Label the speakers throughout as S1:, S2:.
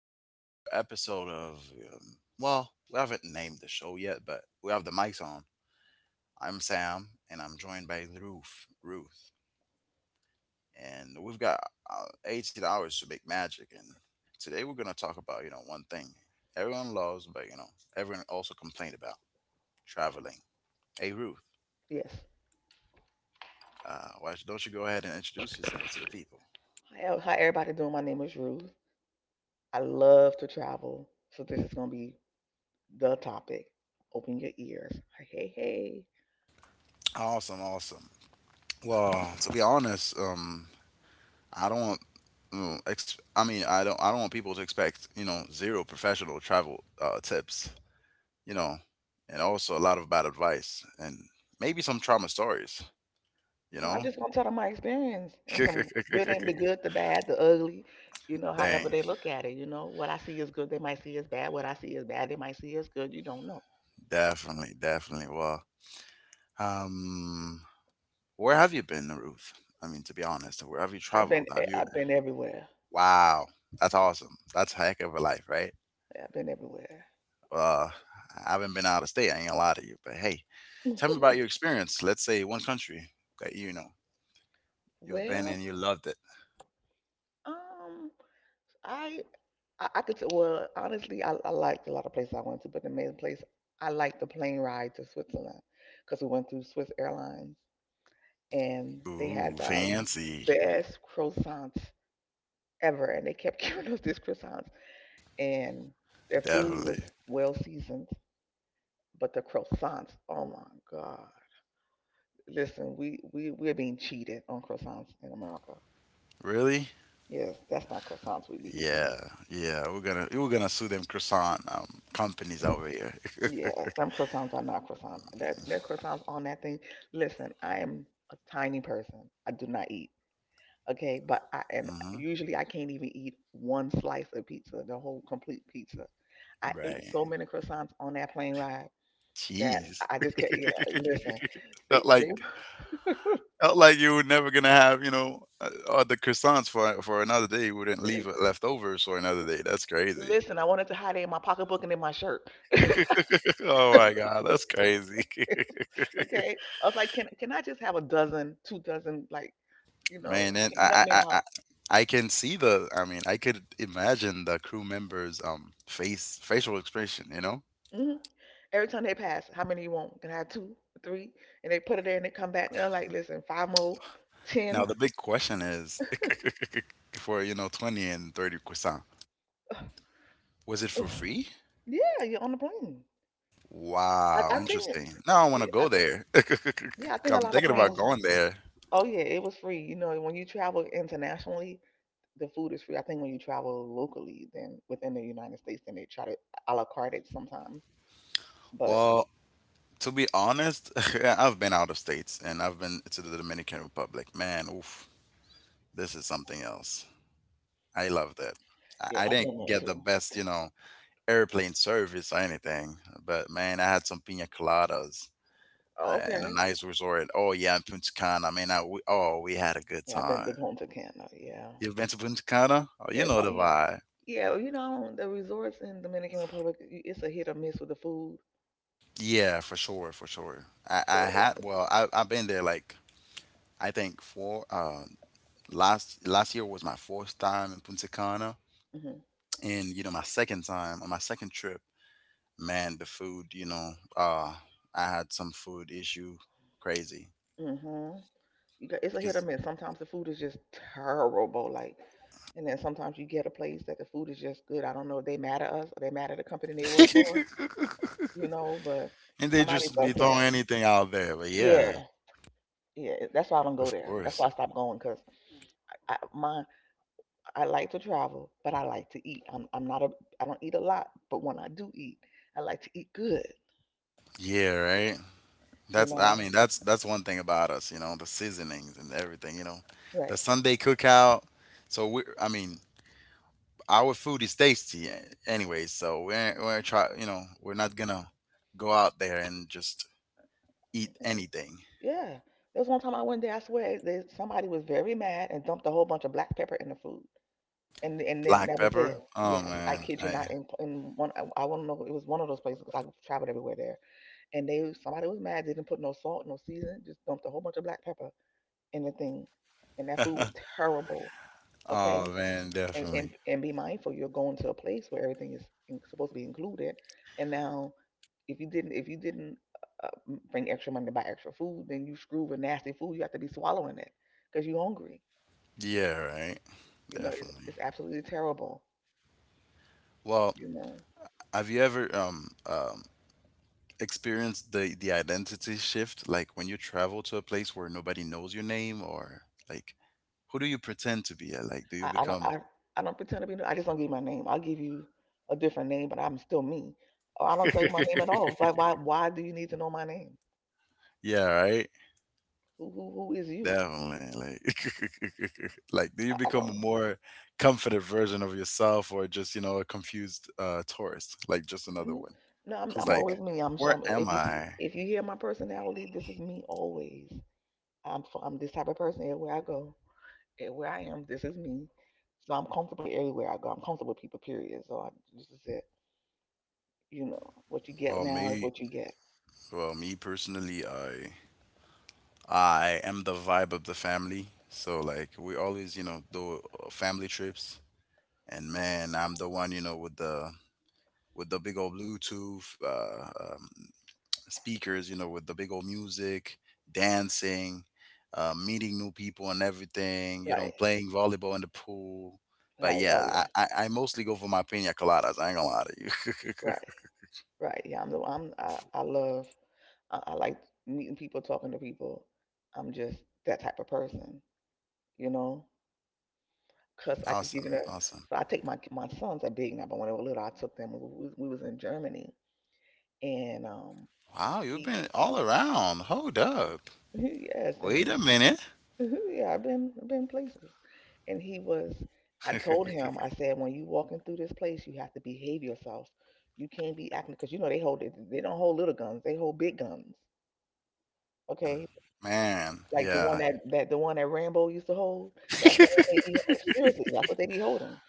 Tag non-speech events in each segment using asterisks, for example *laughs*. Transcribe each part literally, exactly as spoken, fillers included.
S1: first ever episode of, um, well, we haven't named the show yet, but we have the mics on. I'm Sam, and I'm joined by Ruth. Ruth. And we've got uh, eighteen hours to make magic, and today we're going to talk about, you know, one thing everyone loves, but, you know, everyone also complained about traveling. Hey, Ruth,
S2: Yes.
S1: uh, why don't you go ahead and introduce yourself to the people?
S2: Hi, el- everybody doing? My name is Ruth. I love to travel, so this is gonna be the topic. Open your ears. Hey, hey, hey.
S1: Awesome, awesome. Well, to be honest, um, I don't want. mm, Ex- I mean, I don't. I don't want people to expect you know zero professional travel uh, tips. You know, and also a lot of bad advice and maybe some trauma stories. You
S2: No,
S1: know.
S2: I'm just gonna tell them my experience and some good and the
S1: *laughs*
S2: good, the bad, the ugly. You know, however
S1: Dang,
S2: they look at it. You know, what I see is good, they might see as bad. What I see is bad, they might see as good. You don't know.
S1: definitely, definitely. Well, um, where have you been, Ruth? I mean, to be honest, where have you
S2: I've been,
S1: traveled?
S2: i
S1: Have you?
S2: I've been everywhere.
S1: Wow, that's awesome. That's a heck of a life, right?
S2: I've been everywhere.
S1: Uh, I haven't been out of state. I ain't gonna lie to you, but hey, tell me about your
S2: *laughs*
S1: experience. Let's say one country that you know you've been
S2: Well,
S1: and you loved it.
S2: um, I I, I could say, well, honestly, I, I liked a lot of places I went to, but the main place I liked the plane ride to Switzerland because we went through Swiss Airlines and they had
S1: Ooh,
S2: the
S1: fancy,
S2: best croissants ever, and they kept *laughs* giving us these croissants, and their food was
S1: definitely.
S2: well seasoned, but the croissants, oh my god! Listen, we we we're being cheated on croissants in America.
S1: Really?
S2: Yes, that's not croissants we be
S1: Yeah,
S2: eating.
S1: yeah. We're gonna we're gonna sue them croissant um, companies over here.
S2: Yes, them croissants are not croissants. That that croissants on that thing. Listen, I am a tiny person. I do not eat. Okay, but I
S1: *laughs*
S2: and
S1: Hmm.
S2: usually I can't even eat one slice of pizza, the whole complete pizza. I ate
S1: Right.
S2: so many croissants on that plane ride that
S1: Jeez.
S2: I just can't.
S1: *laughs*
S2: Yeah, listen, they
S1: felt
S2: they
S1: like felt like you were never gonna have you know uh, all the croissants for for another day. You wouldn't leave
S2: *laughs*
S1: leftovers for another day. That's crazy.
S2: listen. I wanted to hide it in my pocketbook and in my shirt.
S1: *laughs* Oh my god, that's crazy.
S2: *laughs* Okay, I was like, can can I just have a dozen, two dozen, like, you
S1: *laughs*
S2: know,
S1: Man, and
S2: can you help
S1: I,
S2: me
S1: I, I, I
S2: out?
S1: I can see the. I mean, I could imagine the crew members' um face facial expression. You know.
S2: Hmm. Every time they pass, how many you want? Can I have two, three? And they put it there and they come back and I'm like, listen, five more,
S1: Now
S2: ten.
S1: the big question is, *laughs* for you know twenty and thirty croissant, was it for
S2: Ugh.
S1: free?
S2: Yeah, you're on the plane. I,
S1: Wow,
S2: I think,
S1: interesting. Now I want to
S2: yeah, I,
S1: go there. *laughs*
S2: yeah, I think
S1: I'm
S2: a lot
S1: thinking
S2: of
S1: about
S2: planes.
S1: going there.
S2: Oh yeah, it was free. You know, when you travel internationally, the food is free. I think when you travel locally, then within the United States, then they try to a la carte it sometimes. But
S1: Well, to be honest, *laughs* I've been out of states and I've been to the Dominican Republic. Man, oof, this is something else. I loved it.
S2: yeah,
S1: I I
S2: I've been
S1: didn't
S2: there
S1: get the
S2: too.
S1: best, you know, airplane service or anything, but man, I had some pina coladas
S2: Oh,
S1: uh, in a
S2: okay.
S1: nice resort. Oh yeah, in Punta Cana. Man, I, we, oh, we had a good
S2: Yeah, I've been to
S1: time.
S2: Punta Cana. Yeah,
S1: You've been to Punta Cana? Oh, you
S2: yeah.
S1: know
S2: So
S1: the
S2: you,
S1: vibe.
S2: yeah, well, you know, the resorts in Dominican Republic, y- it's a hit or miss with the food.
S1: Yeah, for sure, for sure. I, I
S2: So,
S1: had well, I I've been there like I think four. Uh, last last year was my fourth time in Punta Cana,
S2: mhm,
S1: and you know my second time on my second trip. Man, the food, you know, uh, I had some food issue, crazy
S2: mhm. You got it's a hit or
S1: because,
S2: miss. Sometimes the food is just terrible, like, and then sometimes you get a place that the food is just good. I don't know if they mad at us or they mad at the company they work for,
S1: *laughs*
S2: you know, but
S1: and they
S2: somebody's
S1: just be
S2: upset.
S1: throwing anything out there. But
S2: Yeah,
S1: yeah,
S2: yeah. That's why I don't go
S1: of
S2: there. That's why
S1: course,
S2: I stopped going because I my I like to travel, but I like to eat. I'm I'm not a I don't eat a lot, but when I do eat, I like to eat good,
S1: yeah, right.
S2: you
S1: That's I
S2: know.
S1: mean that's that's one thing about us, you know, the seasonings and everything, you know, the
S2: Right.
S1: Sunday cookout. So we, I mean, our food is tasty eh, anyway. So we're we're try, you know, we're not gonna go out there and just eat anything.
S2: Yeah. There was one time I went there, I swear, there, somebody was very mad and dumped a whole bunch of black pepper in the food. And and then
S1: Black
S2: that was it.
S1: pepper. Oh
S2: Yes, I
S1: man,
S2: kid you
S1: I
S2: not. In, in one, I, I don't know, it was one of those places because I traveled everywhere there. And they somebody was mad. They didn't put no salt, no seasoning, just dumped a whole bunch of black pepper in the thing. And that food was terrible.
S1: Oh
S2: Okay.
S1: man,
S2: And,
S1: definitely.
S2: and and be mindful, you're going to a place where everything is in, supposed to be included, and now if you didn't, if you didn't uh, bring extra money to buy extra food, then you screw with nasty food. You have to be swallowing it because you're hungry.
S1: Yeah, right.
S2: You know, it's,
S1: Definitely.
S2: it's absolutely terrible.
S1: Well,
S2: You know,
S1: have you ever um um experienced the the identity shift like when you travel to a place where nobody knows your name or like who do you pretend to be? Uh, Like do you
S2: I, I don't,
S1: become
S2: I, I don't pretend to be. no- I just don't give you my name. I'll give you a different name, but I'm still me. Or I don't tell you my name at
S1: *laughs*
S2: all. Why, why, why do you need to know my name?
S1: Yeah, right?
S2: Who, who, who is you?
S1: Definitely. Like *laughs* like do you
S2: I, I
S1: become a
S2: don't.
S1: more confident version of yourself or just, you know, a confused uh tourist, like just another
S2: n-
S1: one?
S2: No, I'm,
S1: Who's
S2: I'm
S1: like,
S2: always me. I'm,
S1: "Where
S2: I'm.
S1: am
S2: If you see,
S1: I?"
S2: if you hear my personality, this is me always. I'm, f- I'm this type of person everywhere I go, and where I am, this is me. So I'm comfortable everywhere I go. I'm comfortable with people, period. So I, this is it. You know, what you get
S1: Well,
S2: now is
S1: me
S2: what you get.
S1: Well, me personally, I I am the vibe of the family. So like we always, you know, do uh, family trips, and man, I'm the one, you know, with the with the big old Bluetooth uh, um, speakers, you know, with the big old music, dancing, uh, meeting new people and everything, you know,
S2: Right.
S1: playing volleyball in the pool. But
S2: Like, oh,
S1: yeah,
S2: yeah.
S1: I, I, I mostly go for my pina coladas. I ain't gonna lie to you.
S2: Right. Right. Yeah. I'm the, I'm, I, I love, I, I like meeting people, talking to people. I'm just that type of person, you know,
S1: *laughs*
S2: cause I could give it
S1: Awesome,
S2: a,
S1: awesome.
S2: so I take my, my, sons are big now, but when they were little, I took them, we, we, we was in Germany and, um,
S1: Wow, you've been
S2: he,
S1: all around. Hold up.
S2: *laughs* yes. And
S1: Wait
S2: he
S1: a
S2: was,
S1: minute.
S2: *laughs* yeah, I've been I've been places. And he was I told
S1: *laughs*
S2: him, I said, when you walking through this place, you have to behave yourself. You can't be acting because you know they hold they they don't hold little guns, they hold big guns. Okay.
S1: Man,
S2: Like the one
S1: yeah.
S2: that, that the one that Rambo used to hold. That's the one they
S1: *laughs*
S2: be seriously, that's what they be holding.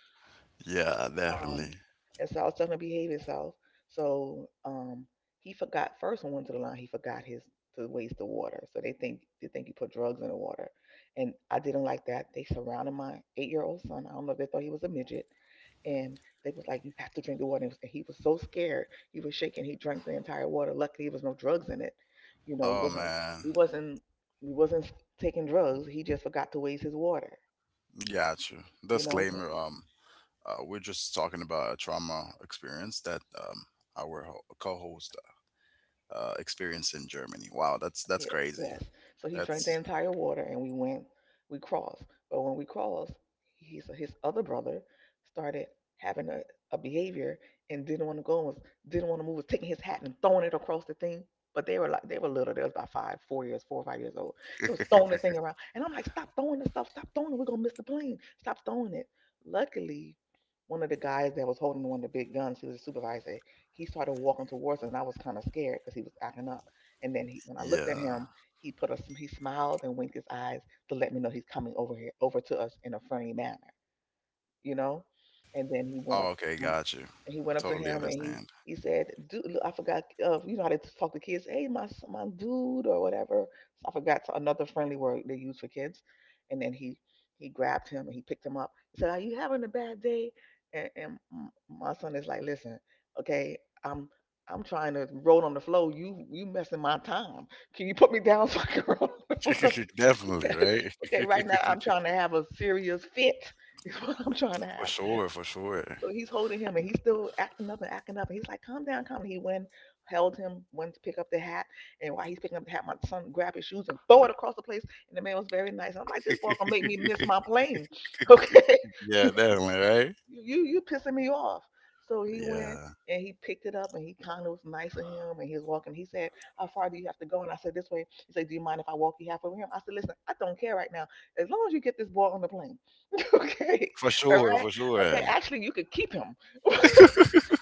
S1: Yeah, definitely.
S2: Um, and so I was telling him to behave himself. So um, he forgot first when we went to the line. He forgot his to waste the water. So they think they think he put drugs in the water, and I didn't like that. They surrounded my eight year old son. I don't know if they thought he was a midget, and they was like, "You have to drink the water." And it was- and he was so scared, he was shaking. He drank the entire water. Luckily, there was no drugs in it. You know, it
S1: Oh
S2: wasn't
S1: man,
S2: we wasn't we wasn't taking drugs. He just forgot to waste his water.
S1: got you.
S2: You know, so
S1: Disclaimer, um, uh, we're just talking about a trauma experience that um our ho- co-host uh experienced in Germany. Wow, that's that's
S2: yeah,
S1: crazy.
S2: yes. So he drank the
S1: That's
S2: entire water and we went, we crossed. But when we crossed, he's, his other brother started having a, a behavior and didn't want to go and was, didn't want to move, was taking his hat and throwing it across the thing. But they were like, they were little. They was about five, four years, four or five years old. It was throwing the thing around. And I'm like, stop throwing the stuff. Stop throwing it. We're going to miss the plane. Stop throwing it. Luckily, one of the guys that was holding one of the big guns, he was a supervisor, he started walking towards us. And I was kind of scared because he was acting up. And then he, when I looked at him,
S1: Yeah.
S2: he put us, he smiled and winked his eyes to let me know he's coming over here, over to us in a friendly manner you know. And then he went up
S1: Oh, okay,
S2: to him,
S1: got you.
S2: and he went up to
S1: Totally
S2: him and he
S1: understand.
S2: he said, "Dude, look, I forgot. Uh, you know how they talk to kids? Hey, my s- my dude or whatever. So I forgot to- another friendly word they use for kids." And then he he grabbed him and he picked him up. He said, "Are you having a bad day?" And, and m- my son is like, "Listen, okay, I'm." I'm trying to roll on the floor. You you messing my time. Can you put me down *laughs* so I can *laughs* roll on the floor?
S1: *laughs* Definitely, right?
S2: *laughs* Okay, right now I'm
S1: *laughs*
S2: trying to have a serious fit. *laughs* Is what I'm trying to
S1: For
S2: have.
S1: sure, for sure.
S2: So he's holding him and he's still acting up and acting up. And he's like, calm down, calm down. He went, held him, went to pick up the hat. And while he's picking up the hat, my son grabbed his shoes and throw it across the place. And the man was very nice. I'm like, this boy gonna make me miss
S1: *laughs*
S2: my plane. *laughs* Okay.
S1: Yeah, definitely, right?
S2: You you you pissing me off. So he went
S1: Yeah.
S2: and he picked it up and he kind of was nice to him and he was walking. He said, how far do you have to go? And I said, this way. He said, do you mind if I walk you halfway with him? I said, listen, I don't care right now. As long as you get this boy on the plane. *laughs* Okay.
S1: For
S2: All
S1: sure,
S2: right.
S1: for
S2: Okay.
S1: sure.
S2: Actually, you could keep him. *laughs*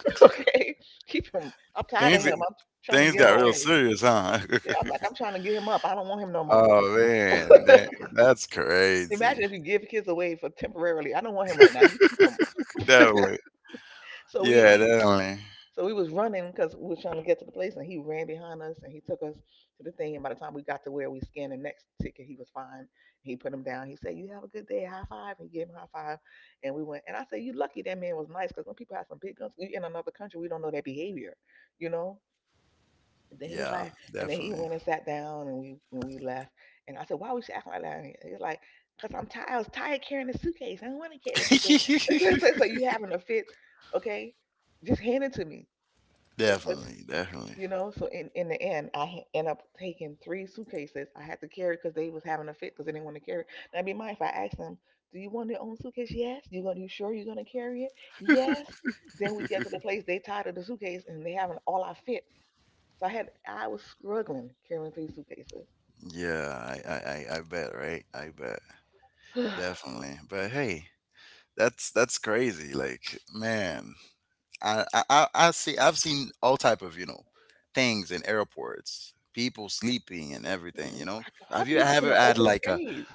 S2: *laughs* Okay, keep him. I'm tired of
S1: Things
S2: him. I'm trying to
S1: things
S2: give him
S1: got real
S2: away.
S1: serious, huh? *laughs*
S2: Yeah, I'm like, I'm trying to get him up. I don't want him no more.
S1: Oh
S2: *laughs*
S1: man, that that's crazy.
S2: Imagine if you give kids away for temporarily. I don't want him right now. You keep him.
S1: Definitely.
S2: So we,
S1: Yeah,
S2: he,
S1: definitely.
S2: so we was running because we was trying to get to the place, and he ran behind us and he took us to the thing. And by the time we got to where we scanned the next ticket, he was fine. He put him down. He said, "You have a good day. High five." And he gave him a high five, and we went. And I said, "You lucky that man was nice because when people have some big guns, you in another country, we don't know their behavior, you know." Then he's
S1: Yeah,
S2: like, and then he
S1: definitely.
S2: went and sat down, and we when we left, and I said, "Why we should act like that?" And he's like, "Cause I'm tired. I was tired carrying the suitcase. I don't want to carry the suitcase." *laughs* so, so-
S1: *laughs*
S2: so you having a fit, okay? Just hand it to me, cause
S1: Definitely, definitely.
S2: you know. So in in the end, I ha- end up taking three suitcases. I had to carry because they was having a fit because they didn't want to carry. Now, be mind if I asked them, "Do you want your own suitcase?" Yes. You gonna? You sure you're gonna carry it? Yes. Then we get to the place. They tired of the suitcase, and they having all our fit. So I had I was struggling carrying three suitcases.
S1: Yeah, I, I, I I bet, right? I bet.
S2: *sighs*
S1: Definitely. But hey, that's that's crazy. Like, man, I, I, I I see I've seen all type of, you know, things in airports, people sleeping and everything, you
S2: Mm.
S1: know.
S2: I go, how
S1: Have
S2: do
S1: you
S2: you sleep in
S1: ever
S2: an
S1: had
S2: open
S1: like a
S2: space?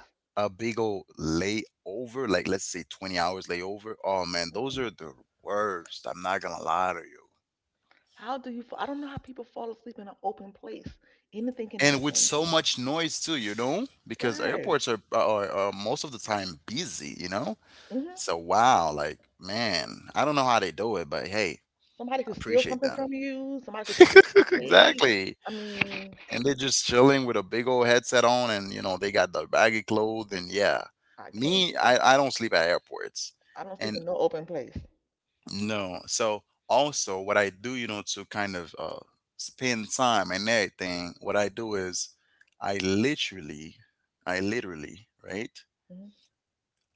S1: big old layover, like let's say twenty hours layover. Oh man, those
S2: Mm.
S1: are the worst. I'm not gonna lie to you.
S2: How do you? fa- I don't know how people fall asleep in an open place. Anything can
S1: And with
S2: happen,
S1: so much noise too, you know, because
S2: right?
S1: airports are are, are most of the time busy, you know.
S2: Hmm.
S1: So wow, like man, I don't know how they do it, but hey,
S2: Somebody
S1: I
S2: could steal
S1: appreciate
S2: something
S1: them.
S2: from you. Somebody could take your
S1: *laughs*
S2: suitcase.
S1: Exactly.
S2: I mean,
S1: And they're just chilling with a big old headset on, and you know they got the baggy clothes, and yeah,
S2: I can't.
S1: me, I I don't sleep at airports,
S2: I don't sleep
S1: and
S2: in no open place.
S1: No. So also what I do, you know, to kind of uh spend time and everything, what I do is I literally I literally, right?
S2: Mhm.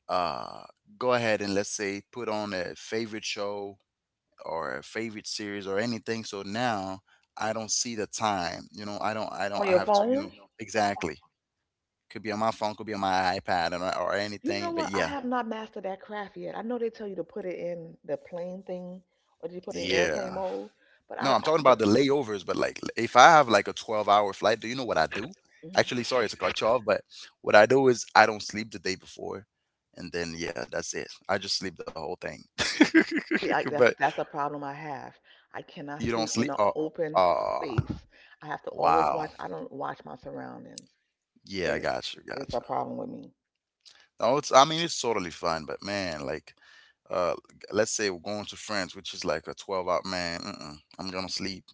S1: Uh go ahead and let's say put on a favorite show or a favorite series or anything. So now I don't see the time. You know, I don't I
S2: On
S1: don't I
S2: your
S1: have to, you
S2: phone.
S1: know,
S2: Yeah.
S1: exactly. Could be on my phone, could be on my iPad or, or
S2: You know
S1: anything. But
S2: what? I, yeah,
S1: yeah.
S2: have not mastered that craft yet. I know they tell you to put it in the plane thing, or do you put it in, yeah, airplane
S1: Yeah.
S2: mode? But I, I
S1: No,
S2: right.
S1: I'm talking about
S2: But
S1: the layovers, but like if I have like a twelve hour flight, do you know what I do?
S2: right.
S1: Actually, sorry to cut you off, but what I do is I don't sleep the day before. And then, yeah, that's it. I just sleep the whole thing.
S2: See, I,
S1: *laughs* But
S2: that's that's a problem I have. I
S1: you
S2: cannot
S1: don't
S2: sleep
S1: sleep.
S2: in
S1: Oh,
S2: an open
S1: oh,
S2: space. I have to always
S1: wow.
S2: watch. I don't watch my surroundings.
S1: Yeah, I
S2: It's
S1: got you, got
S2: it's
S1: you.
S2: a problem with me.
S1: No, it's, I mean, it's totally fine, but man, like, uh, let's say we're going to France, which is like a twelve hour, man, mm-mm, I'm gonna sleep.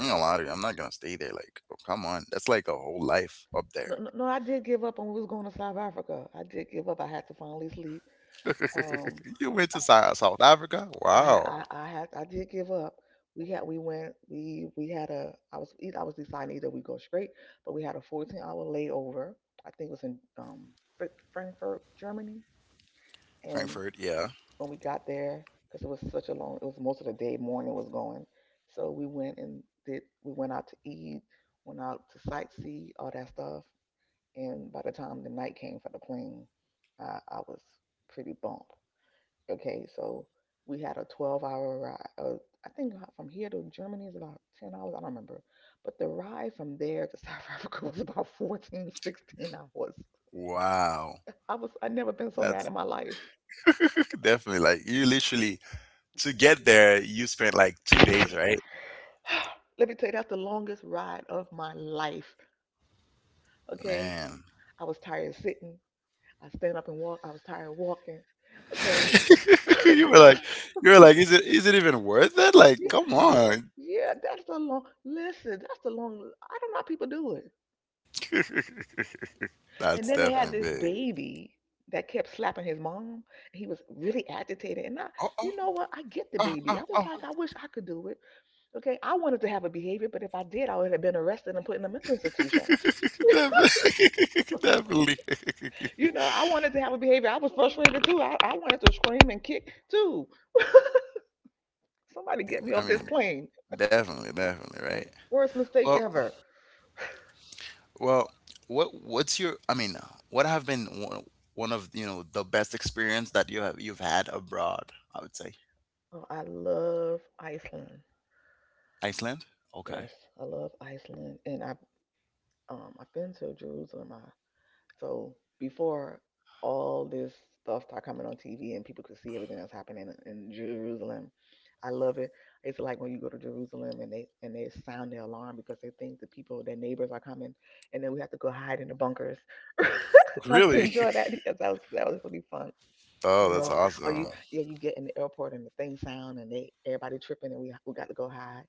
S1: I'm not gonna lie to you, I'm not gonna stay there. Like, oh, come on. That's like a whole life up
S2: No,
S1: there.
S2: no, no, I did give up when we was going to South Africa. I did give up. I had to finally sleep. Um,
S1: *laughs* You went to Sou- South Africa?
S2: I
S1: Wow.
S2: ha- I I had I did give up. We had we went we we had a I was eith- I was deciding either we go straight, but we had a fourteen hour layover. I think it was in um Fr- Frankfurt, Germany. And
S1: Frankfurt, yeah.
S2: when we got there, because it was such a long it was most of the day morning was going, so we went and did we went out to eat, went out to sightsee all that stuff. And by the time the night came for the plane, i, I was pretty bumped. Okay, so we had a twelve hour ride, uh, I think from here to Germany is about ten hours. I don't remember, but the ride from there to *laughs* South Africa was about fourteen sixteen hours.
S1: Wow.
S2: i was I never been so mad
S1: That's
S2: in my life.
S1: *laughs* definitely like you literally to get there, you spent like two days, right?
S2: *sighs* Let me tell you, that's the longest ride of my life. Okay.
S1: Man.
S2: I was tired of sitting. I stand up and walk. I was tired of walking. Okay. *laughs*
S1: *laughs*
S2: I'm
S1: You were
S2: like,
S1: like you were like, is it is it even worth it? Like,
S2: yeah,
S1: come on.
S2: yeah, that's the long, listen, that's the long, I don't know how people do it.
S1: *laughs*
S2: And
S1: That's
S2: then they had
S1: definitely
S2: this
S1: big.
S2: baby that kept slapping his mom. He was really agitated. And I,
S1: Oh, oh,
S2: you know what? I get the
S1: oh,
S2: baby.
S1: oh,
S2: I was
S1: oh.
S2: like, I wish I could do it. Okay. I wanted to have a behavior, but if I did, I would have been arrested and put in a mental institution.
S1: *laughs* Definitely. *laughs* Definitely.
S2: You know, I wanted to have a behavior. I was frustrated too. I, I wanted to scream and kick too. *laughs* Somebody get me
S1: I
S2: off this
S1: mean,
S2: plane.
S1: definitely, definitely, right?
S2: Worst mistake
S1: Well,
S2: ever.
S1: Well, what what's your? I mean, what have been one, one of you know the best experience that you have you've had abroad? I would say
S2: Oh, I love Iceland.
S1: Iceland. Okay.
S2: Yes, I love Iceland, and I've um, I've been to Jerusalem. I So before all this stuff started coming on T V and people could see everything that's happening in, in Jerusalem, I love it. It's like when you go to Jerusalem and they and they sound the alarm because they think the people, their neighbors are coming, and then we have to go hide in the bunkers. *laughs* Nice to
S1: Really?
S2: enjoy
S1: *laughs*
S2: that because that was that was really fun. You
S1: Oh, that's
S2: know, or you
S1: awesome.
S2: yeah, you get in the airport and the thing sound and they everybody tripping and we we got to go hide.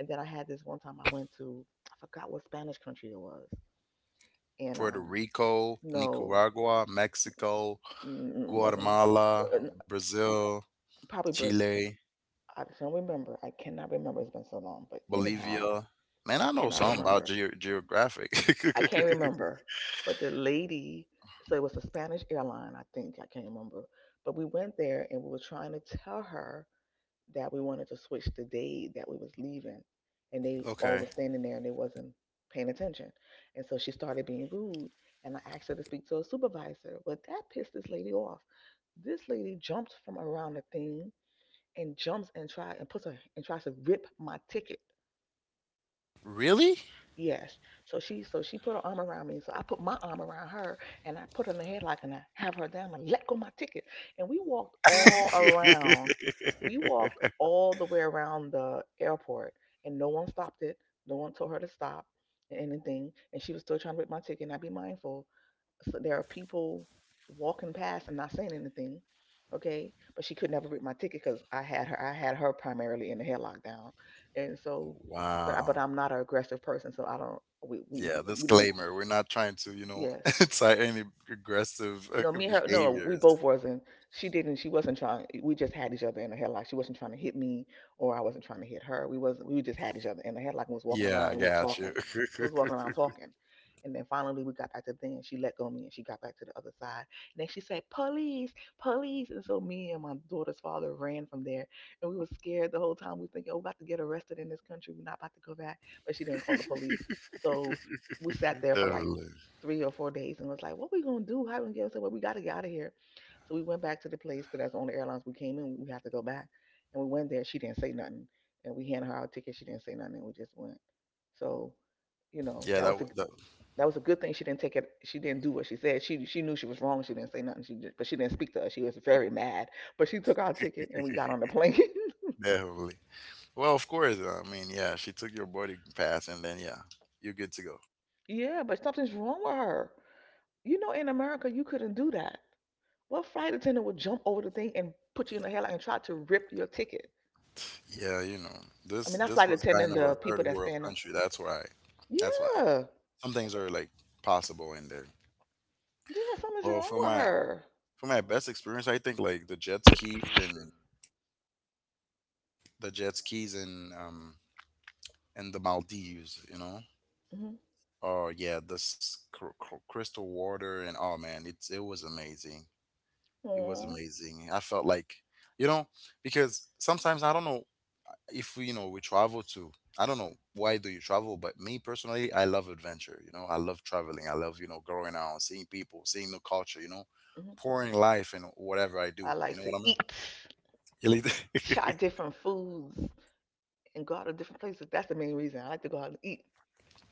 S2: And then I had this one time I went to I forgot what Spanish country it was, and
S1: Puerto
S2: um
S1: Rico,
S2: no.
S1: Nicaragua, Mexico,
S2: Mm, wasn't
S1: Guatemala,
S2: uh, n-
S1: Brazil,
S2: probably birth.
S1: Chile,
S2: I don't remember. I cannot remember. It's been so long. But anyhow,
S1: Bolivia. Man, I
S2: I
S1: know
S2: cannot
S1: something about
S2: remember.
S1: ge- geographic.
S2: I can't remember. But the lady, so it was a Spanish airline, I think. I can't remember. But we went there and we were trying to tell her that we wanted to switch the day that we was leaving, and they
S1: *laughs*
S2: all was
S1: Okay.
S2: standing there and they wasn't paying attention, and so she started being rude. And I asked her to speak to a supervisor. Well, that pissed this lady off. This lady jumped from around the thing and jumps and try and puts her and tries to rip my ticket.
S1: Really? *laughs*
S2: Yes. So she so she put her arm around me. So I put my arm around her, and I put her in the headlock, and I have her down and let go my ticket. And we walked all around. We walked all the way around the airport, and no one stopped it. No one told her to stop and anything. And she was still trying to rip my ticket, and I be mindful, so there are people walking past and not saying anything, okay, but she could never read my ticket because i had her i had her primarily in the head lockdown. And so, but I, but
S1: Wow.
S2: i'm not an aggressive person, so I don't. we we, we,
S1: Yeah,
S2: we need.
S1: disclaimer. We're not trying to, you know, *laughs*
S2: Yes.
S1: incite any aggressive uh,
S2: No, me and her. No, we
S1: behaviors.
S2: both wasn't. She didn't. She wasn't trying. We just had each other in the headlock. She wasn't trying to hit me, or I wasn't trying to hit her. We wasn't. We just had each other in the headlock and was walking
S1: Yeah, I
S2: around and was
S1: got you.
S2: talking. We was
S1: *laughs*
S2: walking around talking, and then finally we got back to the thing. And she let go of me, and she got back to the other side. And then she said, "Police, police!" And so me and my daughter's father ran from there, and we were scared the whole time. We were thinking, "Oh, we're about to get arrested in this country. We're not about to go back." But she didn't call the police, so we sat there for like
S1: Definitely.
S2: three or four days and was like, what we going to do? How we going to get? I said, well, we got to get out of here. So we went back to the place because that's the only airlines we came in. We had to go back. And we went there. She didn't say nothing. And we handed her our ticket. She didn't say nothing. And we just went. So, you know,
S1: Yeah,
S2: that
S1: that,
S2: was
S1: w-
S2: a
S1: that
S2: that was a good thing. She didn't take it. She didn't do what she said. She she knew she was wrong. She didn't say nothing. She just, but she didn't speak to us. She was very mad. But she took our ticket and we got on the plane.
S1: definitely. Well, of course. uh, I mean, yeah, she took your boarding pass, and then yeah, you're good to go.
S2: *laughs* Yeah, but something's wrong with her. You know, in America, you couldn't do that. What flight attendant would jump over the thing and put you in a headlock and try to rip your ticket?
S1: Yeah, you know,
S2: I mean,
S1: this
S2: not flight
S1: this was
S2: attendant,
S1: kind of
S2: the
S1: a
S2: people
S1: third
S2: that
S1: world
S2: stand up.
S1: country. That's why. That's why
S2: Yeah,
S1: some things are like possible in there.
S2: yeah, something's
S1: Well,
S2: wrong
S1: for
S2: with
S1: my
S2: her.
S1: for my best experience, I think like the jet skis and the jet skis in um in the Maldives, you know.
S2: Hmm.
S1: Oh yeah, this cr- cr- crystal water and oh man, it's it was amazing. It was
S2: Hmm.
S1: amazing. I felt like you know because sometimes I don't know if we, you know we travel to I don't know why do you travel, but me personally I love adventure. You know I love traveling. I love you know growing out, seeing people, seeing the culture. You know, pouring life in whatever I
S2: I
S1: do. You
S2: like
S1: know
S2: to
S1: what I
S2: eat,
S1: mean?
S2: try
S1: *laughs*
S2: different foods, and go out to different places. That's the main reason I like to go out and eat.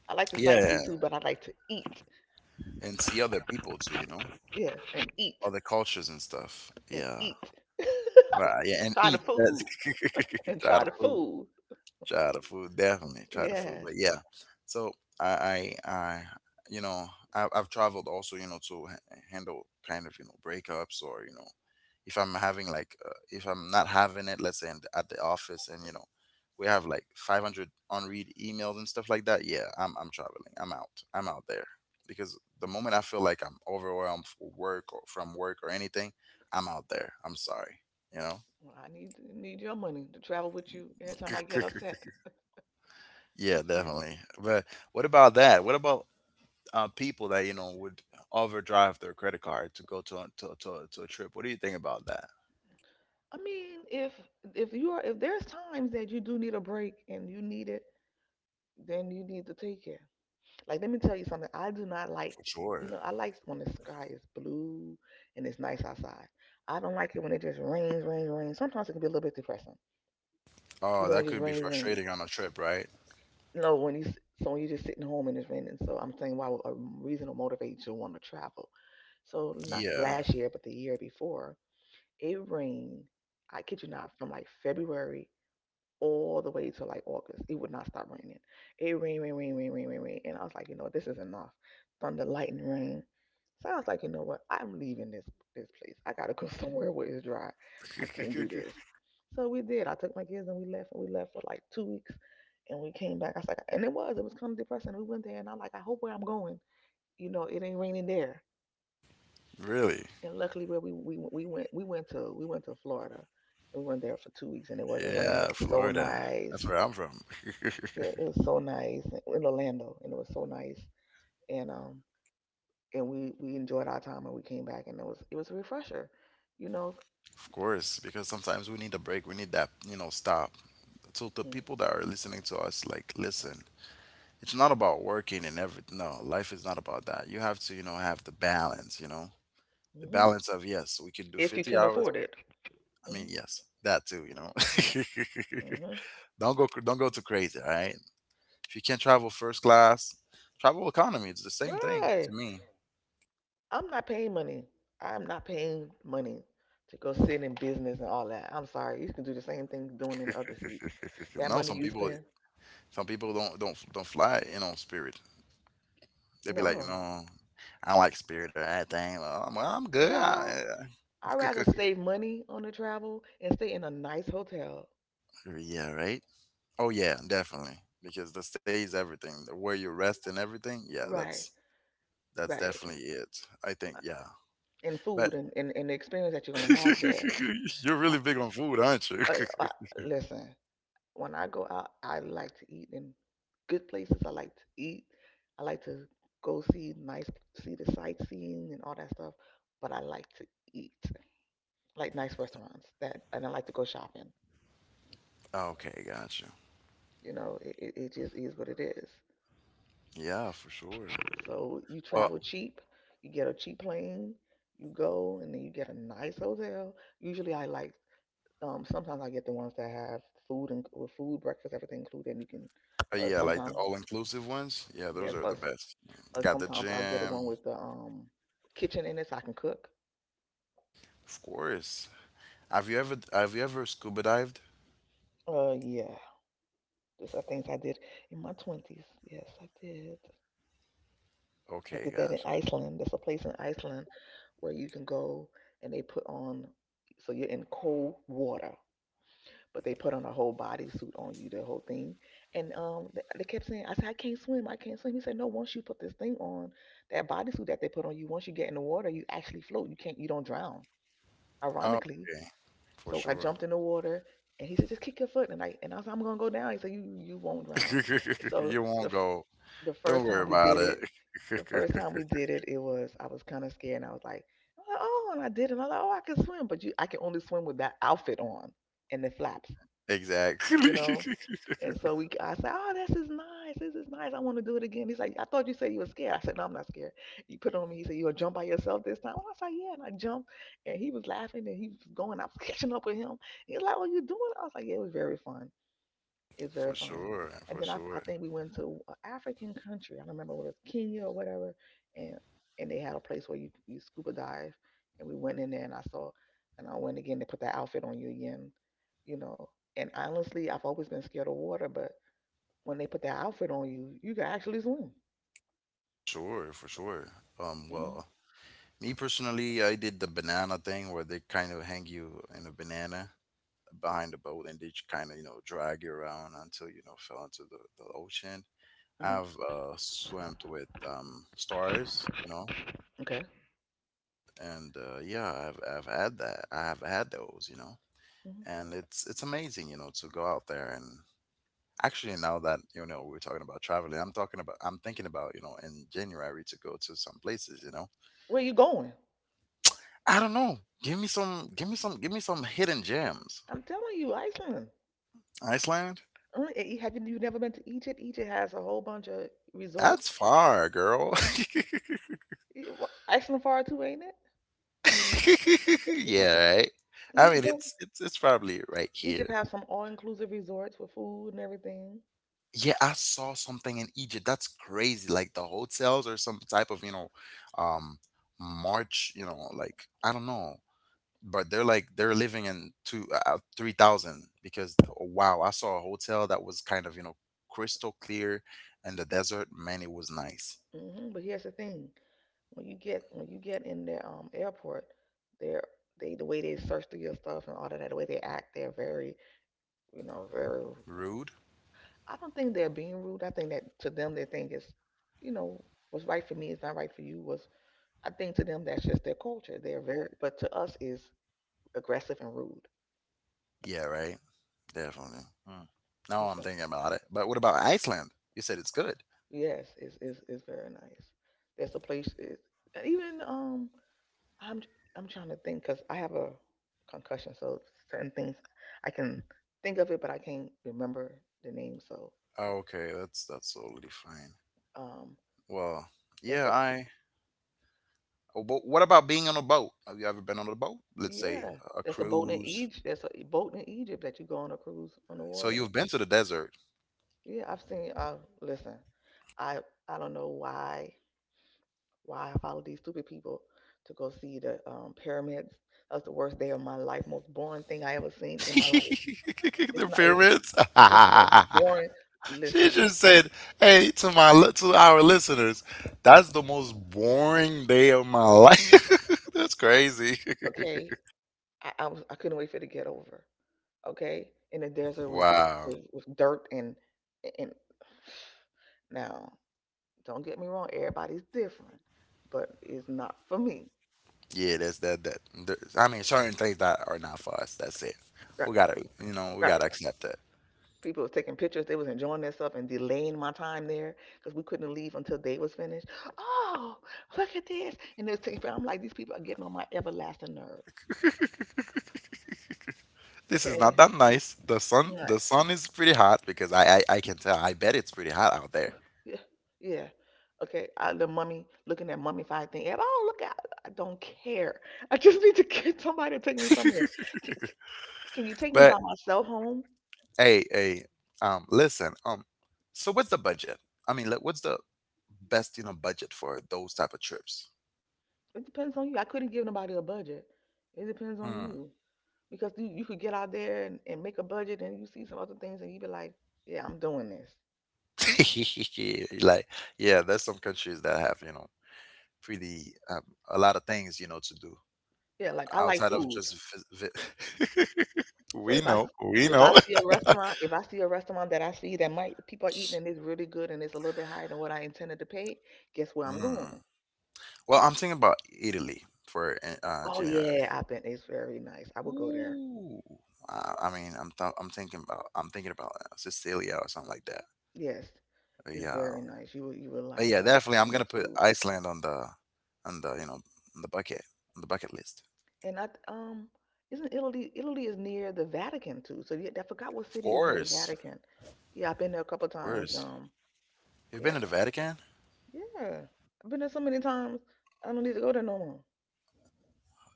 S2: I like to
S1: Yeah,
S2: sightsee too, but I like to eat.
S1: and see other people too. You know.
S2: Yes, and eat
S1: Other cultures and stuff.
S2: and
S1: Yeah.
S2: eat. *laughs*
S1: Right, yeah, and
S2: Try the
S1: eat. That's
S2: food and
S1: *laughs* tired
S2: try
S1: of
S2: the
S1: food.
S2: food.
S1: Try the food, definitely try the food. But
S2: Yes.
S1: yeah, so I, I, I you know, I, I've traveled also, you know, to ha- handle kind of, you know, breakups or, you know, if I'm having like, uh, if I'm not having it, let's say in, the- at the office and, you know, we have like five hundred unread emails and stuff like that. Yeah, I'm, I'm traveling. I'm out. I'm out there because the moment I feel like I'm overwhelmed for work or from work or anything, I'm out there. I'm sorry, you
S2: Well, I need need your money to travel with you every time I
S1: know?
S2: get
S1: *laughs*
S2: upset.
S1: Yeah,
S2: Let's see.
S1: definitely. But what about that? What about uh, people that you know would overdrive their credit card to go to a, to, to, to a trip? What do you think about that?
S2: I mean, if if you are if there's times that you do need a break and you need it, then you need to take it. Like let me tell you something. I do not like
S1: For
S2: you
S1: sure.
S2: know, I like when the sky is blue and it's nice outside. I don't like it when it just rains, rains, rains. Sometimes it can be a little bit depressing. You
S1: Oh,
S2: know, it
S1: that
S2: just
S1: could be
S2: rains, raining.
S1: frustrating on a trip, right?
S2: No, when you s- so when you're just sitting home and it's raining. So I'm saying why would a reason to motivate you to want to travel. So not
S1: Yeah.
S2: last year, but the year before, it rained. I kid you not, from like February all the way to like August. It would not stop raining. It rained, rain, rain, rain, rain, rain, rain. And I was like, you know, this is enough. Thunder, lightning, rain. So I was like, you know what? I'm leaving this this place. I gotta go *laughs* somewhere where it's dry. I can't do this.
S1: *laughs*
S2: So we did. I took my kids and we left and we left for like two weeks and we came back. I was like, and it was, it was kind of depressing. We went there and I'm like, I hope where I'm going, you know, it ain't raining there.
S1: Really?
S2: And luckily where we we, we went we went to we went to Florida and we went there for two weeks and it wasn't raining.
S1: Yeah,
S2: It was so
S1: Florida.
S2: nice.
S1: That's where I'm from. *laughs*
S2: Yeah, it was so nice in Orlando, and it was so nice. And um, and we we enjoyed our time, and we came back, and it was it was a refresher, you know.
S1: Of course, because sometimes we need a break. We need that, you know, stop. So the
S2: Mm-hmm.
S1: people that are listening to us, like, listen, it's not about working and everything. No, life is not about that. You have to, you know, have the balance, you know. The
S2: Mm-hmm.
S1: balance of, yes, we can do
S2: If you
S1: fifty
S2: can
S1: hours.
S2: afford it.
S1: I mean
S2: Hmm.
S1: yes, that too, you know.
S2: Hmm.
S1: *laughs* don't go don't go too crazy, all right? If you can't travel first class, travel economy, it's the same thing
S2: Right.
S1: to me.
S2: I'm not paying money. I'm not paying money to go sit in business and all that. I'm sorry. You can do the same thing you're doing in other seats.
S1: *laughs*
S2: That
S1: No,
S2: money
S1: some
S2: you
S1: people,
S2: spend.
S1: some people don't don't don't fly, you know, Spirit. They'll be like, you
S2: No.
S1: know, I don't like Spirit or anything. Well i'm, well, I'm good.
S2: Child,
S1: I,
S2: I'd rather save money on the travel and stay in a nice hotel.
S1: *laughs* yeah, right. Oh yeah, definitely, because the stay is everything, where you rest and everything. yeah that's
S2: Right.
S1: that's
S2: Right.
S1: definitely it, I think. Yeah,
S2: And
S1: but
S2: food and, and, and the experience that you're going to have
S1: *laughs*
S2: there.
S1: you're really big on food, aren't you?
S2: Uh,
S1: *laughs*
S2: uh, Listen, when I go out, I like to eat in good places. I like to eat. I like to go see nice, see the sightseeing and all that stuff. But I like to eat, like nice restaurants. That, and I like to go shopping.
S1: Okay, gotcha.
S2: You know, it, it, it just is what it is.
S1: Yeah, for sure.
S2: So you
S1: Well,
S2: travel cheap. You get a cheap plane. You go and then you get a nice hotel. Usually, I like. Um, sometimes I get the ones that have food, and with food, breakfast, everything included, and you can.
S1: uh,
S2: Uh,
S1: yeah, like the
S2: sometimes
S1: all-inclusive ones. Yeah, those
S2: yes,
S1: are the
S2: us.
S1: best. They
S2: Uh,
S1: got the
S2: sometimes I'll get the one
S1: gym,
S2: with the um kitchen in it, so I can cook.
S1: of course. Have you ever have you ever scuba dived?
S2: Uh, yeah, those are things I did in my twenties. Yes, I did. I
S1: Okay,
S2: did that in
S1: gotcha.
S2: Iceland. There's a place in Iceland where you can go and they put on, so you're in cold water, but they put on a whole bodysuit on you, the whole thing. And um, th- they kept saying, I said, I can't swim, I can't swim. He said, "No, once you put this thing on, that bodysuit that they put on you, once you get in the water, you actually float. You can't, you don't drown."
S1: Oh,
S2: Ironically,
S1: okay, for
S2: so I
S1: sure.
S2: jumped in the water, and he said, "Just kick your foot," and I and I was like, I'm gonna go down. He said, You you won't drown."
S1: *laughs*
S2: So
S1: You won't
S2: the f-
S1: go.
S2: the
S1: Don't
S2: first
S1: worry
S2: time we
S1: about
S2: did
S1: it.
S2: it, the
S1: *laughs*
S2: first time we did it, it was, I was kind of scared, and I was like, I'm like, oh, and I did, it. And I was like, oh, I can swim, but you, I can only swim with that outfit on and the flaps
S1: Exactly.
S2: you know.
S1: *laughs*
S2: And so we, I said, "Oh, this is nice. This is nice. I want to do it again." He's like, "I thought you said you were scared." I said, "No, I'm not scared. You put it on me." He said, "You gonna jump by yourself this time?" I said, "Yeah," and I jumped, and he was laughing and he was going. I was *laughs* catching up with him. He was like, "What you doing?" I was like, "Yeah, it was very fun." It's
S1: For
S2: very fun.
S1: sure, for
S2: And then I,
S1: sure.
S2: I think we went to an African country. I don't remember what it was, Kenya or whatever. And and they had a place where you, you scuba dive. And we went in there and I saw, and I went again. They put that outfit on you again, you know. And honestly, I've always been scared of water, but when they put that outfit on you, you can actually swim.
S1: Sure, for sure. Um,
S2: Mm-hmm.
S1: well, Me personally, I did the banana thing where they kind of hang you in a banana behind a boat, and they kind of, you know, drag you around until, you know, fell into the, the ocean. I've uh, swimmed with um, stars, you know,
S2: Okay.
S1: and uh, yeah, I've, I've had that. I have had those, you know,
S2: Hmm.
S1: and it's it's amazing, you know, to go out there and actually now that, you know, we're talking about traveling, I'm talking about, I'm thinking about, you know, in January, to go to some places, you know.
S2: Where you going?
S1: I don't know. Give me some, give me some, give me some hidden gems.
S2: I'm telling you, Iceland.
S1: Iceland?
S2: Only- eh, eh, Have you, you never been to Egypt? Egypt has a whole bunch of resorts.
S1: That's far, girl.
S2: Eh, Iceland far too, ain't it?
S1: *laughs* Yeah, right. I
S2: Mm,
S1: mean,
S2: go.
S1: it's it's it's probably right here.
S2: Egypt has some all-inclusive resorts with food and everything.
S1: Yeah, I saw something in Egypt. That's crazy. Like the hotels, or some type of, you know, um March, you know, like I don't know. But they're like they're living in two uh, three thousand because, wow, I saw a hotel that was kind of, you know, crystal clear in the desert. Man, it was nice.
S2: hmm But here's the thing: when you get when you get in their um airport, they're they the way they search through your stuff and all of that, the way they act, they're very, you know very.
S1: Rude?
S2: I don't think they're being rude. I think that to them they think it's, you know what's right for me is not right for you. Was, I think to them that's just their culture. They're very, but to us is aggressive and rude.
S1: Yeah, right. Definitely. Mm. No, I'm
S2: So
S1: thinking about it. But what about Iceland? You said it's good.
S2: yes, it's it's, it's very nice. That's a place is even um I'm I'm trying to think because I have a concussion, so certain things I can think of it, but I can't remember the name. So
S1: Okay, that's that's totally fine.
S2: um,
S1: Well, yeah,
S2: it's a
S1: I. Oh, but what about being on a boat? Have you ever been on a boat? Let's say
S2: yeah,
S1: a a
S2: there's a boat in
S1: cruise.
S2: Egypt. There's a boat in Egypt that you go on a cruise on the
S1: So
S2: water.
S1: you've been to the desert.
S2: Yeah, I've seen. Uh, listen, I I don't know why why I follow these stupid people to go see the um, pyramids. That was the worst day of my life, most boring thing I ever
S1: *laughs*
S2: seen in my life. It's
S1: The
S2: not. It's
S1: pyramids.
S2: it's the most
S1: *laughs*
S2: boring.
S1: She
S2: Listen,
S1: just said, "Hey, to my li- to our listeners, that's the most boring day of my life. *laughs* That's crazy." *laughs*
S2: okay. I, I was I couldn't wait for it to get over. Okay, in the desert with
S1: Wow.
S2: with, with dirt and and *sighs* now, don't get me wrong, everybody's different, but it's not for me.
S1: Yeah, that's that that there's, I mean, certain things that are not for us. That's it.
S2: Right,
S1: We gotta, you know, we
S2: right.
S1: gotta accept it.
S2: People was taking pictures. They was enjoying themselves and delaying my time there because we couldn't leave until they was finished. Oh, look at this! And they was taking. I'm like, these people are getting on my everlasting nerve.
S1: This is not
S2: Okay,
S1: that nice. The sun
S2: right.
S1: the sun is pretty hot because I I, I can tell, I bet it's pretty hot out there.
S2: Yeah, yeah. Okay, I, the mummy, looking at mummified thing. And, oh, look out! I don't care. *laughs* I just need to get somebody to take me from here. Can, can, can you take me
S1: But
S2: by myself home?
S1: hey, hey, um listen, um so what's the budget? I mean, like, what's the best, you know, budget for those type of trips?
S2: It depends on you. I couldn't give nobody a budget. It depends on
S1: Hmm.
S2: you, because you, you could get out there and, and make a budget, and you see some other things, and you be like, yeah, I'm doing this.
S1: *laughs* Like, yeah, there's some countries that have, you know, pretty um, a lot of things, you know, to do.
S2: Yeah, like I like
S1: Outside of
S2: food.
S1: just vi- vi- *laughs*
S2: So
S1: we
S2: if I
S1: know, we
S2: if I
S1: know.
S2: see a restaurant, if I see a restaurant that I see that might people are eating and it's really good and it's a little bit higher than what I intended to pay, guess where I'm
S1: Mm.
S2: going?
S1: Well, I'm thinking about Italy for uh, uh,
S2: Oh
S1: January.
S2: yeah, I've been. It's very nice. I will go there.
S1: Ooh, I, I mean, I'm th- I'm thinking about, I'm thinking about uh, Sicilia or something like that.
S2: Yes,
S1: But
S2: it's
S1: yeah,
S2: very nice. You would you will
S1: but
S2: like
S1: yeah,
S2: it,
S1: definitely, I'm
S2: and the
S1: gonna put
S2: food.
S1: Iceland on the on the, you know, on the bucket on the bucket list.
S2: And I th- um, isn't Italy? Italy is near the Vatican too. So yeah, I forgot what
S1: Of
S2: city is near the
S1: course,
S2: Vatican. Yeah, I've been there a couple
S1: of
S2: times.
S1: course.
S2: Um,
S1: You've been to the
S2: yeah,
S1: Vatican?
S2: yeah, I've been there so many times. I don't need to go there no more.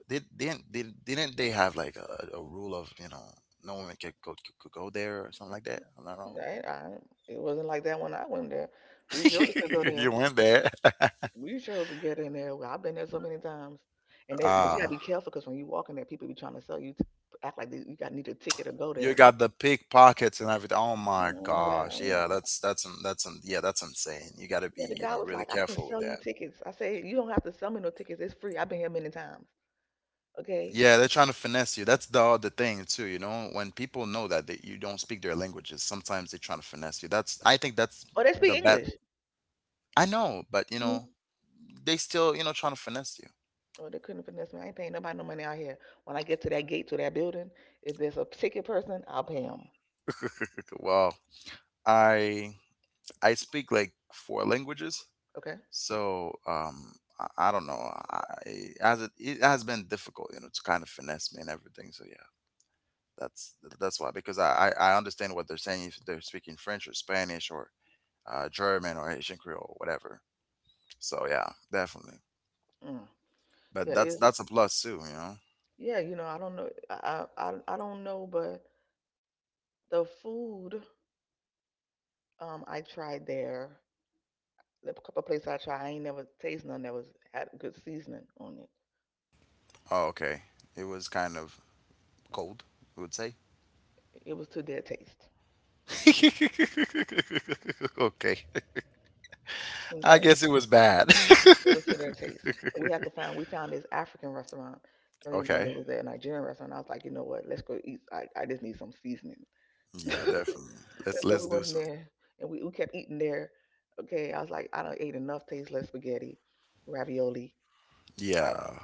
S1: Did didn't did, didn't they have like a, a rule of, you know, no one could go could go there or something like that? I'm not wrong.
S2: I, I, it wasn't like that when I went there. We surely could go
S1: *laughs* You
S2: there.
S1: went there. *laughs*
S2: We sure could get in there. well, I've been there so many times, and that, but you gotta
S1: Ah,
S2: be careful, because when you walk in there, people be trying to sell you, t- act like they, you got need a ticket to go
S1: you
S2: there.
S1: got the pickpockets and everything. Oh my
S2: Mm, God,
S1: gosh,
S2: mm.
S1: yeah, that's that's that's yeah, that's insane. You got to
S2: Yeah,
S1: be,
S2: the
S1: you
S2: guy
S1: know,
S2: was
S1: really
S2: like, "I can
S1: careful with
S2: sell you
S1: that.
S2: tickets." I said, "You don't have to sell me no tickets. It's free. I've been here many times. Okay."
S1: Yeah, they're trying to finesse you. That's the other thing too, you know. When people know that, that you don't speak their languages, sometimes they're trying to finesse you. That's I think that's
S2: Oh, they speak
S1: the best.
S2: English.
S1: I know, but you
S2: Mhm.
S1: know, they still, you know, trying to finesse you.
S2: Oh, they couldn't finesse me. I ain't paying nobody no money out here. When I get to that gate to that building, if there's a ticket person, I'll pay him.
S1: Well, I I speak like four languages.
S2: Okay.
S1: So um, I, I don't know. I, as it, it has been difficult, you know, to kind of finesse me and everything. So yeah, that's that's why, because I I I understand what they're saying if they're speaking French or Spanish or uh, German or Haitian Creole or whatever. So yeah, definitely.
S2: Mm.
S1: But
S2: Yeah,
S1: that's
S2: it's
S1: that's a plus too, you know.
S2: yeah. You know, I don't know. I I I I don't know, but the food. Um, I tried there. The couple places I tried, I ain't never taste none that was had good seasoning on it.
S1: Oh okay, it was kind of cold. You would say.
S2: It was to their taste.
S1: *laughs* Okay, I
S2: Okay,
S1: guess it was bad.
S2: it was to their taste. So we had to
S1: *laughs*
S2: find. We found this African restaurant. So, you know,
S1: Okay.
S2: there was a Nigerian restaurant. I was like, you know what? Let's go eat. I, I just need some seasoning. *laughs* And
S1: Yeah, definitely. Let's
S2: so
S1: let's
S2: we
S1: do
S2: went in
S1: some.
S2: there, and we, we kept eating there. Okay, I was like, I don't ate enough tasteless spaghetti, ravioli. I've,
S1: Yeah,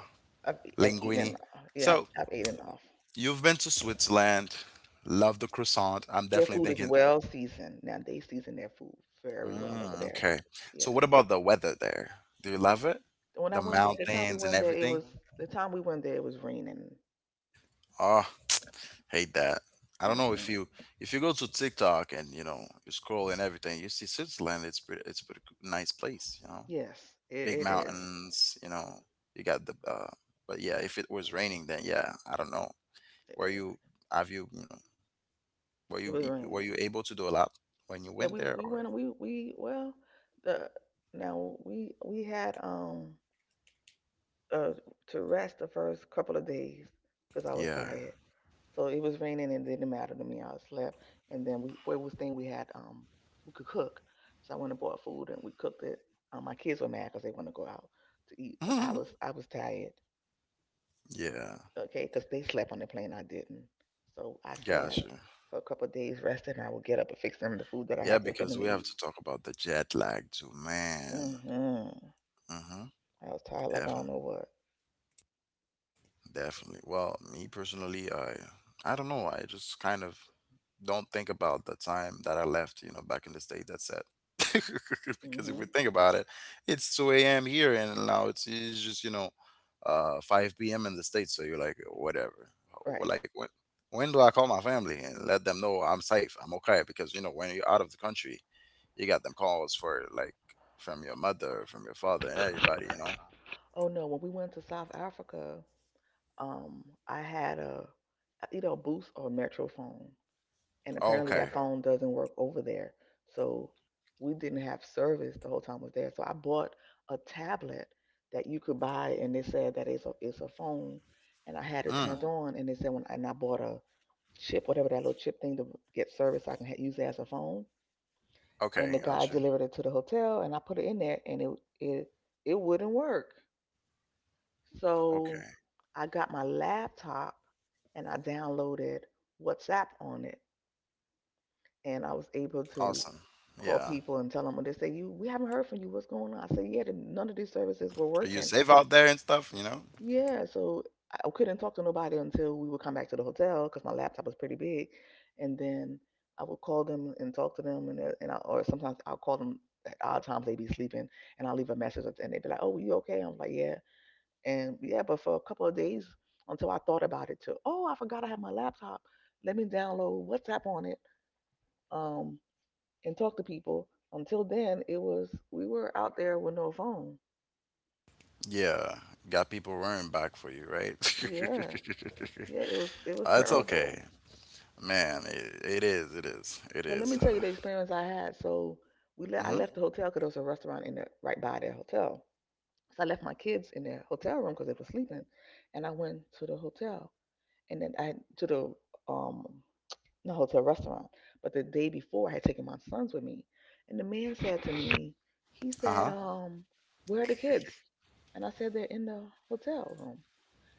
S2: I've, I've eaten
S1: linguine.
S2: enough. Yeah, I've,
S1: So
S2: I've eaten enough.
S1: you've been to Switzerland, love the croissant. I'm
S2: Their
S1: definitely
S2: food is
S1: thinking,
S2: well seasoned. Now they season their food very well over
S1: mm,
S2: there.
S1: okay. So
S2: Yes.
S1: what about the weather there? Do you love it?
S2: When I
S1: The
S2: went there, the time we
S1: mountains and
S2: went there, it
S1: everything?
S2: was the time we went there, it was raining.
S1: Oh, hate that. I don't know if
S2: hmm
S1: you if you go to TikTok and you know you scroll and everything, you see Switzerland. It's pretty, it's a pretty g- nice place, you know.
S2: Yes, it,
S1: Big
S2: it is.
S1: mountains, you know. You got the, uh, but yeah, if it was raining, then yeah, I don't know.
S2: It,
S1: Where
S2: is.
S1: you have you, you know, Were you
S2: It was
S1: e- were
S2: raining.
S1: you able to do a lot when you
S2: Yeah,
S1: went
S2: we
S1: there
S2: we
S1: or?
S2: went. We we well, the now we we had um uh to rest the first couple of days because I was
S1: Yeah.
S2: tired. So it was raining and it didn't matter to me. I slept. And then we, for was thing we had, um, we could cook. So I went and bought food and we cooked it. Um, my kids were mad because they wanted to go out to eat, but I was
S1: *laughs*
S2: I was tired,
S1: Yeah.
S2: okay, because they slept on the plane. I didn't, so I slept
S1: Gotcha.
S2: for a couple of days, rested, and I would get up and fix them the food that I
S1: Yeah,
S2: had to
S1: because
S2: finna
S1: we have
S2: eat.
S1: to talk about the jet lag too, man.
S2: hmm
S1: Mm-hmm.
S2: I was tired like I
S1: Definitely.
S2: don't know what.
S1: Definitely. Well, me personally, I I don't know. I just kind of don't think about the time that I left, you know, back in the state. That's it. *laughs* Because if
S2: hmm
S1: we think about it, it's two a m here and now it's, it's just, you know, uh, five p m in the States. So you're like, whatever. Wh-
S2: Right.
S1: Like, when, when do I call my family and let them know I'm safe? I'm okay. Because, you know, when you're out of the country, you got them calls for like from your mother, from your father, and everybody, you know?
S2: Oh no, when we went to South Africa, um, I had a either a Boost or a Metro phone. And
S1: Oh,
S2: apparently
S1: okay.
S2: that phone doesn't work over there. So we didn't have service the whole time I was there. So I bought a tablet that you could buy, and they said that it's a it's a phone, and I had it
S1: Mm,
S2: turned on, and they said when and I bought a chip, whatever that little chip thing to get service, so I can ha- use it as a phone.
S1: okay.
S2: And the
S1: Got
S2: guy
S1: you.
S2: delivered it to the hotel, and I put it in there, and it it it wouldn't work. So
S1: Okay.
S2: I got my laptop, and I downloaded WhatsApp on it and I was able to
S1: Awesome.
S2: call
S1: Yeah.
S2: people and tell them when they say you we haven't heard from you what's going on I said yeah the, none of these services were
S1: Are you
S2: working.
S1: safe out there and stuff, you know?
S2: Yeah, so I couldn't talk to nobody until we would come back to the hotel because my laptop was pretty big and then I would call them and talk to them and uh, and I, or sometimes I'll call them at odd times they'd be sleeping and I'll leave a message and they'd be like oh you okay I'm like yeah and yeah but for a couple of days until I thought about it too oh I forgot I had my laptop, let me download WhatsApp on it um and talk to people. Until then, it was we were out there with no phone.
S1: Yeah, got people running back for you, right? *laughs*
S2: Yeah, yeah, it was it was
S1: Uh, it's
S2: terrible.
S1: okay, man. It, it is. It is. It
S2: But let me
S1: is.
S2: tell you the experience I had. So we left. I
S1: Mm-hmm.
S2: left the hotel because there was a restaurant in the right by their hotel. So I left my kids in their hotel room because they were sleeping, and I went to the hotel and then I to the um the hotel restaurant. But the day before, I had taken my sons with me, and the man said to me, he
S1: Uh
S2: said,
S1: huh.
S2: um, where are the kids? And I said they're in the hotel room.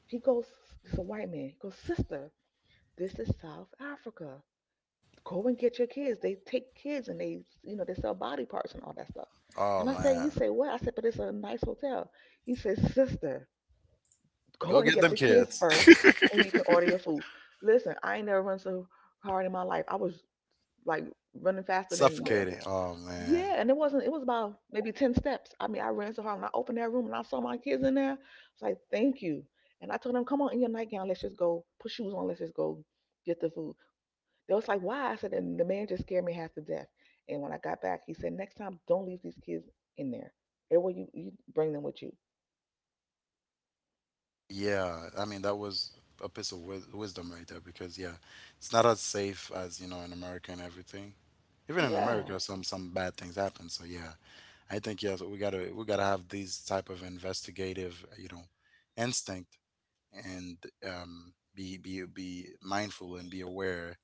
S2: He goes, it's a white man. He goes, sister, this is South Africa. Go and get your kids. They take kids and they, you know, they sell body parts and all that stuff.
S1: Oh
S2: And I say, you
S1: man,
S2: say what? I said, but it's a nice hotel. He says, sister, go
S1: go
S2: and
S1: get
S2: get
S1: them
S2: the kids
S1: kids.
S2: first and you can order your food. Listen, I ain't never run so hard in my life. I was like running
S1: *laughs*
S2: faster than the,
S1: Suffocating. Oh man.
S2: yeah, and it wasn't, it was about maybe ten steps. I mean, I ran so hard when I opened that room and I saw my kids in there. I was like, thank you. And I told them, come on in your nightgown, let's just go put shoes on, let's just go get the food. They was like, why? I said, and the man just scared me half to death. And when I got back, he said, next time, don't leave these kids in there. Everywhere you, you bring them with you.
S1: Yeah. I mean, that was a piece of wis- wisdom right there because yeah, it's not as safe as you know in America and everything. Even in
S2: Yeah,
S1: America, some some bad things happen. So yeah, I think, yeah, we gotta, we gotta have these type of investigative, you know, instinct and um, be be be mindful and be aware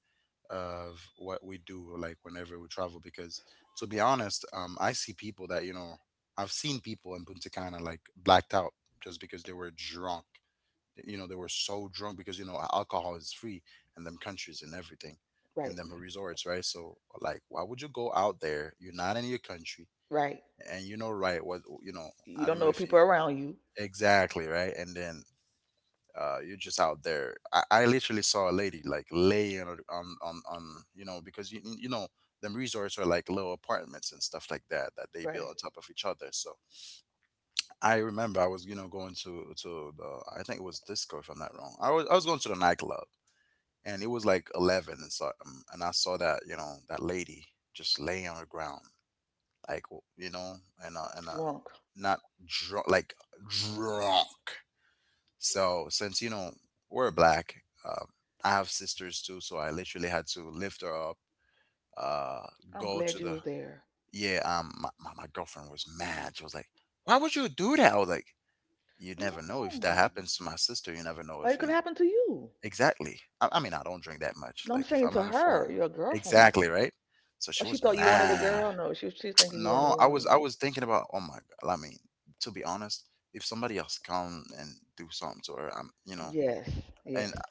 S1: of what we do, like whenever we travel, because to be honest, um I see people that, you know, I've seen people in Punta Cana like blacked out just because they were drunk. You know, they were so drunk because, you know, alcohol is free in them countries and everything,
S2: right,
S1: and them resorts, right? So, like, why would you go out there? You're not in your country,
S2: right.
S1: and you know, right, what you know.
S2: You
S1: I don't
S2: don't
S1: know
S2: know
S1: if you,
S2: people around you,
S1: exactly, right? And then uh, you're just out there. I, I literally saw a lady like laying on, on on on, you know, because you you know, them resorts are like little apartments and stuff like that, that they build
S2: right?
S1: on top of each other. So I remember I was, you know, going to to the, I think it was disco, if I'm not wrong. I was I was going to the nightclub, and it was like eleven and something, and I saw that, you know, that lady just laying on the ground like w- you know. And uh, and uh
S2: Drunk.
S1: Not drunk, like drunk. So, since you know we're black, um, I have sisters too, so I literally had to lift her up, uh,
S2: I'm
S1: go to
S2: glad you
S1: the
S2: was there.
S1: yeah. Um, my, my my girlfriend was mad. She was like, "Why would you do that?" I was like, "You never know if that
S2: No,
S1: happens to my sister. You never know
S2: or
S1: if
S2: it
S1: you
S2: could
S1: know
S2: happen to you.
S1: exactly." I, I mean, I don't drink that much.
S2: No, I'm
S1: Like if
S2: saying
S1: I'm
S2: to
S1: under the foreign,
S2: her, your girlfriend. you-
S1: exactly right. So she
S2: Well, she
S1: was
S2: thought you wanted a
S1: mad.
S2: girl.
S1: *tsk*
S2: No, she was she's thinking you wanted
S1: No, I was I
S2: one.
S1: was thinking about, oh my god. I mean, to be honest, if somebody else come and do something to her, I'm you know.
S2: Yes,
S1: And
S2: yes.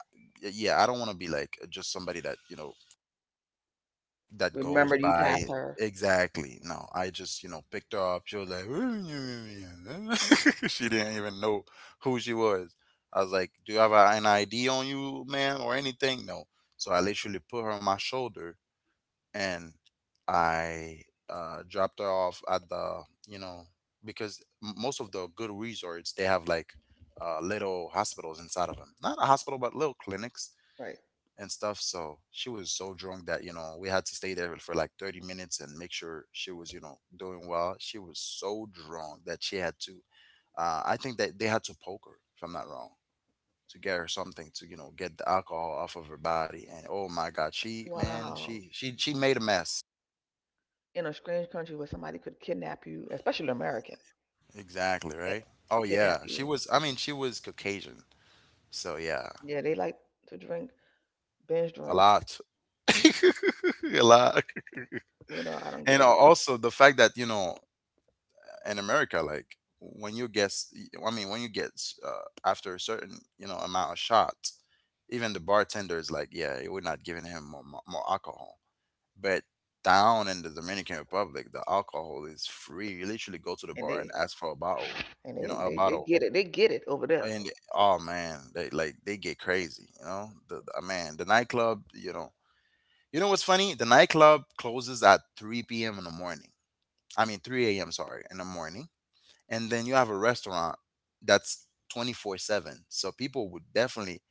S1: yeah, I don't want to be like just somebody that, you know, that goes
S2: Remember, you passed
S1: by
S2: her.
S1: exactly. No, I just, you know, picked her up. She was like, *laughs* she didn't even know who she was. I was like, "Do you have a- an I D on you, man, or anything?" No. So I literally put her on my shoulder and I uh, dropped her off at the, you know, because m- most of the good resorts, they have like uh, little hospitals inside of them. Not a hospital, but little clinics
S2: Right.
S1: and stuff. So she was so drunk that, you know, we had to stay there for like thirty minutes and make sure she was, you know, doing well. She was so drunk that she had to, uh, I think that they had to poke her, if I'm not wrong, to get her something to, you know, get the alcohol off of her body. And oh my God, she, man,
S2: Wow.
S1: she, she, she made a mess.
S2: In a strange country where somebody could kidnap you, especially an American,
S1: Exactly,
S2: eh,
S1: right? Oh
S2: kidnap
S1: yeah, she
S2: you.
S1: was, I mean, she was Caucasian. So yeah,
S2: Yeah, they like to drink, binge
S1: a
S2: drink.
S1: lot. *laughs* A lot.
S2: You know, I don't
S1: And
S2: get
S1: al-
S2: it.
S1: also the fact that, you know, in America, like when you get, s- I mean, when you get uh, after a certain you know amount of shots, even the bartender is like, yeah, we're not giving him more, more more alcohol. But down in the Dominican Republic, the alcohol is free. You literally go to the
S2: And
S1: bar and
S2: they,
S1: ask for a bottle,
S2: And
S1: you know,
S2: they,
S1: a
S2: they, they
S1: bottle.
S2: get it. They get it over there.
S1: And oh man, they like they get crazy, you know. The, the uh, Man, the nightclub, you know. You know what's funny? The nightclub closes at three p m in the morning. I mean three a m. Sorry, in the morning, and then you have a restaurant that's twenty-four seven, so people would definitely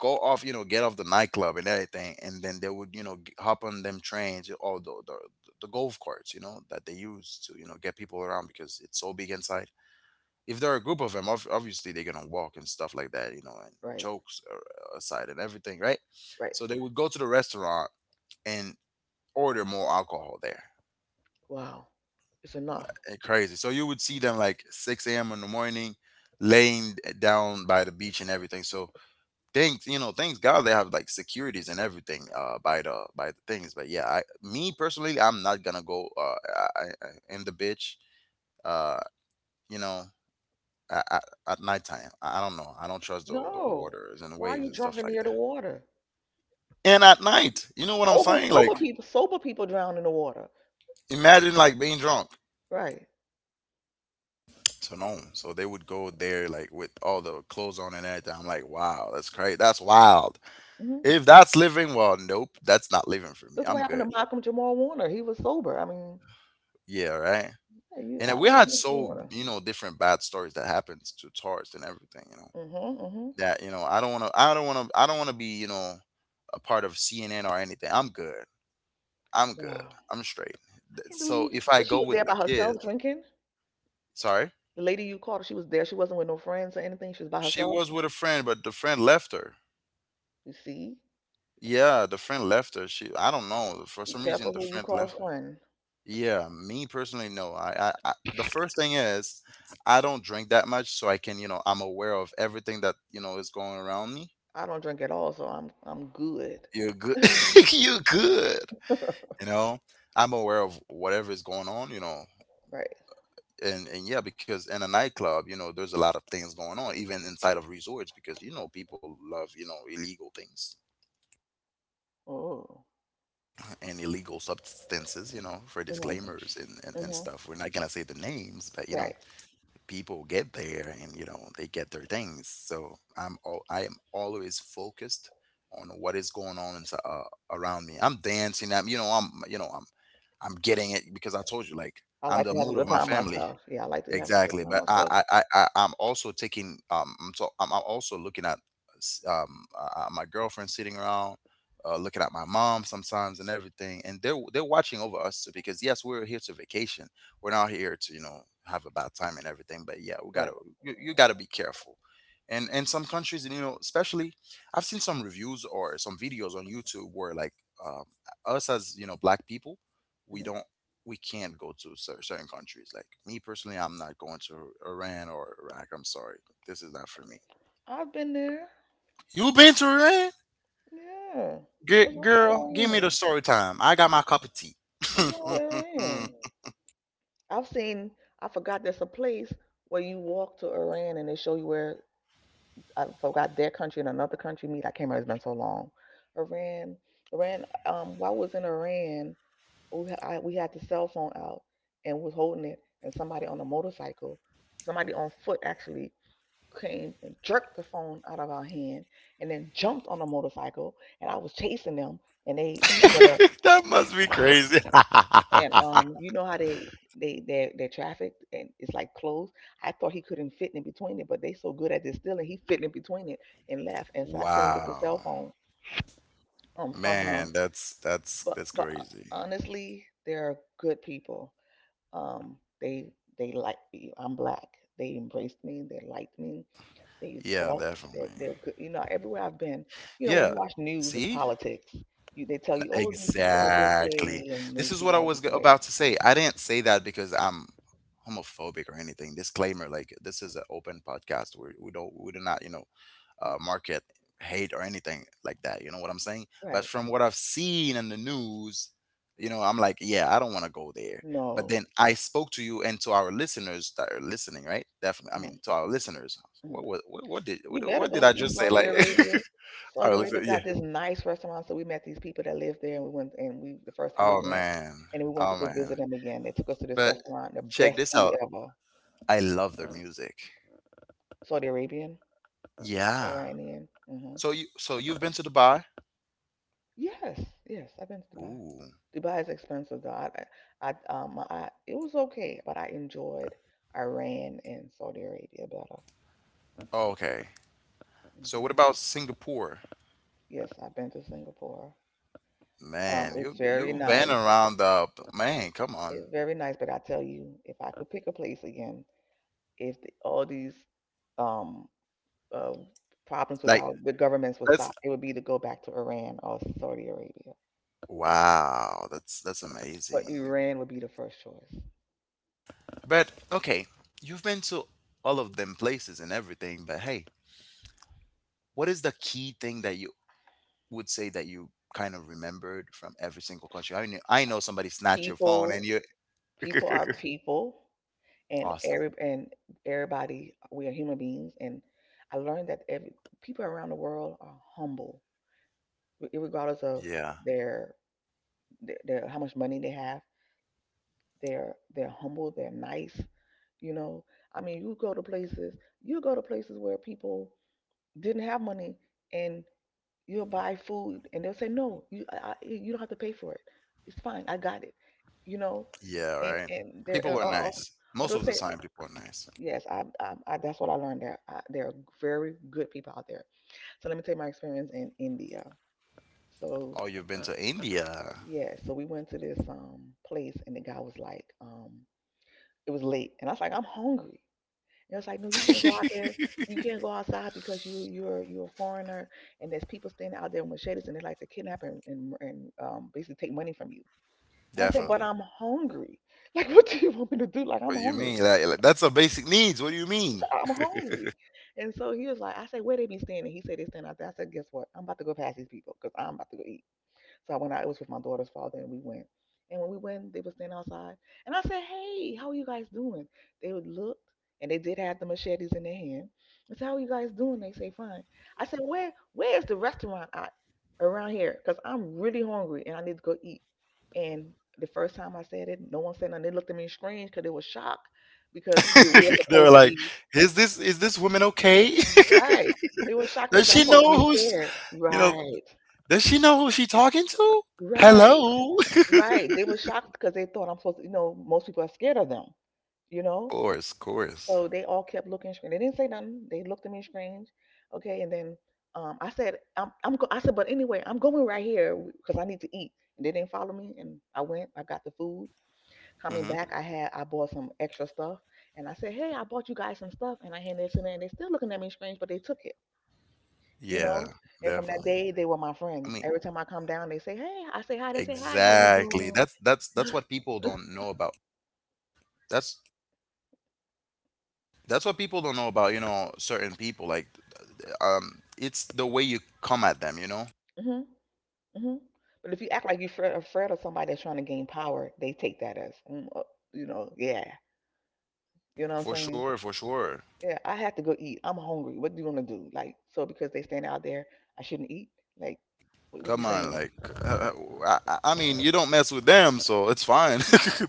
S1: go off, you know, get off the nightclub and everything, and then they would, you know, g- hop on them trains, or the, the the golf carts, you know, that they use to, you know, get people around because it's so big inside. If there are a group of them, ob- obviously they're gonna walk and stuff like that, you know, and
S2: Right,
S1: jokes a- aside and everything, right?
S2: right.
S1: So they would go to the restaurant and order more alcohol there,
S2: Wow. It's enough.
S1: and crazy. So you would see them like six a m in the morning, laying down by the beach and everything. So thanks, you know, thanks God they have like securities and everything, uh, by the by the things. But yeah, I me personally, I'm not gonna go, uh, I, I, in the beach. Uh, you know. At, at, at nighttime, I I don't know. I don't trust the, the
S2: No.
S1: waters and the
S2: Why are
S1: waves
S2: you
S1: and stuff
S2: drunk and
S1: like
S2: near the
S1: that.
S2: water?
S1: And at night, you know what I'm
S2: Over
S1: saying? Like,
S2: sober people, sober people drown in the water.
S1: imagine like being drunk.
S2: Right.
S1: So no, so they would go there like with all the clothes on and everything. I'm like, wow, that's crazy. That's wild.
S2: hmm
S1: If that's living, well, nope, that's not living for me.
S2: Look what
S1: I'm
S2: happened to
S1: good.
S2: Malcolm Jamal Warner. He was sober. I mean,
S1: Yeah, right.
S2: yeah, you
S1: And then
S2: out
S1: we
S2: on
S1: had
S2: this
S1: so
S2: Warner.
S1: you know different bad stories that happened to tourists and everything. You know
S2: Mm-hmm. Mm-hmm.
S1: that, you know, I don't want to. I don't want to. I don't want to be, you know, a part of C N N or anything. I'm good. I'm good.
S2: Wow.
S1: I'm straight.
S2: I
S1: Th-
S2: can't
S1: So
S2: believe.
S1: if
S2: So
S1: I
S2: she
S1: go
S2: was
S1: with
S2: there
S1: the
S2: by
S1: kids,
S2: herself drinking.
S1: sorry,
S2: The lady you called, she was there. She wasn't with no friends or anything. She was by
S1: she
S2: herself.
S1: was with a friend, but the friend left her.
S2: You see?
S1: Yeah, the friend left her. She, I don't know. For
S2: Be
S1: some reason,
S2: careful
S1: the
S2: who you
S1: friend
S2: call a
S1: left her.
S2: friend.
S1: Yeah, me personally, no. I, I, I, the first thing is, I don't drink that much, so I can, you know, I'm aware of everything that, you know, is going around me.
S2: I don't drink at all, so I'm I'm good.
S1: You're good. *laughs* You're good. You know, I'm aware of whatever is going on, you know.
S2: Right.
S1: And, and yeah, because in a nightclub, you know, there's a lot of things going on, even inside of resorts, because, you know, people love, you know, illegal things
S2: Oh.
S1: and illegal substances, you know, for
S2: Mhm.
S1: disclaimers and, and, and
S2: Mhm.
S1: stuff. We're not gonna say the names, but you know,
S2: Right.
S1: people get there and you know they get their things. So I'm all, I am always focused on what is going on inside, uh, around me. I'm dancing. I'm you know I'm you know I'm I'm getting it because I told you like
S2: I
S1: I'm
S2: like
S1: the
S2: to have a
S1: mood of
S2: good
S1: my
S2: time
S1: family.
S2: myself. Yeah, I like to have a good
S1: Exactly,
S2: time
S1: but I
S2: myself.
S1: I I I- I'm also taking um I'm so I'm, I'm also looking at s- um uh, my girlfriend sitting around, uh, looking at my mom sometimes and everything, and they're they're watching over us too because yes we're here to vacation, we're not here to, you know, have a bad time and everything, but yeah we
S2: Right.
S1: gotta, you, you gotta be careful, and in some countries, and you know, especially I've seen some reviews or some videos on YouTube where like, um, us, as you know, black people, we
S2: hmm
S1: don't we can't go to cer- certain countries. Like me personally, I'm not going to Iran or Iraq. I'm sorry, this is not for me.
S2: I've been there.
S1: You been to Iran?
S2: Yeah. What's
S1: Gi-
S2: wrong with
S1: girl, give me the
S2: Orion?
S1: story time. I got my cup of tea. *laughs*
S2: What's wrong with Orion? I've seen. I forgot there's a place where you walk to Iran and they show you where I forgot their country and another country meet. I can't remember. It's been so long. Iran, Iran. Um, while I was in Iran, we I, we had the cell phone out and was holding it, and somebody on a motorcycle, somebody on foot actually came and jerked the phone out of our hand, and then jumped on a motorcycle, and I was chasing them, and they, you know, the
S1: That must be crazy.
S2: and um,
S1: *laughs*
S2: you know how they they their their traffic and it's like closed. I thought he couldn't fit in between it, but they so good at distilling, he fit in between it and left. And so I couldn't get the
S1: Wow,
S2: cell phone um from
S1: man,
S2: him.
S1: that's that's
S2: But
S1: that's
S2: but uh,
S1: crazy.
S2: honestly, they're good people. Um, they they like me. I'm black. They embraced me. They liked me. They
S1: Yeah,
S2: talked.
S1: definitely.
S2: They're they're good. You know, everywhere I've been, you know, when
S1: Yeah,
S2: you watch news, it's
S1: see,
S2: politics. You they tell you, oh, these people are this
S1: exactly.
S2: way and
S1: This
S2: these
S1: is what I
S2: people are
S1: was
S2: this
S1: go-
S2: way.
S1: about to say. I didn't say that because I'm homophobic or anything. Disclaimer, like this is an open podcast. We we don't we do not, you know,
S2: Mm,
S1: uh, market hate or anything like that. You know what I'm saying? But
S2: right.
S1: from what I've seen in the news, you know, I'm like, yeah, I don't want to go there. But
S2: No.
S1: then I spoke to you and to our listeners that are listening, right? Definitely. I mean, to our listeners. So
S2: Mm-mm.
S1: What what what, what did what,
S2: You better
S1: what
S2: go
S1: did I
S2: see
S1: just say?
S2: Saudi
S1: Like,
S2: Arabia.
S1: *laughs* all
S2: Saudi
S1: right,
S2: Arabia
S1: listen. Yeah.
S2: got this nice restaurant. So we met these people that live there, and we went. And we the first time we
S1: Oh
S2: went,
S1: man.
S2: and then we went to
S1: Oh
S2: go
S1: man.
S2: visit them again. They took us to this
S1: But
S2: restaurant, the
S1: check
S2: best
S1: this
S2: food
S1: out.
S2: ever.
S1: I love their music.
S2: Saudi Arabian,
S1: Yeah.
S2: Iranian. Mm-hmm.
S1: So you so you've been to Dubai?
S2: Yes, yes, I've been to Dubai.
S1: Ooh.
S2: Dubai is expensive though. I, I, I- um, I, it was okay, but I enjoyed Iran and Saudi Arabia better.
S1: Okay. So
S2: hmm
S1: what about Singapore?
S2: Yes, I've been to Singapore. Um,
S1: Man, you
S2: it's very
S1: you've been *laughs*
S2: nice.
S1: around the, man, come on.
S2: It's very nice, but I tell you, if I could pick a place again, if the, all these um, uh, problems with
S1: Like
S2: our the governments would
S1: that's
S2: stop, it would be to go back to Iran or Saudi Arabia.
S1: wow, that's that's amazing.
S2: But Iran would be the first choice.
S1: But okay, you've been to all of them places and everything, but hey, what is the key thing that you would say that you kind of remembered from every single country? I knew, I know somebody snatched your phone
S2: People,
S1: and you
S2: people are
S1: *laughs*
S2: people, and
S1: awesome.
S2: every and everybody, we are human beings. And I learned that every people around the world are humble, re- regardless of
S1: Yeah.
S2: their, their, their how much money they have. They're they're humble. They're nice. You know, I mean, you go to places, you go to places where people didn't have money, and you'll buy food, and they'll say, "No, you, I, I- you don't have to pay for it. It's fine. I got it." You know,
S1: Yeah,
S2: and
S1: right?
S2: and they're,
S1: People are
S2: or, or
S1: nice.
S2: or
S1: Most
S2: they'll
S1: of the
S2: say,
S1: time, people are nice.
S2: "Yes, I, I, I that's what I learned. There, I, there are very good people out there." So let me tell you my experience in India. So
S1: Oh, you've been to India.
S2: yeah, so we went to this um place, and the guy was like, um, it was late, and I was like, "I'm hungry." It was like, no, you can't go out there.
S1: *laughs*
S2: You can't go outside because you you're you're a foreigner, and there's people standing out there with machetes, and they like to kidnap and and, and um, basically take money from you. And I say, but
S1: Definitely.
S2: I'm hungry. *laughs* Like, what do you want me to do? Like, I'm
S1: What do you mean?
S2: hungry.
S1: That, like, that's a basic needs. What do you mean?
S2: I'm hungry. And so he was like, I say, where they be standing? He said they stand out there. I said, guess what? I'm about to go past these people because I'm about to go eat. So I went out. It was with my daughter's father, and we went. And when we went, they were standing outside, and I said, "Hey, how are you guys doing?" They would look, and they did have the machetes in their hand. I said, "How are you guys doing?" They say, "Fine." I said, "Where Where is the restaurant at around here? Cause I'm really hungry, and I need to go eat." And the first time I said it, no one said nothing. They looked at me strange because they were shocked because we we were
S1: *laughs* They were
S2: supposed to
S1: like,
S2: be
S1: "Is this is this woman okay? *laughs*
S2: right. They were shocked
S1: Does
S2: because I'm
S1: she
S2: supposed to
S1: know
S2: be
S1: who's,
S2: scared.
S1: you know?
S2: Right.
S1: Does she know who she talking to?
S2: Right.
S1: Hello."
S2: Right. They were shocked because they thought I'm supposed to, you know, most people are scared of them, you
S1: *laughs*
S2: know?
S1: Course, course.
S2: So they all kept looking strange. They didn't say nothing. They looked at me strange. Okay. And then um, I said, I'm, I'm go- I said, but anyway, I'm going right here because I need to eat. And they didn't follow me. And I went, I got the food. Coming
S1: Hmm.
S2: back, I had, I bought some extra stuff. And I said, hey, I bought you guys some stuff. And I handed it to them. And they're still looking at me strange, but they took it, you
S1: Yeah,
S2: know? And from that
S1: definitely.
S2: day, they were my
S1: I
S2: friends.
S1: mean,
S2: Every time I come down, they say, hey, I say hi. They say, hi, how you
S1: exactly. That's that's that's
S2: doing?
S1: what people
S2: *laughs*
S1: don't know about. That's that's what people don't know about, you know, certain people, like, um it's the way you come at them, you know.
S2: hmm hmm But if you act like you're afraid, afraid of somebody that's trying to gain power, they take that as, mm, uh, you know, yeah. You know what I'm
S1: For
S2: saying?
S1: sure for sure.
S2: Yeah, I have to go eat. I'm hungry. What do you want to do? Like, so because they stand out there, I shouldn't eat? Like, what, what you
S1: Come on,
S2: saying?
S1: like, uh, uh, I, I I mean you don't mess with them so it's fine.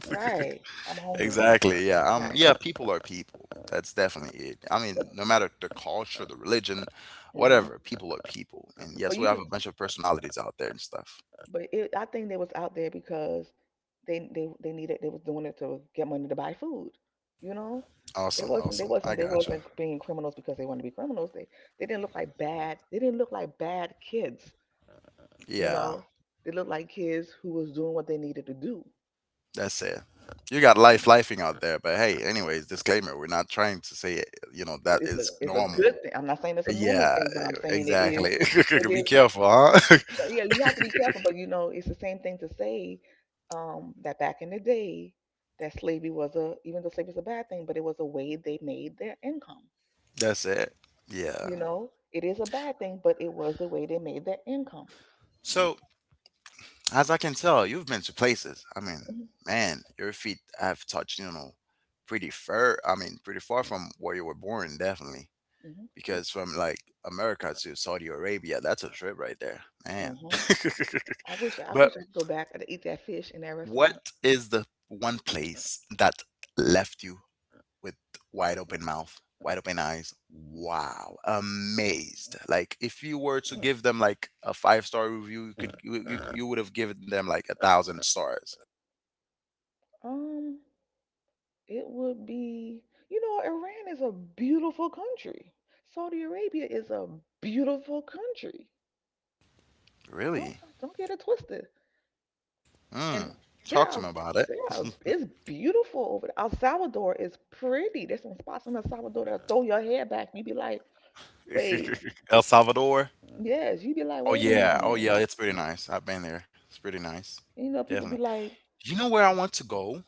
S2: Right. I'm
S1: *laughs*
S2: hungry.
S1: Exactly, yeah. Um
S2: Right.
S1: yeah, people are people, that's definitely it. I mean,
S2: But,
S1: no matter the culture, the religion,
S2: hmm
S1: whatever, people are people, and
S2: but
S1: yes we
S2: you
S1: have
S2: could,
S1: a bunch of personalities out there and stuff.
S2: But it, I think they was out there because they they they needed they was doing it to get money to buy food. You know, they
S1: Awesome
S2: wasn't they
S1: awesome, I
S2: wasn't they
S1: got you.
S2: wasn't being criminals because they wanted to be criminals. They they didn't look like bad they didn't look like bad kids. You
S1: Yeah.
S2: know, they looked like kids who was doing what they needed to do.
S1: That's it. You got life lifing out there, but hey, anyways, disclaimer: we're not trying to say you know that
S2: It's a
S1: is
S2: it's a
S1: normal.
S2: good thing. I'm not saying it's a normal
S1: Yeah,
S2: thing, but I'm saying it is.
S1: exactly.
S2: It
S1: *laughs* Be
S2: is.
S1: careful, huh?
S2: So, yeah, you have to be careful, but you know, it's the same thing to say um, that back in the day, that slavery was a, even though slavery was a bad thing, but it was a way they made their income.
S1: *laughs* That's it. Yeah.
S2: You know, it is a bad thing, but it was the way they made their income.
S1: So as I can tell, you've been to places. I mean,
S2: hmm
S1: man, your feet have touched, you know, pretty far. I mean, pretty far from where you were born, definitely.
S2: hmm
S1: Because from like America to Saudi Arabia, that's a trip right there, man.
S2: hmm
S1: *laughs*
S2: I wish, I
S1: But
S2: wish I could go back and eat that fish in that restaurant.
S1: what is the one place that left you with wide open mouth, wide open eyes? Wow, amazed. Like if you were to give them like a five star review, you could you, you, you would have given them like a thousand stars.
S2: Um, it would be, you know, Iran is a beautiful country. Saudi Arabia is a beautiful country.
S1: Really?
S2: Don't, don't get it twisted.
S1: Mm.
S2: And
S1: Talk
S2: there
S1: to me
S2: are
S1: about it.
S2: there are it's beautiful over there. El Salvador is pretty. There's some spots in El Salvador that'll throw your hair back and you be like, wait,
S1: *laughs* El Salvador.
S2: yes, you be like,
S1: Oh
S2: wait a
S1: yeah, oh
S2: minute.
S1: yeah, it's pretty nice. I've been there. It's pretty nice.
S2: And, you know, people
S1: Definitely.
S2: be like,
S1: You know where I want to go?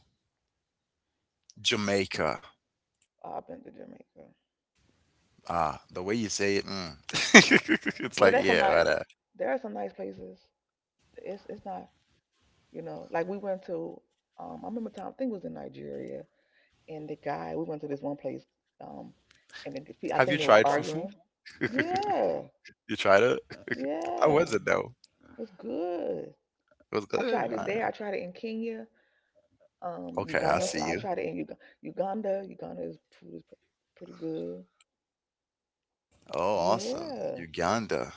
S1: Jamaica.
S2: oh, I've been to Jamaica.
S1: Ah, the way you say it, mm. *laughs* It's
S2: No,
S1: like,
S2: there's some
S1: yeah,
S2: nice
S1: right, uh,
S2: there are some nice places. It's it's not, you know, like we went to um I remember a time I think it was in Nigeria and the guy we went to this one place, um, and the, I
S1: have you
S2: think they was
S1: tried fufu?
S2: arguing. Yeah,
S1: You tried it? How
S2: yeah.
S1: was it
S2: It
S1: though?
S2: was good.
S1: It was
S2: I
S1: good.
S2: tried it
S1: Uh,
S2: there. I tried it in Kenya, um,
S1: okay, I
S2: Uganda.
S1: see
S2: I
S1: you.
S2: tried it in Uga- Uganda. Uganda is food is pr- pretty good.
S1: Oh, awesome.
S2: Yeah,
S1: Uganda.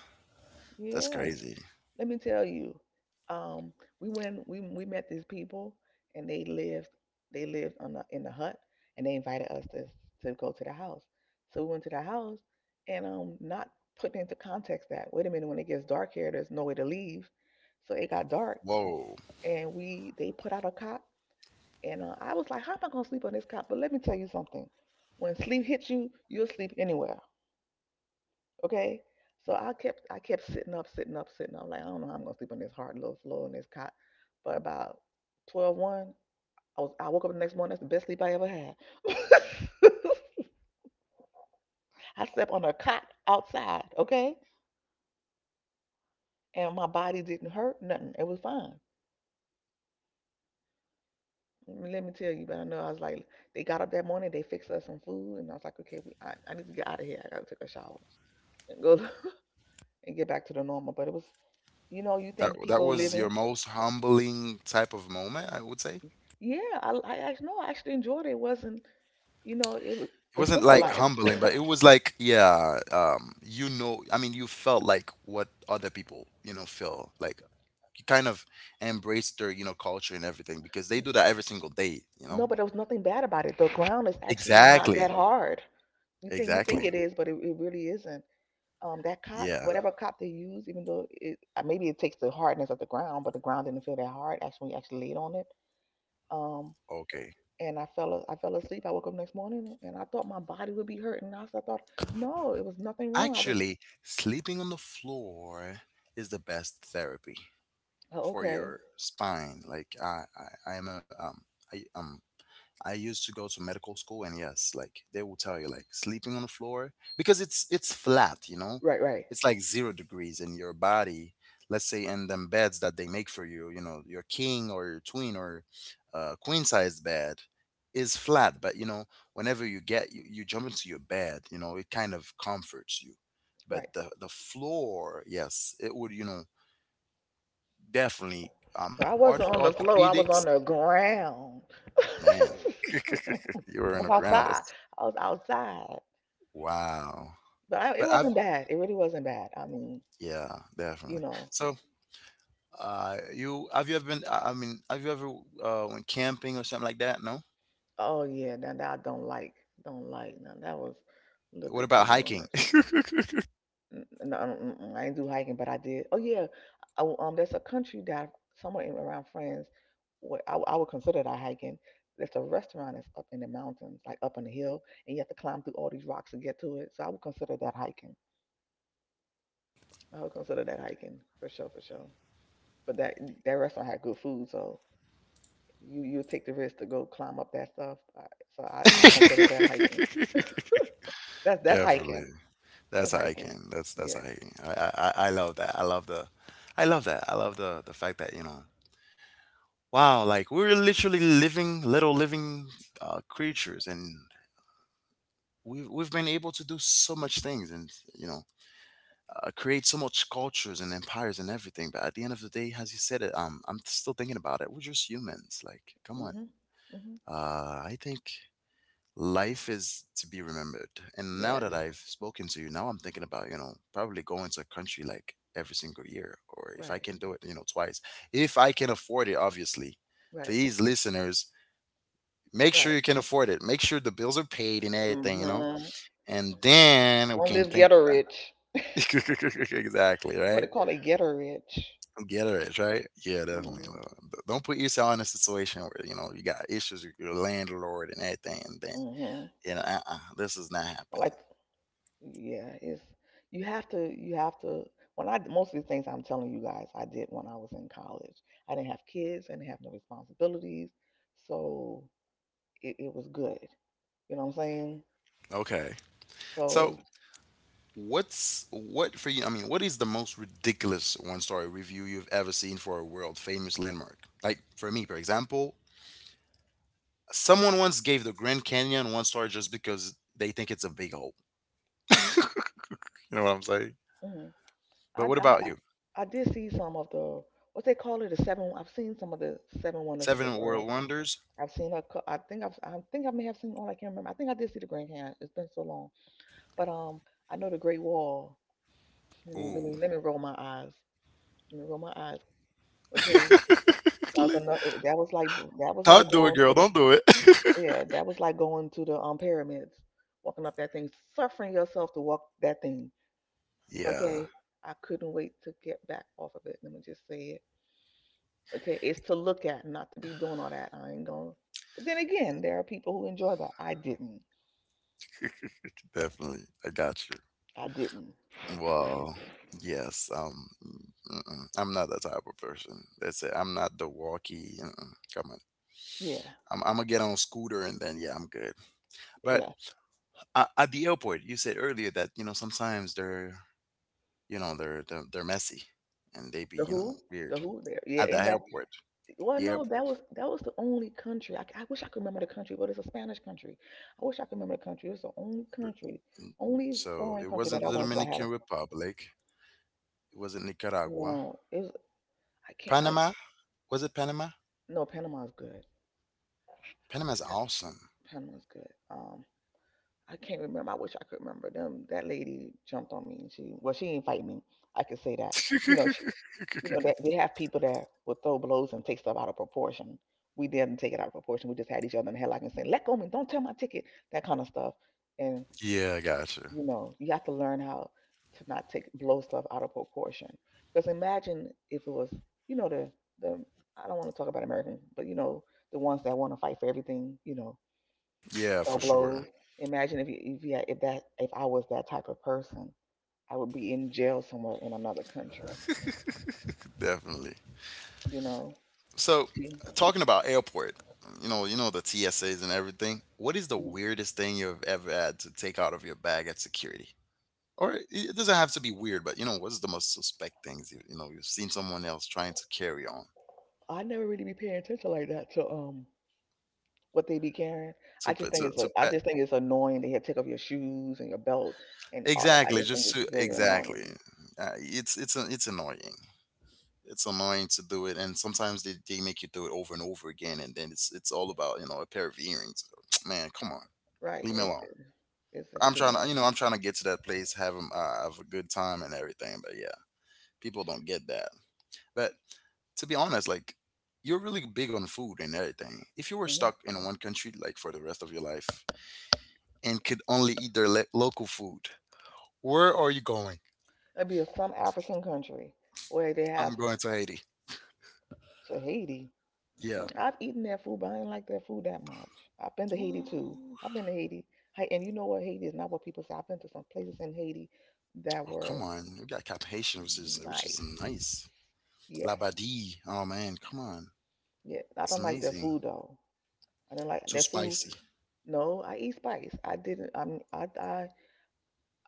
S1: That's
S2: yeah.
S1: crazy.
S2: Let me tell you, um, we went. We we met these people, and they lived. They lived on the, in the hut, and they invited us to to go to the house. So we went to the house, and um, not putting into context that wait a minute, when it gets dark here, there's no way to leave. So it got dark,
S1: Whoa.
S2: and we they put out a cot. And uh, I was like, how am I going to sleep on this cot? But let me tell you something. When sleep hits you, you'll sleep anywhere. Okay. So I kept, I kept sitting up, sitting up, sitting up. I'm Like, I don't know how I'm going to sleep on this hard little floor on this cot. But about twelve, one, I was, I woke up the next morning. That's the best sleep I ever had. *laughs* I slept on a cot outside. Okay. And my body didn't hurt nothing. It was fine. Mm, Let me tell you, but I know I was like, they got up that morning, they fixed us some food, and I was like, okay, we, I, I need to get out of here. I gotta take a shower and go *laughs* and get back to the normal. But it was, you know, you
S1: That
S2: think
S1: that
S2: people
S1: was your
S2: living.
S1: most humbling type of moment, I would say.
S2: Yeah, I, I actually no, I actually enjoyed it. It wasn't, you know, it was
S1: It
S2: the
S1: wasn't
S2: simple
S1: like
S2: life.
S1: humbling,
S2: *laughs*
S1: but it was like, yeah, um, you know, I mean, you felt like what other people, you know, feel like, kind of embrace their you know culture and everything because they do that every single day,
S2: *coughs*
S1: you
S2: No, but
S1: know.
S2: there was nothing bad about it. The ground is actually not
S1: Exactly.
S2: that hard. You think you think
S1: Exactly.
S2: it is, but it, it really isn't. Um, that cot,
S1: Yeah.
S2: whatever cot they use, even though it uh, maybe it takes the hardness of the ground, but the ground didn't feel that hard. Actually, when you actually laid on it. Um,
S1: Okay.
S2: and I fell I fell asleep. I woke up next morning and I thought my body would be hurting. I, I thought no, it was nothing wrong. I was
S1: Actually, sleeping on the floor is the best therapy
S2: oh,
S1: for
S2: okay.
S1: your spine, like i i i am a, um i um I used to go to medical school, and yes, like they will tell you, like sleeping on the floor because it's it's flat, you know,
S2: Right, right,
S1: it's like zero degrees in your body. Let's say in them beds that they make for you, you know, your king or your twin or uh, queen sized bed is flat, but you know, whenever you get you, you jump into your bed, you know, it kind of comforts you. But
S2: right.
S1: the the floor, yes, it would, you know, definitely um
S2: So I
S1: orth-
S2: wasn't on the floor. I was
S1: orthopedics,
S2: on the ground. *laughs*
S1: man. *laughs*
S2: I
S1: You were on
S2: was
S1: the ground.
S2: outside. I was outside,
S1: Wow.
S2: but I, it
S1: But I've
S2: wasn't bad. It really wasn't bad. I mean,
S1: yeah,
S2: you
S1: definitely.
S2: know.
S1: So, uh, you have you ever been? I I mean, have you ever uh went camping or something like that? No.
S2: Oh yeah, now that I don't like, don't like. Now that was a little
S1: What
S2: bit
S1: about
S2: too
S1: hiking?
S2: much. N- n- No, mm, mm, I didn't do hiking, but I did. Oh yeah, oh, um, there's a country that somewhere in, around France. What I, w- I would consider that hiking. There's a restaurant that's up in the mountains, like up on the hill, and you have to climb through all these rocks to get to it. So I would consider that hiking. I would consider that hiking for sure, for sure. But that that restaurant had good food, so you you take the risk to go climb up that stuff. I, so I, I consider that
S1: *laughs*
S2: hiking. *laughs* That's that's hiking.
S1: Definitely.
S2: That's
S1: That's
S2: hiking.
S1: hiking. That's that's
S2: Yes.
S1: hiking. I, I I I love that. I love the, I love that. I love the the fact that you know, wow, like we're literally living little living uh, creatures, and we've we've been able to do so much things, and you know, uh, create so much cultures and empires and everything. But at the end of the day, as you said it, um, I'm still thinking about it. We're just humans. Like, come on.
S2: Mhm. Mhm.
S1: Uh, I think life is to be remembered. And now
S2: Yes.
S1: that I've spoken to you, now I'm thinking about you know probably going to a country like every single year, or if I
S2: Right.
S1: can do it, you know, twice, if I can afford it. Obviously,
S2: Right,
S1: please, listeners. Make
S2: right.
S1: sure you can afford it. Make sure the bills are paid and everything, you know?
S2: Mm-hmm.
S1: And then we
S2: Don't
S1: can
S2: live
S1: think
S2: ghetto rich.
S1: about *laughs* exactly,
S2: That's what
S1: right?
S2: they call it, ghetto rich.
S1: Get it right? Yeah, definitely.
S2: Mm-hmm.
S1: Uh, d- Don't put yourself in a situation where you know you got issues with your landlord and everything, and then
S2: Mm-hmm.
S1: you know, uh-uh, this is not
S2: I
S1: happening.
S2: like, yeah, it's you have to, you have to. When I most of the things I'm telling you guys, I did when I was in college. I didn't have kids, I didn't have no responsibilities, so it, it was good. You know what I'm saying?
S1: Okay, so
S2: So
S1: what's what for you? I mean, what is the most ridiculous one-story review you've ever seen for a world-famous landmark? Like for me, for example, someone once gave the Grand Canyon one star just because they think it's a big hole. You know what I'm saying?
S2: mhm.
S1: But
S2: I,
S1: what
S2: I
S1: about you?
S2: I did see some of the what they call it, the seven. I've seen some of the seven wonders of the
S1: Seven world
S2: world.
S1: wonders?
S2: I've seen her. cou- I think I've. I think I may have seen all. I can't remember. I think I did see the Grand Canyon. It's been so long. But um, I know the Great Wall. Let me let
S1: Ooh.
S2: me let me roll my eyes. Let me roll my eyes. Okay, that was
S1: *laughs*
S2: another. That was like that was like
S1: Don't do it,
S2: going
S1: girl.
S2: to the
S1: Don't do it.
S2: yeah. That was like going to the um pyramids, walking up that thing, suffering yourself to walk that thing.
S1: *laughs* Yeah,
S2: Okay, I couldn't wait to get back off of it. Let me just say it. Okay, it's to look at, not to be doing all that. I ain't gonna. But then again, there are people who enjoy that. I didn't.
S1: *laughs* definitely. I got you.
S2: I didn't.
S1: Well, yes. Um, mm-mm. I'm not that type of person. That's it. I'm not the walkie. Mm-mm. Come on.
S2: Yeah.
S1: I'm, I'm gonna get on a scooter and then yeah, I'm good. But
S2: Yeah.
S1: uh, at the airport, you said earlier that you know sometimes they're you know they're they're, they're messy and they be
S2: The
S1: you know
S2: Who?
S1: weird
S2: The Who there. Yeah,
S1: at the
S2: in that
S1: airport.
S2: well
S1: The
S2: no,
S1: airport.
S2: that was that was the only country. I, I wish I could remember the country, but it's a Spanish country. I wish I could remember the country. It's the only country, only
S1: So it
S2: foreign country
S1: wasn't
S2: that
S1: the
S2: I went to. I
S1: Dominican
S2: had a
S1: Republic. It wasn't Nicaragua.
S2: no, it was I can't I
S1: Panama. Was it Panama?
S2: no, Panama's good.
S1: Panama's awesome.
S2: Panama's good. Um I can't remember. I wish I could remember them. That lady jumped on me and she well, she didn't fight me. I could say that. You know, she
S1: *laughs*
S2: you know, that they have people that will throw blows and take stuff out of proportion. We didn't take it out of proportion. We just had each other in the headlock and saying, "Let go of me! Don't tell my ticket!" That kind of stuff. And
S1: Yeah, I got you.
S2: you know, you have to learn how to not take blow stuff out of proportion. Because imagine if it was, you know, the the I don't want to talk about American, but you know, the ones that want to fight for everything, you know,
S1: Yeah,
S2: throw
S1: for sure.
S2: blows. Imagine if you if you had, if that if I was that type of person, I would be in jail somewhere in another country.
S1: Definitely.
S2: You know.
S1: So, talking about airport, you know, you know the T S As and everything. What is the
S2: Mhm.
S1: weirdest thing you've ever had to take out of your bag at security? Or it it doesn't have to be weird, but you know, what's the most suspect things you, you know you've seen someone else trying to carry on
S2: I never really be paying attention like that to um what they be carrying.
S1: to
S2: I
S1: p-
S2: just think
S1: to
S2: it's a,
S1: to
S2: I
S1: pet
S2: just think it's annoying. They have to take off your shoes and your belt and all that. I
S1: exactly
S2: just think
S1: just to
S2: it's very annoying.
S1: exactly uh, it's it's it's annoying. It's annoying to do it and sometimes they, they make you do it over and over again and then it's it's all about you know a pair of earrings *tsk* man come on
S2: Right?
S1: leave me
S2: It's
S1: alone.
S2: it's just
S1: I'm
S2: too
S1: trying
S2: much.
S1: to you know I'm trying to get to that place have 'em, uh, have a good time and everything but yeah people don't get that but to be honest like you're really big on food and everything. If you were
S2: hmm
S1: stuck in one country like for the rest of your life and could only eat their le- local food, where are you going?
S2: It'd be a, some African country where they have
S1: I'm going to Haiti.
S2: Tahiti.
S1: Yeah.
S2: Mm, I've eaten their food, but I didn't like their food that much. I've been to Haiti too.
S1: Ooh.
S2: I've been to Haiti, Hey, and you know what? Haiti is not what people say. I've been to some places in Haiti
S1: Oh
S2: that
S1: come
S2: were
S1: on, we got cap haitian which is which is
S2: nice.
S1: nice.
S2: Yes.
S1: Labadi. Oh man,
S2: Nice.
S1: come on.
S2: Yeah, I
S1: It's
S2: don't like their
S1: amazing.
S2: food though. I didn't like
S1: Too
S2: that food.
S1: spicy.
S2: No, I eat spice. I didn't. I'm. I. I.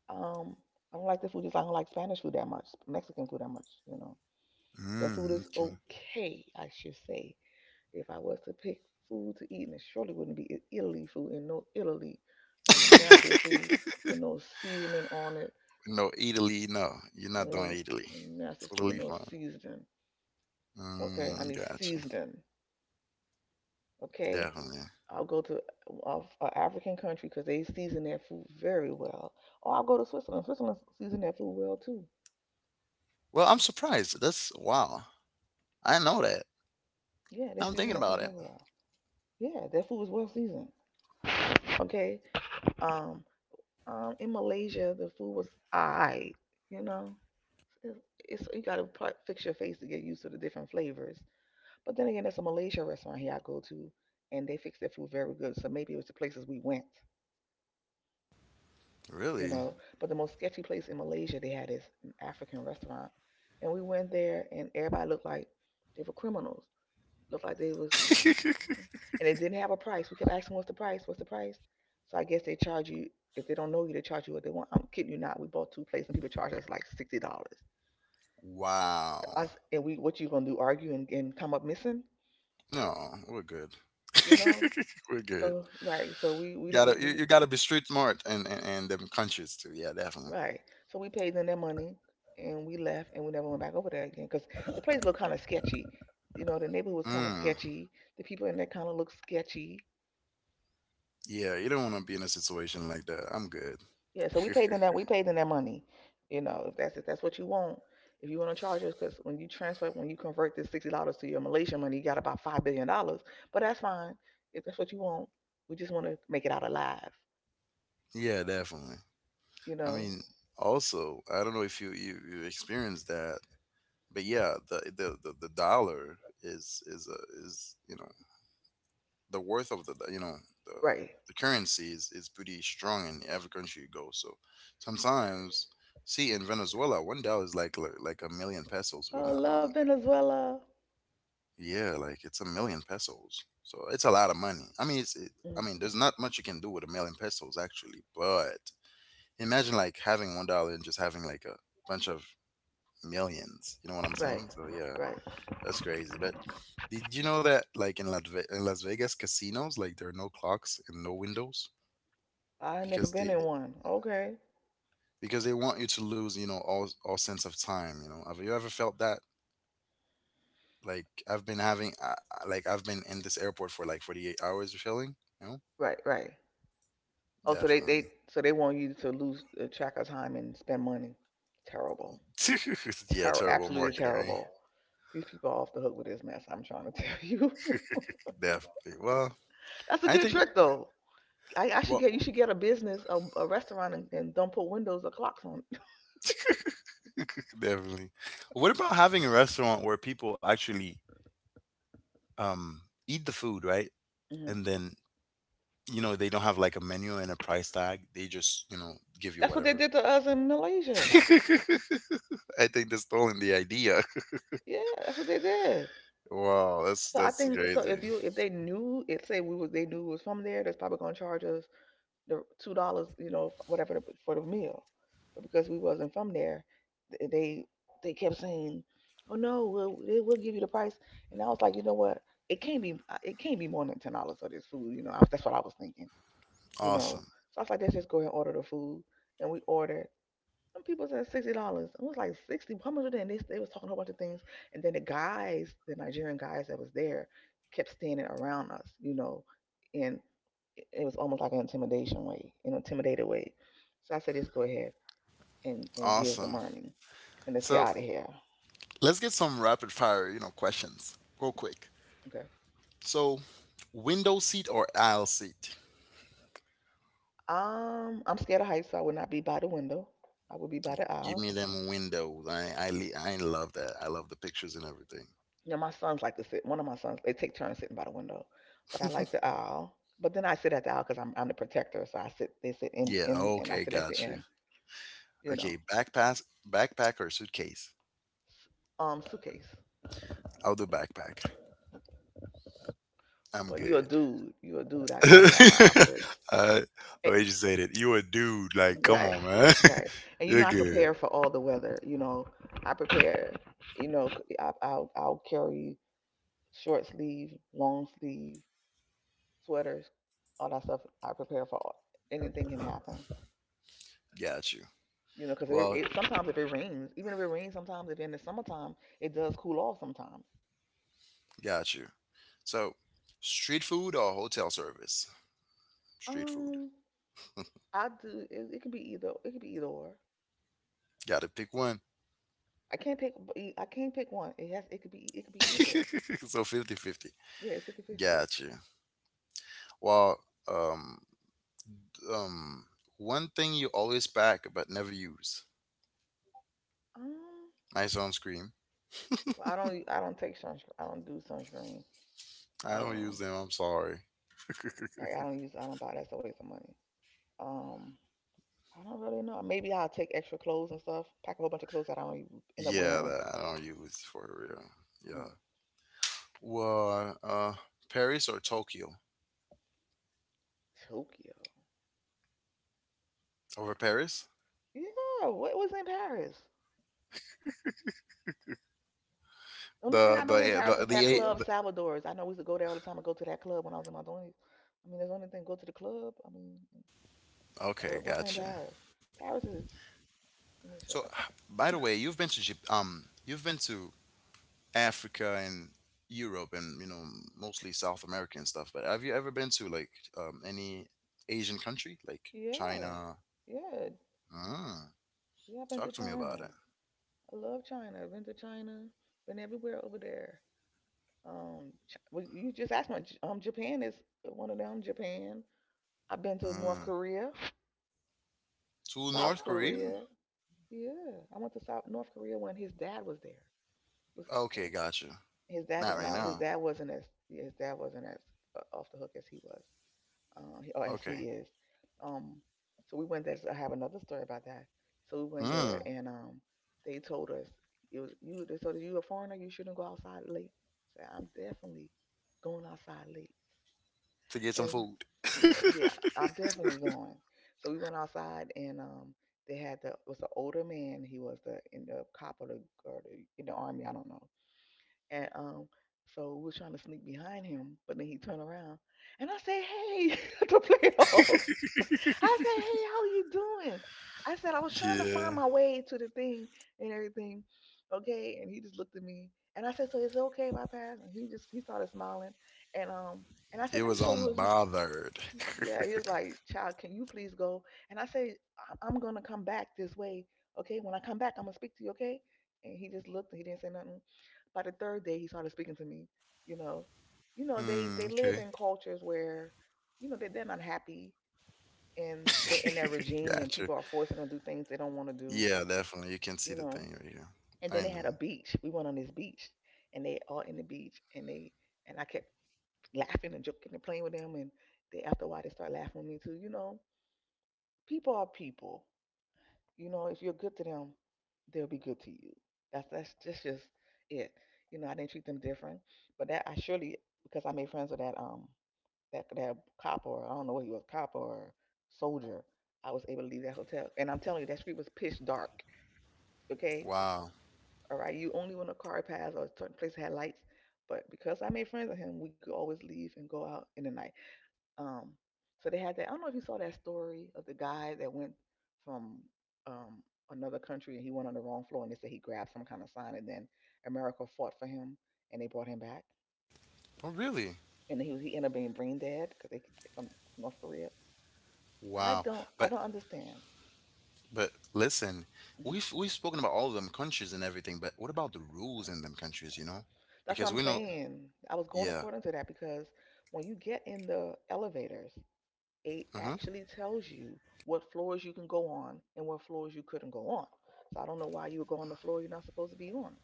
S2: Um. I don't like the food. Just like I don't like Spanish food that much. Mexican food that much. You know. That food
S1: Mm,
S2: is
S1: okay.
S2: okay, I should say. If I was to pick food to eat, and it surely wouldn't be I- Italy food. And no, Italy, a nasty *laughs* food
S1: *laughs*
S2: with no seasoning on it.
S1: No, Italy, no. You're not doing
S2: Mm,
S1: Italy.
S2: nasty food with
S1: Totally
S2: no
S1: fine.
S2: seasoning. Okay, I
S1: Mm,
S2: need
S1: got you.
S2: seasoning. Okay.
S1: Definitely.
S2: I'll go to an African country because they season their food very well. Or I'll go to Switzerland. Switzerland season their food well too.
S1: Well, I'm surprised. That's wow. I know that.
S2: Yeah, they
S1: I'm
S2: season
S1: thinking
S2: their food
S1: about it.
S2: very well. Yeah, their food is well seasoned. Okay. Um, um, in Malaysia, the food was alright. You know, it's, it's you gotta pro- fix your face to get used to the different flavors. But then again, there's a Malaysia restaurant here I go to, and they fix their food very good. So maybe it was the places we went, you
S1: Really?
S2: know. But the most sketchy place in Malaysia, they had this African restaurant, and we went there, and everybody looked like they were criminals. Looked like they was,
S1: *laughs*
S2: and it didn't have a price. We kept asking, "What's the price? What's the price?" So I guess they charge you, if they don't know you, they charge you what they want. I'm kidding you not. We bought two plates, and people charged us like sixty dollars.
S1: Wow.
S2: Us. And we, what you gonna do? Argue and, and come up missing?
S1: No, we're good.
S2: You know?
S1: *laughs* We're good.
S2: So right. So we we
S1: Gotta
S2: didn't
S1: you,
S2: we
S1: you gotta be street smart and and, and them countries too. Yeah, definitely.
S2: Right. So we paid them their money and we left and we never went back over there again because the place looked kind of sketchy. You know, the neighborhood was kind of
S1: Mm.
S2: sketchy. The people in there kind of looked sketchy.
S1: Yeah, you don't want to be in a situation like that. I'm good.
S2: Yeah. So
S1: *laughs*
S2: we paid them that. We paid them that money. You know, if that's if that's what you want, if you want to charge us, because when you transfer, when you convert this sixty dollars to your Malaysian money, you got about five billion dollars. But that's fine. If that's what you want, we just want to make it out alive.
S1: Yeah, definitely.
S2: You
S1: I
S2: know.
S1: mean, also, I don't know if you you you experienced that, but yeah, the the the, the dollar is is a is you know the worth of the the- you know the
S2: Right.
S1: the currency is is pretty strong in every country you go. So sometimes, see in Venezuela, one dollar is like like like a million pesos, if I'm
S2: Oh,
S1: not wrong.
S2: love
S1: Like,
S2: Venezuela.
S1: yeah, like it's a million pesos. So it's a lot of money. I mean, it's it, I
S2: Mm,
S1: mean, there's not much you can do with a million pesos actually, but imagine like having one dollar and just having like a bunch of millions. You know what I'm
S2: right.
S1: saying? So yeah,
S2: Right.
S1: that's crazy. But did you know that like in Las, Ve- in Las Vegas casinos, like there are no clocks and no windows
S2: I ain't never
S1: because
S2: been
S1: they
S2: in one. Okay.
S1: because they want you to lose, you know, all all sense of time, you know. Have you ever felt that? Like I've been having uh, like I've been in this airport for like forty-eight hours or feeling, you know?
S2: Right, right. Oh, so they
S1: Definitely.
S2: they so they want you to lose uh, track of time and spend money. Terrible.
S1: *laughs* Yeah,
S2: Ter-
S1: terrible
S2: absolutely
S1: marketing, right?
S2: terrible. These people are off the hook with this mess. I'm trying to tell you.
S1: Definitely. Well,
S2: *laughs* That's a
S1: I
S2: good
S1: think
S2: trick though. I, I should
S1: well
S2: get You should get a business, a, a restaurant, and, and don't put windows or clocks on it. *laughs*
S1: *laughs* definitely. What about having a restaurant where people actually um eat the food, right?
S2: Mhm.
S1: And then you know, they don't have like a menu and a price tag. They just, you know, give you
S2: That's what they
S1: whatever.
S2: did to us in
S1: *laughs*
S2: Malaysia.
S1: I think they're stolen the idea. *laughs*
S2: Yeah, that's what they did.
S1: Wow, that's
S2: So I
S1: that's
S2: think, so
S1: crazy.
S2: if you, if they knew it, say we was, they knew it was from there, that's probably gonna charge us the two dollars, you know, whatever for the meal. But because we wasn't from there, they they kept saying, "Oh no, we'll we'll give you the price." And I was like, you know what? It can't be uh, it can't be more than ten dollars for this food. You know, I, that's what I was thinking. You know,
S1: Awesome.
S2: so I was like, let's just go ahead and order the food. And we ordered, some people said sixty dollars. It was like sixty. How much was they? And they they was talking a whole bunch of things. And then the guys, the Nigerian guys that was there, kept standing around us, you know, and it it was almost like an intimidation way, an intimidated way. So I said, just go ahead and and give the
S1: Awesome.
S2: money, and let's get
S1: So
S2: out of here.
S1: let's get some rapid fire, you know, questions real quick.
S2: Okay.
S1: So window seat or aisle seat?
S2: Um, I'm scared of heights, so I would not be by the window. I would be by the
S1: Give
S2: aisle.
S1: me them windows. I I li- I love that. I love the pictures and everything.
S2: You know, my sons like to sit. One of my sons, they take turns sitting by the window, but I like the aisle. But then I sit at the aisle because I'm I'm the protector, so I sit. They sit in
S1: Yeah.
S2: in, and I
S1: Okay.
S2: sit at the
S1: Got you.
S2: end. You know,
S1: Okay. Backpack, backpack or suitcase?
S2: um, suitcase.
S1: I'll do backpack. I'm
S2: Well, you a
S1: good.
S2: dude. You a dude. I
S1: *laughs* uh,
S2: got to have my *laughs* outfits.
S1: the
S2: Eh,
S1: way you said it, you a dude. Like, come
S2: right,
S1: on, man.
S2: right.
S1: *laughs*
S2: And you know,
S1: You're
S2: I
S1: good.
S2: prepare for all the weather. You know, I prepare. You know, i will I, I'll I'll carry short sleeve, long sleeve sweaters, all that stuff. I prepare for all, anything can happen.
S1: Got you.
S2: You know, because it,
S1: Well,
S2: it sometimes, if it rains, even if it rains, sometimes, if in the summertime it does cool off sometimes.
S1: got you. So, street food or hotel service? Street food.
S2: Um, I do. It, it could be either. It could be either or.
S1: Got to pick one.
S2: I can't pick. I I can't pick one. It has. It could be. It could be either.
S1: *laughs* So fifty-fifty.
S2: Yeah, it's fifty-fifty.
S1: Got you. Well, um, Um, one thing you always pack but never use.
S2: Um,
S1: My sunscreen.
S2: well, I don't. I don't take sunscreen. I don't do sunscreen.
S1: I don't use
S2: Um,
S1: them. I'm sorry.
S2: I, I don't use. I don't buy. That's a waste of money. Um, I don't really know. Maybe I'll take extra clothes and stuff. Pack a whole bunch of clothes that I don't even end up
S1: Yeah,
S2: wearing.
S1: that I don't use for real. Yeah.
S2: Right.
S1: Well, uh, Paris or Tokyo?
S2: Tokyo.
S1: Over Paris?
S2: Yeah. What was in Paris? The only thing
S1: The
S2: I
S1: the
S2: know in
S1: eh,
S2: Paris
S1: the
S2: is
S1: the
S2: that
S1: eight.
S2: club
S1: The,
S2: Salvador's. I know we used to go there all the time and go to that club when I was in my twenties. I mean, there's only thing go to the club. I mean, but
S1: okay,
S2: what's in
S1: gotcha.
S2: Paris? Paris is. Let me
S1: So,
S2: shut up.
S1: by the way, you've been to Jap- um, you've been to Africa and Europe and you know mostly South America and stuff. But have you ever been to like um any Asian country like
S2: Yeah,
S1: China?
S2: yeah,
S1: Ah.
S2: yeah. I've been
S1: Talk
S2: to
S1: to me about
S2: China.
S1: it.
S2: I love China. I've been to China. Been everywhere over there. Um, Ch- well, you just asked me. J- Um, Japan is one of them. Japan. I've been to North
S1: Mm.
S2: Korea,
S1: To
S2: South
S1: North Korea?
S2: Korea. Yeah, I went to South North Korea when his dad was there. It was,
S1: Okay, gotcha.
S2: his dad
S1: Not
S2: is
S1: right
S2: not. His
S1: now.
S2: dad wasn't as, yeah, his dad wasn't as uh, off the hook as he was, uh, or as
S1: Okay.
S2: he is. Um, so we went there. So I have another story about that. So we went there,
S1: Hmm.
S2: and um, they told us, it was you, they told us, you a foreigner. You shouldn't go outside late. So I'm definitely going outside late,
S1: To get some
S2: and
S1: food.
S2: uh,
S1: *laughs*
S2: yeah, I'm definitely going. So we went outside, and um, they had the, it was an older man. He was the in the cop or the or the in the army. I don't know, and um, so we were trying to sneak behind him, but then he turned around and I said, "Hey," *laughs* to play it off. I said, "Hey, how you doing?" I said, "I was trying to
S1: Yeah.
S2: find my way to the thing and everything. Okay." And he just looked at me and I said, "So is it okay if I pass?" And he just he started smiling. And um, and I
S1: It
S2: said, "Let me
S1: was
S2: show you,"
S1: unbothered.
S2: yeah,
S1: *laughs*
S2: he was like, "Child, can you please go?" And I say, "I- I'm going to come back this way. Okay. When I come back, I'm going to speak to you. Okay." And he just looked and he didn't say nothing. By the third day, he started speaking to me, you know, you know, they,
S1: Hmm.
S2: they live
S1: Okay.
S2: in cultures where, you know, they, they're not happy and they're in their regime and
S1: Gotcha.
S2: people are forcing them to do things they don't want to do,
S1: Yeah, definitely. You can see
S2: you
S1: the thing
S2: know?
S1: right here.
S2: And
S1: I
S2: then they had
S1: know.
S2: a beach. We went on this beach and they all in the beach and they, and I kept laughing and joking and playing with them. And they, after a while, they started laughing with me too, you know? People are people. You know, if you're good to them, they'll be good to you. That's that's just just it. You know, I didn't treat them different, but that I surely, because I made friends with that um that that cop, or I don't know what he was, cop or soldier. I was able to leave that hotel, and I'm telling you that street was pitch dark. Okay,
S1: Wow.
S2: all right. You only, when a car passed or a certain place had lights, but because I made friends with him, we could always leave and go out in the night. Um, so they had that. I don't know if you saw that story of the guy that went from um, another country, and he went on the wrong floor and they said he grabbed some kind of sign and then America fought for him and they brought him back
S1: Oh, really?
S2: and he was, he ended up being brain dead because they, from, from North Korea. I
S1: Wow.
S2: don't I
S1: But
S2: don't understand.
S1: but listen,
S2: Mhm.
S1: we've we've spoken about all of them countries and everything, but what about the rules in them countries? You know,
S2: That's what
S1: because
S2: I'm
S1: we know.
S2: saying. I was going
S1: Yeah.
S2: according to that because when you get in the elevators, it
S1: Mm-hmm.
S2: actually tells you what floors you can go on and what floors you couldn't go on. So I don't know why you would go on the floor you're not supposed to be on.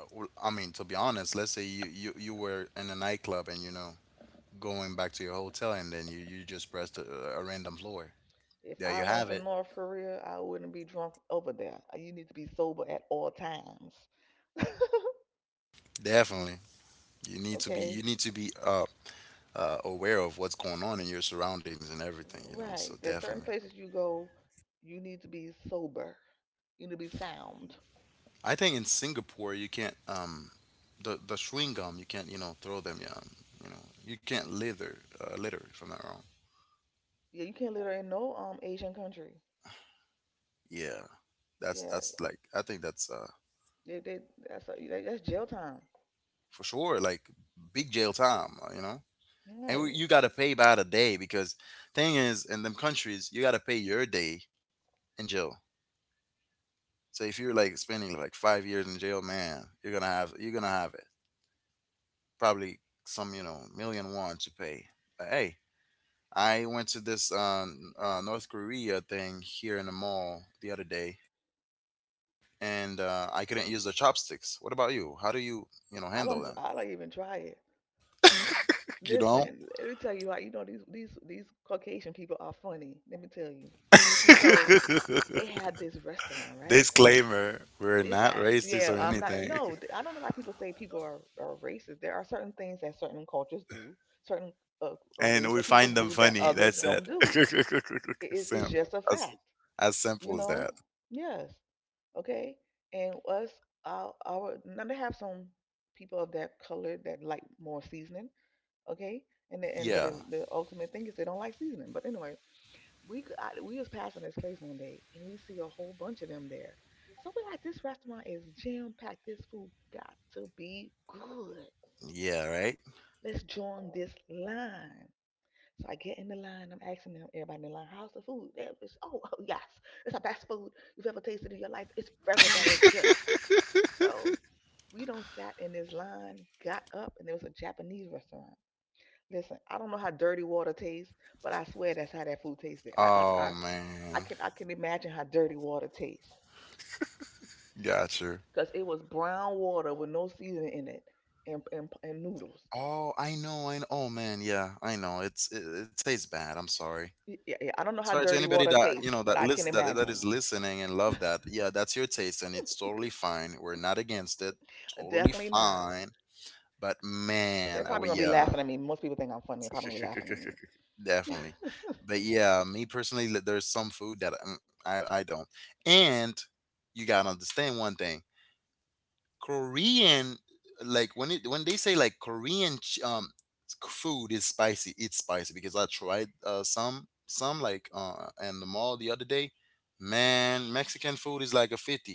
S1: uh, well, I mean, to be honest, let's say you, you, you were in a nightclub and you know going back to your hotel, and then you, you just pressed a, a random floor.
S2: If
S1: There
S2: I
S1: you
S2: went
S1: have
S2: to
S1: it.
S2: North Korea, I wouldn't be drunk over there. Uh, You need to be sober at all times. *laughs*
S1: Definitely, you need to be you
S2: Okay?
S1: need to be uh, uh aware of what's going on in your surroundings and everything. You know, so
S2: Right. There's certain
S1: definitely.
S2: places you go, you need to be sober. You need to be sound.
S1: I think in Singapore you can't um the the chewing gum you can't you know throw them. Yeah, Um, you know you can't litter uh, litter from that wrong.
S2: Yeah, you can't let her in no um Asian country.
S1: Yeah, that's
S2: Yeah,
S1: that's like I think that's uh
S2: they, they that's a, that's jail time.
S1: for sure like big jail time. uh, You know. And we,
S2: Right.
S1: you gotta pay by the day because thing is in them countries you gotta pay your day in jail. So if you're like spending like five years in jail man you're gonna have you're gonna have it probably some you know million won to pay. But hey, I went to this um, uh, North Korea thing here in the mall the other day and uh, I couldn't use the chopsticks. What about you? How do you you know
S2: I
S1: handle
S2: don't
S1: them?
S2: I don't even try it.
S1: *laughs* You don't.
S2: Listen, let me tell you, like, you know, these these these Caucasian people are funny. Let me tell you. So they had this restaurant,
S1: *laughs*
S2: right?
S1: Disclaimer, we're
S2: This,
S1: not
S2: that,
S1: racist
S2: yeah,
S1: or
S2: I'm not.
S1: anything
S2: No, th- I don't know why people say people are, are racist. There are certain things that certain cultures do, certain uh, a
S1: and
S2: race
S1: we
S2: of people
S1: find them
S2: do that
S1: funny.
S2: others
S1: That's it.
S2: don't do. It
S1: *laughs*
S2: is it's
S1: Sim
S2: just a
S1: as
S2: fact,
S1: as simple
S2: you
S1: as that.
S2: know. Yes, okay. And us, our, our now they have some people of that color that like more seasoning, okay. And the, and but
S1: Yeah.
S2: the, the ultimate thing is they don't like seasoning. But anyway, we c- I, we was passing this place one day and we see a whole bunch of them there. So we are like, this restaurant is jam packed. This food got to be good.
S1: Yeah, right?
S2: Let's join this line. So I get in the line. I'm asking them, everybody in the line, how's the food? They was, oh, oh yes, it's the best food you've ever tasted in your life. It's very very good.
S1: *laughs*
S2: So we done sat in this line, got up, and there was a Japanese restaurant. Listen, I don't know how dirty water tastes, but I swear that's how that food tasted. I, I,
S1: Oh
S2: I I
S1: man.
S2: can I can imagine how dirty water tastes
S1: Got you.
S2: because it was brown water with no seasoning in it and and, and noodles.
S1: Oh, I know, I know. Oh man, yeah, I know. It's it, it tastes bad. I'm sorry.
S2: Yeah, yeah, I don't know
S1: Sorry
S2: how
S1: to
S2: dirty
S1: anybody
S2: water
S1: that you know
S2: tastes,
S1: that
S2: but I
S1: list
S2: can
S1: that that is
S2: imagine.
S1: listening and love that. Yeah, that's your taste, and it's totally fine. We're not against it. Totally
S2: Definitely not.
S1: fine. But man,
S2: They're
S1: I, would-
S2: probably gonna be
S1: yeah.
S2: laughing at me. Most people think I'm funny. They're probably gonna be laughing at me.
S1: *laughs*
S2: *laughs*
S1: Definitely. But yeah, me personally, li- there's some food that um, I, I don't. And you gotta understand one thing. Korean, like when it when they say like Korean ch- um food is spicy, it's spicy because I tried uh, some some like uh in the mall the other day. Man, Mexican food is like a fifty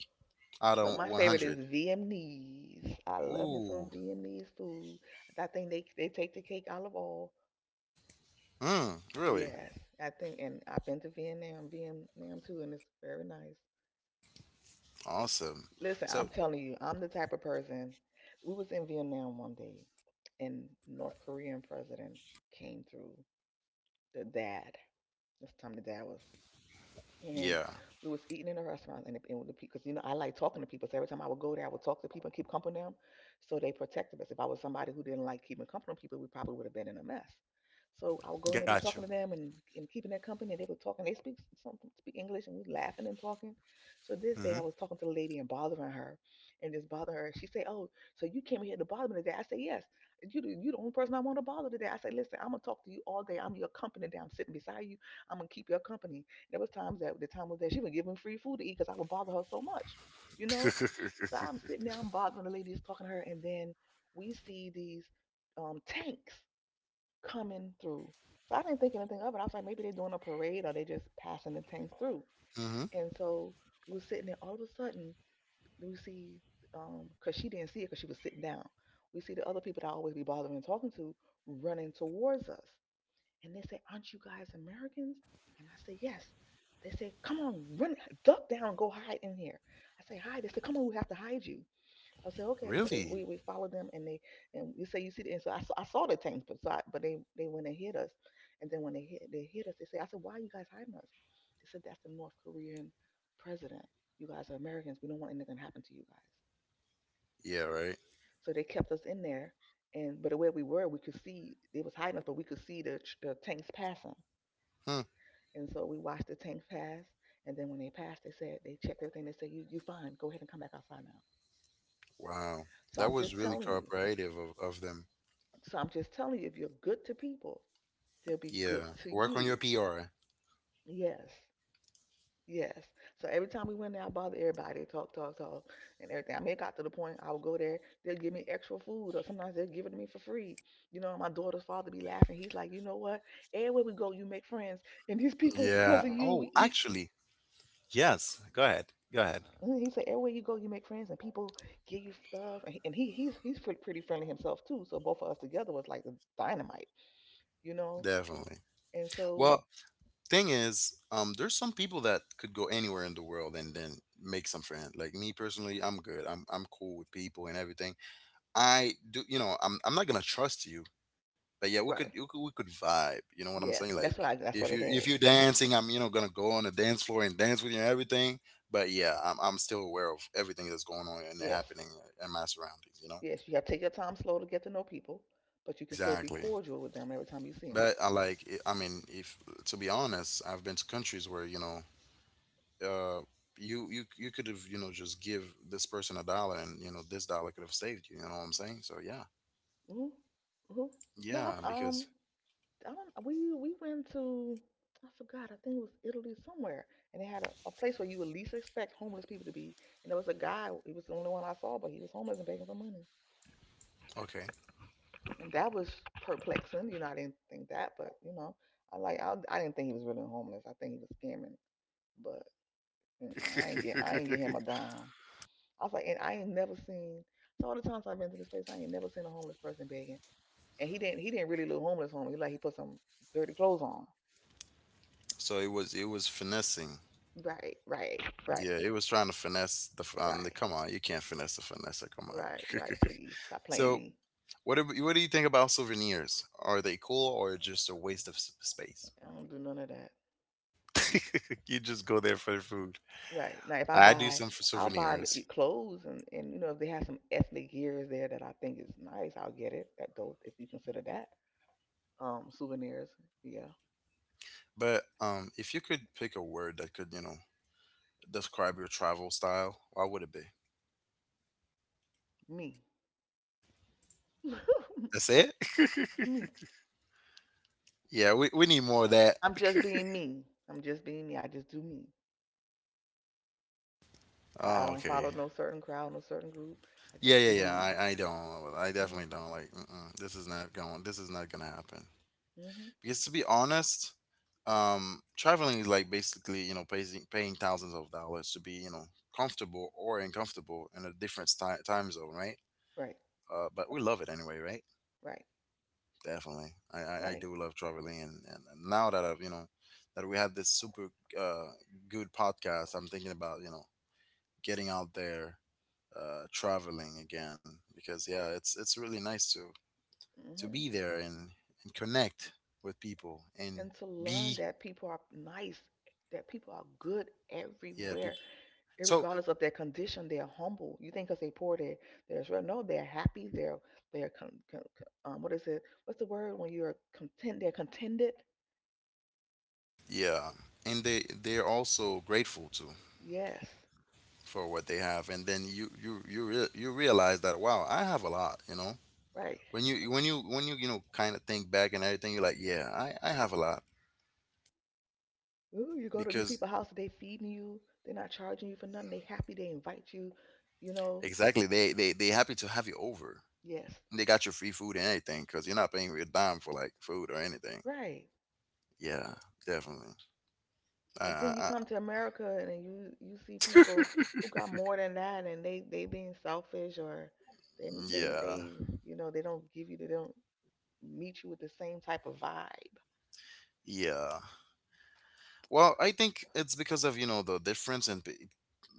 S1: out of
S2: So my favorite
S1: one hundred.
S2: is Vietnamese. I love me
S1: Ooh.
S2: some Vietnamese food. I think they they take the cake out of all.
S1: Mm, really?
S2: Yes, I think, and I've been to Vietnam, Vietnam too, and it's very nice.
S1: Awesome.
S2: Listen, I'm
S1: So,
S2: telling you, I'm the type of person. We was in Vietnam one day, and North Korean president came through. The dad. This time the dad was,
S1: yeah,
S2: and we was eating in a restaurant and, the- and with the, because you know I like talking to people, so every time I would go there I would talk to people and keep company with them, so they protected us. If I was somebody who didn't like keeping company with people, we probably would have been in a mess. So I would go in there, be
S1: got you.
S2: talking to them, and, and keeping their company, and they were talking, they speak some speak English, and we laughing and talking. So this day
S1: Mm
S2: I was talking to the lady and bothering her, and just bothering her. She said, oh, so you came here to bother me today? I said, yes, you you the only person I want to bother today. I said, listen, I'm gonna talk to you all day, I'm your company today, I'm sitting beside you, I'm gonna keep your company. There was times that the time was that she would give him free food to eat because I would bother her so much, you know. So I'm sitting there, I'm bothering the ladies, talking to her, and then we see these um, tanks coming through. So I didn't think anything of it. I was like, maybe they're doing a parade or they just passing the tanks through.
S1: hmm. *laughs*
S2: And so we were sitting there. All of a sudden, we see um, because she didn't see it because she was sitting down. We see the other people that I always be bothering and talking to running towards us. And they say, aren't you guys Americans? And I say, yes. They say, come on, run, duck down, go hide in here. I say, hide. They say, come on, we have to hide you. I say, okay. So they,
S1: Really?
S2: we, we followed them and they, and you say, you see, the-" and so I, saw- I saw the tanks, but, so I, but they, they went and hit us. And then when they hit, they hit us, they say, I said, why are you guys hiding us? They said, that's the North Korean president. You guys are Americans. We don't want anything to happen to you guys.
S1: Yeah, right.
S2: So they kept us in there. And but the way we were, we could see they was hiding us, but we could see the, the tanks passing.
S1: Hmm.
S2: And so we watched the tank pass. And then when they passed, they said, they checked everything. They said, you, you fine. Go ahead and come back outside now.
S1: Wow.
S2: So
S1: That
S2: I'm
S1: was
S2: just
S1: really
S2: telling you.
S1: cooperative of, of them.
S2: So I'm just telling you, if you're good to people, they'll be good
S1: Yeah.
S2: to
S1: Work on your
S2: you.
S1: P R.
S2: Yes. Yes. So every time we went there, I bothered everybody, talk, talk, talk, and everything. I mean, it got to the point I would go there, they'll give me extra food, or sometimes they'll give it to me for free. You know, my daughter's father be laughing. He's like, you know what? Everywhere we go, you make friends, and these people, because
S1: Yeah.
S2: of you, we
S1: Oh,
S2: eat.
S1: actually, yes. Go ahead. Go ahead.
S2: Mhm. He said, everywhere you go, you make friends and people give you stuff. And he, and he he's he's pretty, pretty friendly himself too. So both of us together was like the dynamite, you know.
S1: Definitely.
S2: And so,
S1: Well, thing is, um, there's some people that could go anywhere in the world and then make some friends. Like me personally, I'm good. I'm I'm cool with people and everything. I do, you know, I'm I'm not gonna trust you, but yeah, we could we
S2: right,
S1: could, we could vibe. You know what I'm saying?
S2: yes,
S1: Like
S2: that's what I that's
S1: if
S2: what
S1: you
S2: it
S1: if
S2: is.
S1: you're dancing, I'm, you know, gonna go on the dance floor and dance with you and everything. But yeah, I'm I'm still aware of everything that's going on and
S2: Yes,
S1: happening in my surroundings. You know.
S2: yes, you have to take your time slow to get to know people, but you can still be
S1: Exactly.
S2: cordial with them every time you see them.
S1: But I like. it- I mean, if to be honest, I've been to countries where, you know. Uh, you, you you could have, you know, just give this person a dollar, and you know this dollar could have saved you, you know what I'm saying? So yeah,
S2: Hmm. Hmm. No,
S1: yeah,
S2: I've
S1: because
S2: um I don't, we we went to, I forgot, I think it was Italy somewhere, and they had a, a place where you would least expect homeless people to be, and there was a guy, he was the only one I saw, but he was homeless and begging for money.
S1: okay.
S2: And that was perplexing, you know. I didn't think that, but you know, I like I, I didn't think he was really homeless, I think he was scamming. But you know, I ain't get I ain't get him a dime. I was like, and I ain't never seen, so all the times I've been to this place I ain't never seen a homeless person begging. And he didn't he didn't really look homeless homeless. He like he put some dirty clothes on.
S1: *laughs* So it was, it was finessing.
S2: right right right.
S1: Yeah, it was trying to finesse the um, the,
S2: Right,
S1: come on, you can't finesse a finesse. Come on.
S2: right, right. Please stop
S1: *laughs*
S2: playing
S1: So,
S2: me.
S1: what do, what do you think about souvenirs? Are they cool or just a waste of s- space?
S2: I
S1: *laughs*
S2: don't do none of that.
S1: You just go there for the food.
S2: Right now, if I
S1: I do
S2: buy,
S1: some for
S2: I'll buy the-
S1: souvenirs,
S2: it clothes and and you know, if they have some ethnic gears there that I think is nice, I'll get it. That dope if you consider that um souvenirs. Yeah,
S1: but um, if you could pick a word that could, you know, describe your travel style, what would it be?
S2: me,
S1: That's
S2: *laughs*
S1: it.
S2: me.
S1: *laughs* Yeah, we we need more of that.
S2: I'm just being me. I'm just being me. I just do me. I, I
S1: Oh,
S2: don't follow
S1: okay.
S2: no certain crowd, no certain group. I just
S1: Yeah, yeah,
S2: do
S1: yeah.
S2: me.
S1: I I don't. I
S2: Mm-hmm.
S1: definitely don't like. Mm-mm, this is not going. This is not gonna happen.
S2: Mm-hmm.
S1: Because to be honest, um traveling is like basically, you know, paying paying thousands of dollars to be, you know, comfortable or uncomfortable in a different time time zone, right?
S2: Right,
S1: uh but we love it anyway, right?
S2: right,
S1: Definitely. i i, I
S2: right.
S1: do love traveling, and and and now that I've, you know, that we had this super uh good podcast, I'm thinking about, you know, getting out there, uh traveling again because yeah, it's it's really nice to to be
S2: Mm-hmm.
S1: there and and connect with people and
S2: And to
S1: be.
S2: learn that people are nice, that people are good
S1: Yeah, people.
S2: everywhere,
S1: So
S2: regardless of their condition. They're humble. You think because they poor, they they're, well, no, they're happy. They're they're con, con, um, what is it? What's the word when you're content? They're contented.
S1: yeah, and they they're also grateful too
S2: Yes,
S1: for what they have, and then you you you re- you realize that wow, I have a lot, you know.
S2: right.
S1: When you when you when you you know kind of think back and everything, you're like, yeah, I I have a lot
S2: Ooh, you go to these
S1: because
S2: people's house, they feeding you. They're not charging you for nothing. They happy. They invite you. You know.
S1: exactly they they they happy to have you over.
S2: Yes,
S1: They got your free food and everything because you're not paying a dime for like food or anything.
S2: right.
S1: Yeah, definitely. I,
S2: But then
S1: I,
S2: you
S1: I,
S2: come to America and then you you see people who got more than that, and they they being selfish, or they they
S1: yeah,
S2: they, you know, they don't give you, they don't meet you with the same type of vibe.
S1: yeah. Well, I think it's because of, you know, the difference and p-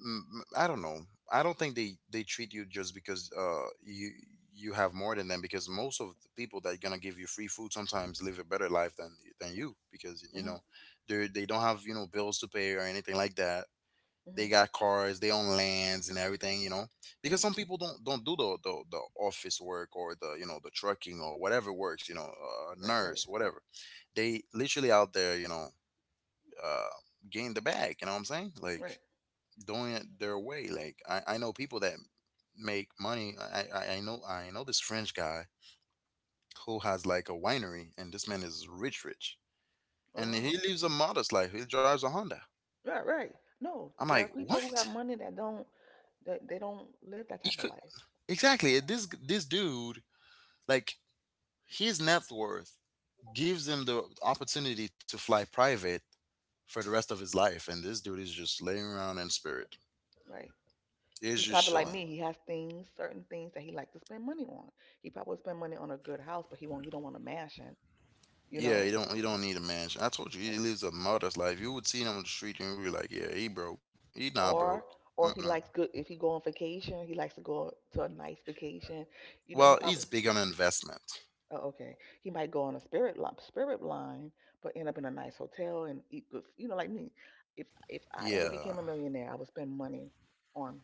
S1: m- I don't know. I don't think they they treat you just because uh you you have more than them, because most of the people that are gonna give you free food sometimes live a better life than than you, because you
S2: Hmm.
S1: know they they don't have, you know, bills to pay or anything like that. They
S2: Hmm.
S1: got cars, they own lands and everything, you know. Because
S2: Hmm.
S1: some people don't don't do the the, the office work or the, you know, the trucking or whatever works, you know, uh,
S2: Right, right,
S1: nurse, whatever. They literally out there, you know, uh, gain the bag. You know what I'm saying?
S2: right.
S1: Like doing it their way. Like I, I know people that make money. I, I I know I know this French guy who has like a winery, and this man is rich, rich,
S2: Oh
S1: and he
S2: wow.
S1: lives a modest life. He drives a Honda.
S2: Right, right. No,
S1: I'm
S2: there
S1: like,
S2: are people who have
S1: what?
S2: money that don't, that they don't live that
S1: He
S2: type of
S1: could.
S2: life.
S1: Exactly, this this dude like his net worth gives him the opportunity to fly private for the rest of his life, and this dude is just laying around in spirit.
S2: Right.
S1: He's
S2: He's
S1: just
S2: probably like
S1: chilling.
S2: me. He has things, certain things that he like to spend money on. He probably would spend money on a good house, but he won't. He don't want a mansion, you
S1: Yeah,
S2: know.
S1: you don't you don't need a mansion. I told you he lives a modest life. You would see him on the street and you'd be like, yeah, he broke. He not broke.
S2: or or
S1: Mm-mm.
S2: he likes good, if he go on vacation he likes to go to a nice vacation, you know,
S1: Well,
S2: he
S1: he's
S2: probably,
S1: big on investment.
S2: oh, okay, he might go on a spirit line, spirit line, but end up in a nice hotel and eat good f- you know, like me, if if I ever
S1: Yeah,
S2: became a millionaire I would spend money on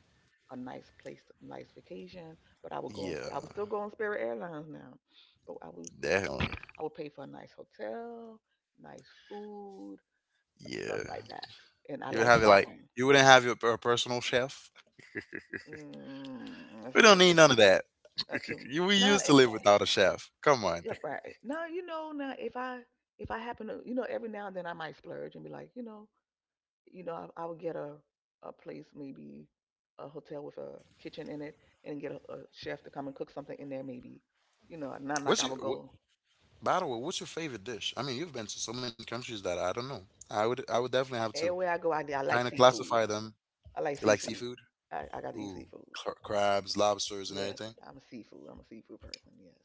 S2: a nice place, nice vacation, but I would go on
S1: yeah,
S2: sp- i would still go on spirit airlines now, but i would
S1: definitely.
S2: I would pay for a nice hotel, nice food, stuff
S1: Yeah,
S2: like that, and I
S1: you would
S2: like
S1: have it like
S2: shopping.
S1: you wouldn't have your a personal chef.
S2: Mm, that's
S1: We
S2: a
S1: don't
S2: little
S1: need
S2: bit.
S1: none of that.
S2: That's
S1: *laughs*
S2: him.
S1: You we
S2: Now,
S1: used
S2: eh,
S1: to live
S2: eh,
S1: without a chef. Come on.
S2: yeah, right. Now you know. Now if I if I happen to, you know, every now and then I might splurge and be like, you know, you know, I, I would get a a place, maybe a hotel with a kitchen in it, and get a, a chef to come and cook something in there, maybe. You know, not
S1: *laughs*
S2: like
S1: What's
S2: I
S1: your
S2: would
S1: what,
S2: go
S1: by the way? What's your favorite dish? I mean, you've been to so many countries that I don't know. I would I would definitely have to
S2: everywhere I go. I I
S1: kind
S2: like
S1: of classify
S2: seafood.
S1: them.
S2: I like
S1: You like
S2: seafood.
S1: seafood?
S2: I I got to eat
S1: Ooh,
S2: seafood.
S1: cr- crabs, lobsters, and
S2: Yes,
S1: everything.
S2: I'm a seafood. I'm a seafood person. Yes,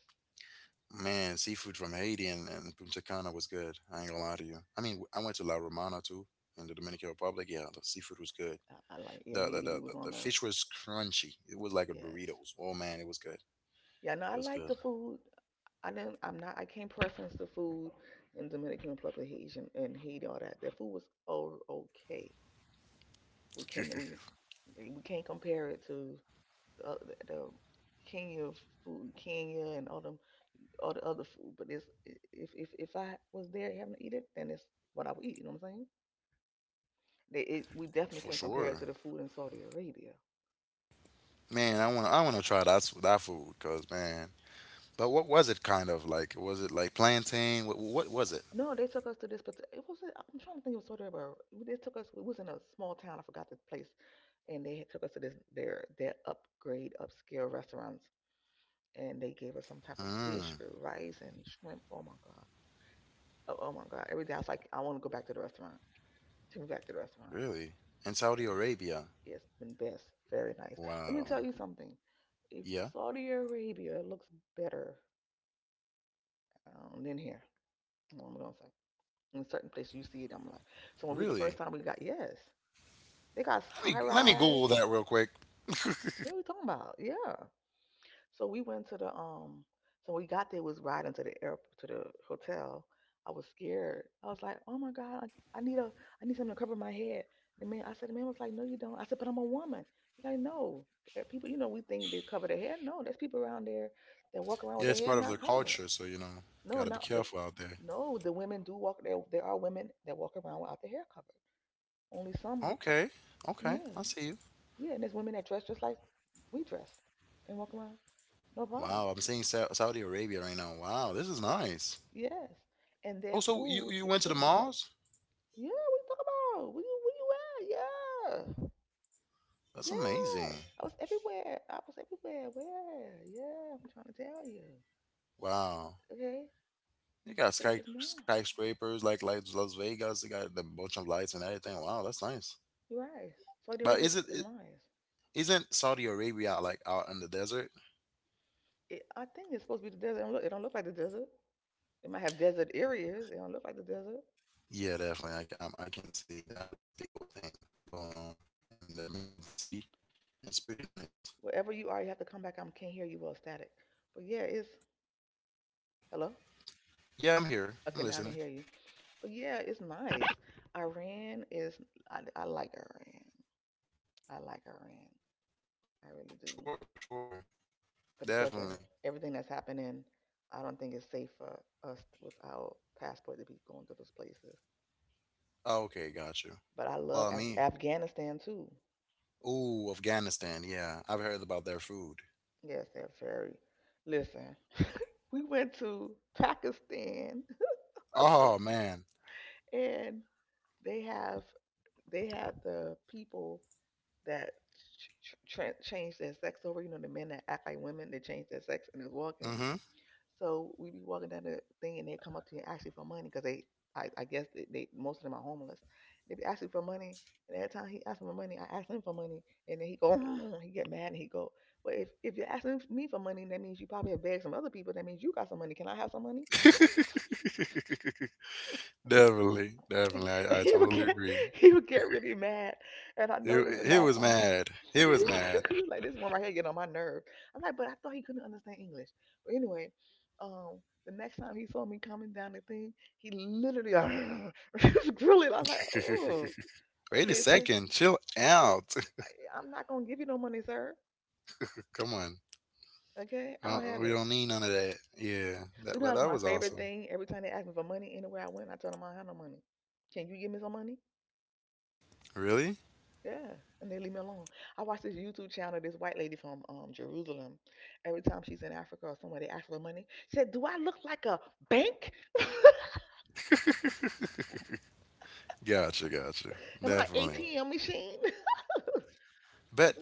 S1: Man, seafood from Haiti and, and Punta Cana was good. I ain't gonna lie to you. I mean, I went to La Romana too in the Dominican Republic. Yeah, the seafood was good.
S2: I, I like. Yeah,
S1: The the,
S2: Haiti.
S1: the,
S2: We
S1: the,
S2: was
S1: the
S2: on a
S1: fish was crunchy. It was like a
S2: yes.
S1: Doritos. Oh man, it was good.
S2: Yeah, no,
S1: It
S2: I
S1: was
S2: like
S1: good.
S2: the food. I didn't. I'm not. I can't preference the food in Dominican Republic, Haitian, and Haiti. All that. Their food was all okay. We can we
S1: *laughs*
S2: we can't compare it to the, the, the Kenya food, Kenya, and all them all the other food. But it's if if if I was there having to eat it, then it's what I would eat. You know what I'm saying? They, it, we definitely
S1: For
S2: can't compare it
S1: sure.
S2: to the food in Saudi Arabia.
S1: Man, I want to I want to try that s- that food, cuz man. But what was it kind of like? Was it like plantain? What what was it?
S2: No, they took us to this. But it was. I'm trying to think of Saudi Arabia. They took us. It was in a small town. I forgot the place. And they took us to this their their upgrade upscale restaurants, and they gave us some type of fish
S1: Mm,
S2: with rice and shrimp. Oh my god. Oh, oh my god. Every day I was like, I want to go back to the restaurant. Take me back to the restaurant.
S1: really? In Saudi Arabia.
S2: It's been best. Very nice. Let me
S1: Wow.
S2: tell you something. If
S1: Yeah.
S2: Saudi Arabia looks better um, than here, what am I gonna say. In certain places you see it, I'm like, so when we the first
S1: Really?
S2: time we got yes, they got
S1: Let
S2: high
S1: me let me
S2: rise.
S1: Google that real quick.
S2: What are we talking about? Yeah. So we went to the um. So we got there, was riding to the airport to the hotel. I was scared. I was like, "Oh my God, I, I need a, I need something to cover my head." The man, I said, the man was like, "No, you don't." I said, "But I'm a woman." He's like, "No, Uh, people, you know, we think they cover their hair. No, there's people around there that walk around with
S1: Yeah,
S2: their
S1: it's
S2: hair
S1: part of
S2: not
S1: their
S2: covered.
S1: culture, so you know,
S2: No,
S1: gotta be
S2: not the,
S1: careful out there.
S2: no, the women do walk. There, there are women that walk around without their hair covered. Only some,
S1: Okay, okay,
S2: yeah,
S1: I see you.
S2: yeah. And there's women that dress just like we dress and walk around, no problem.
S1: Wow, I'm seeing Sa- Saudi Arabia right now. Wow, this is nice.
S2: Yes, and
S1: Oh,
S2: their
S1: so you
S2: food
S1: you
S2: is
S1: went to the
S2: good.
S1: malls?
S2: Yeah, what you talking about? Where you where you at? Yeah,
S1: That's
S2: yeah.
S1: amazing.
S2: I was everywhere. I was everywhere. Where? Yeah, I'm trying to tell you.
S1: Wow,
S2: Okay,
S1: you
S2: the
S1: got
S2: place
S1: sky
S2: is nice.
S1: skyscrapers like like Las Vegas. They got the bunch of lights and everything. Wow, that's nice.
S2: You're right. Saudi
S1: But
S2: Arabia
S1: is it,
S2: is, is
S1: it
S2: nice.
S1: isn't Saudi Arabia like out in the desert?
S2: It, I think it's supposed to be the desert. It don't, look, it don't look like the desert. It might have desert areas. It don't look like the desert.
S1: Yeah, definitely. I, can- I can see they have this big old thing going on in the middle of the city. It's pretty nice.
S2: Wherever you are, you have to come back. I can't hear you. Well, static. But yeah, it's hello.
S1: Yeah, I'm here. I'm
S2: Okay, now I
S1: listening.
S2: can hear you. But yeah, it's nice. Iran is I, I like Iran. I like Iran. I really
S1: For
S2: do.
S1: sure, for sure.
S2: But because of
S1: Definitely.
S2: everything that's happening, I don't think it's safe for us with our passport to be going to those places.
S1: Oh, okay, got you.
S2: But I
S1: Well,
S2: love Af-
S1: me.
S2: Afghanistan too.
S1: Ooh, Afghanistan. Yeah, I've heard about their food.
S2: Yes, they're very. Listen, we went to Pakistan
S1: Oh, man.
S2: *laughs* and they have they have the people that ch- ch- tran- change their sex over. You know, the men that act like women, they change their sex and is walking.
S1: Mm-hmm.
S2: So we be walking down the thing and they come up to you and ask you for money because they, I, I guess they, they, most of them are homeless. They be asking for money, and every time he asks for money, I ask him for money, and then he go, *laughs* *clears throat* he get mad and he go, well, if if you're asking me for money, that means you probably have begged some other people. That means you got some money. Can I have some money?
S1: *laughs* Definitely, definitely.
S2: *laughs*
S1: I, I
S2: he would
S1: totally
S2: get,
S1: agree.
S2: *laughs* he would get really mad, and I
S1: He,
S2: noticed it
S1: he
S2: last
S1: was
S2: time.
S1: mad. He was mad.
S2: *laughs* like this one right here getting on my nerve. I'm like, but I thought he couldn't understand English. But anyway, um, the next time he saw me coming down the thing, he literally like, *laughs* was grilling. I'm like, oh,
S1: *laughs* Wait a
S2: okay, so
S1: second. Chill out.
S2: I, I'm not gonna give you no money, sir.
S1: *laughs* Come on.
S2: Okay,
S1: Uh,
S2: I'll have
S1: we
S2: it.
S1: don't need none of that. Yeah, that,
S2: But you know,
S1: but
S2: that's
S1: that
S2: my
S1: was
S2: favorite
S1: awesome.
S2: thing. Every time they ask me for money anywhere I went, I tell them I don't have no money. Can you give me some money?
S1: Really?
S2: Yeah, and they leave me alone. I watch this YouTube channel, this white lady from um, Jerusalem. Every time she's in Africa or somewhere, they ask for money. She said, do I look like a bank?
S1: Gotcha, gotcha.
S2: Am I an
S1: Definitely.
S2: A T M machine? *laughs*
S1: But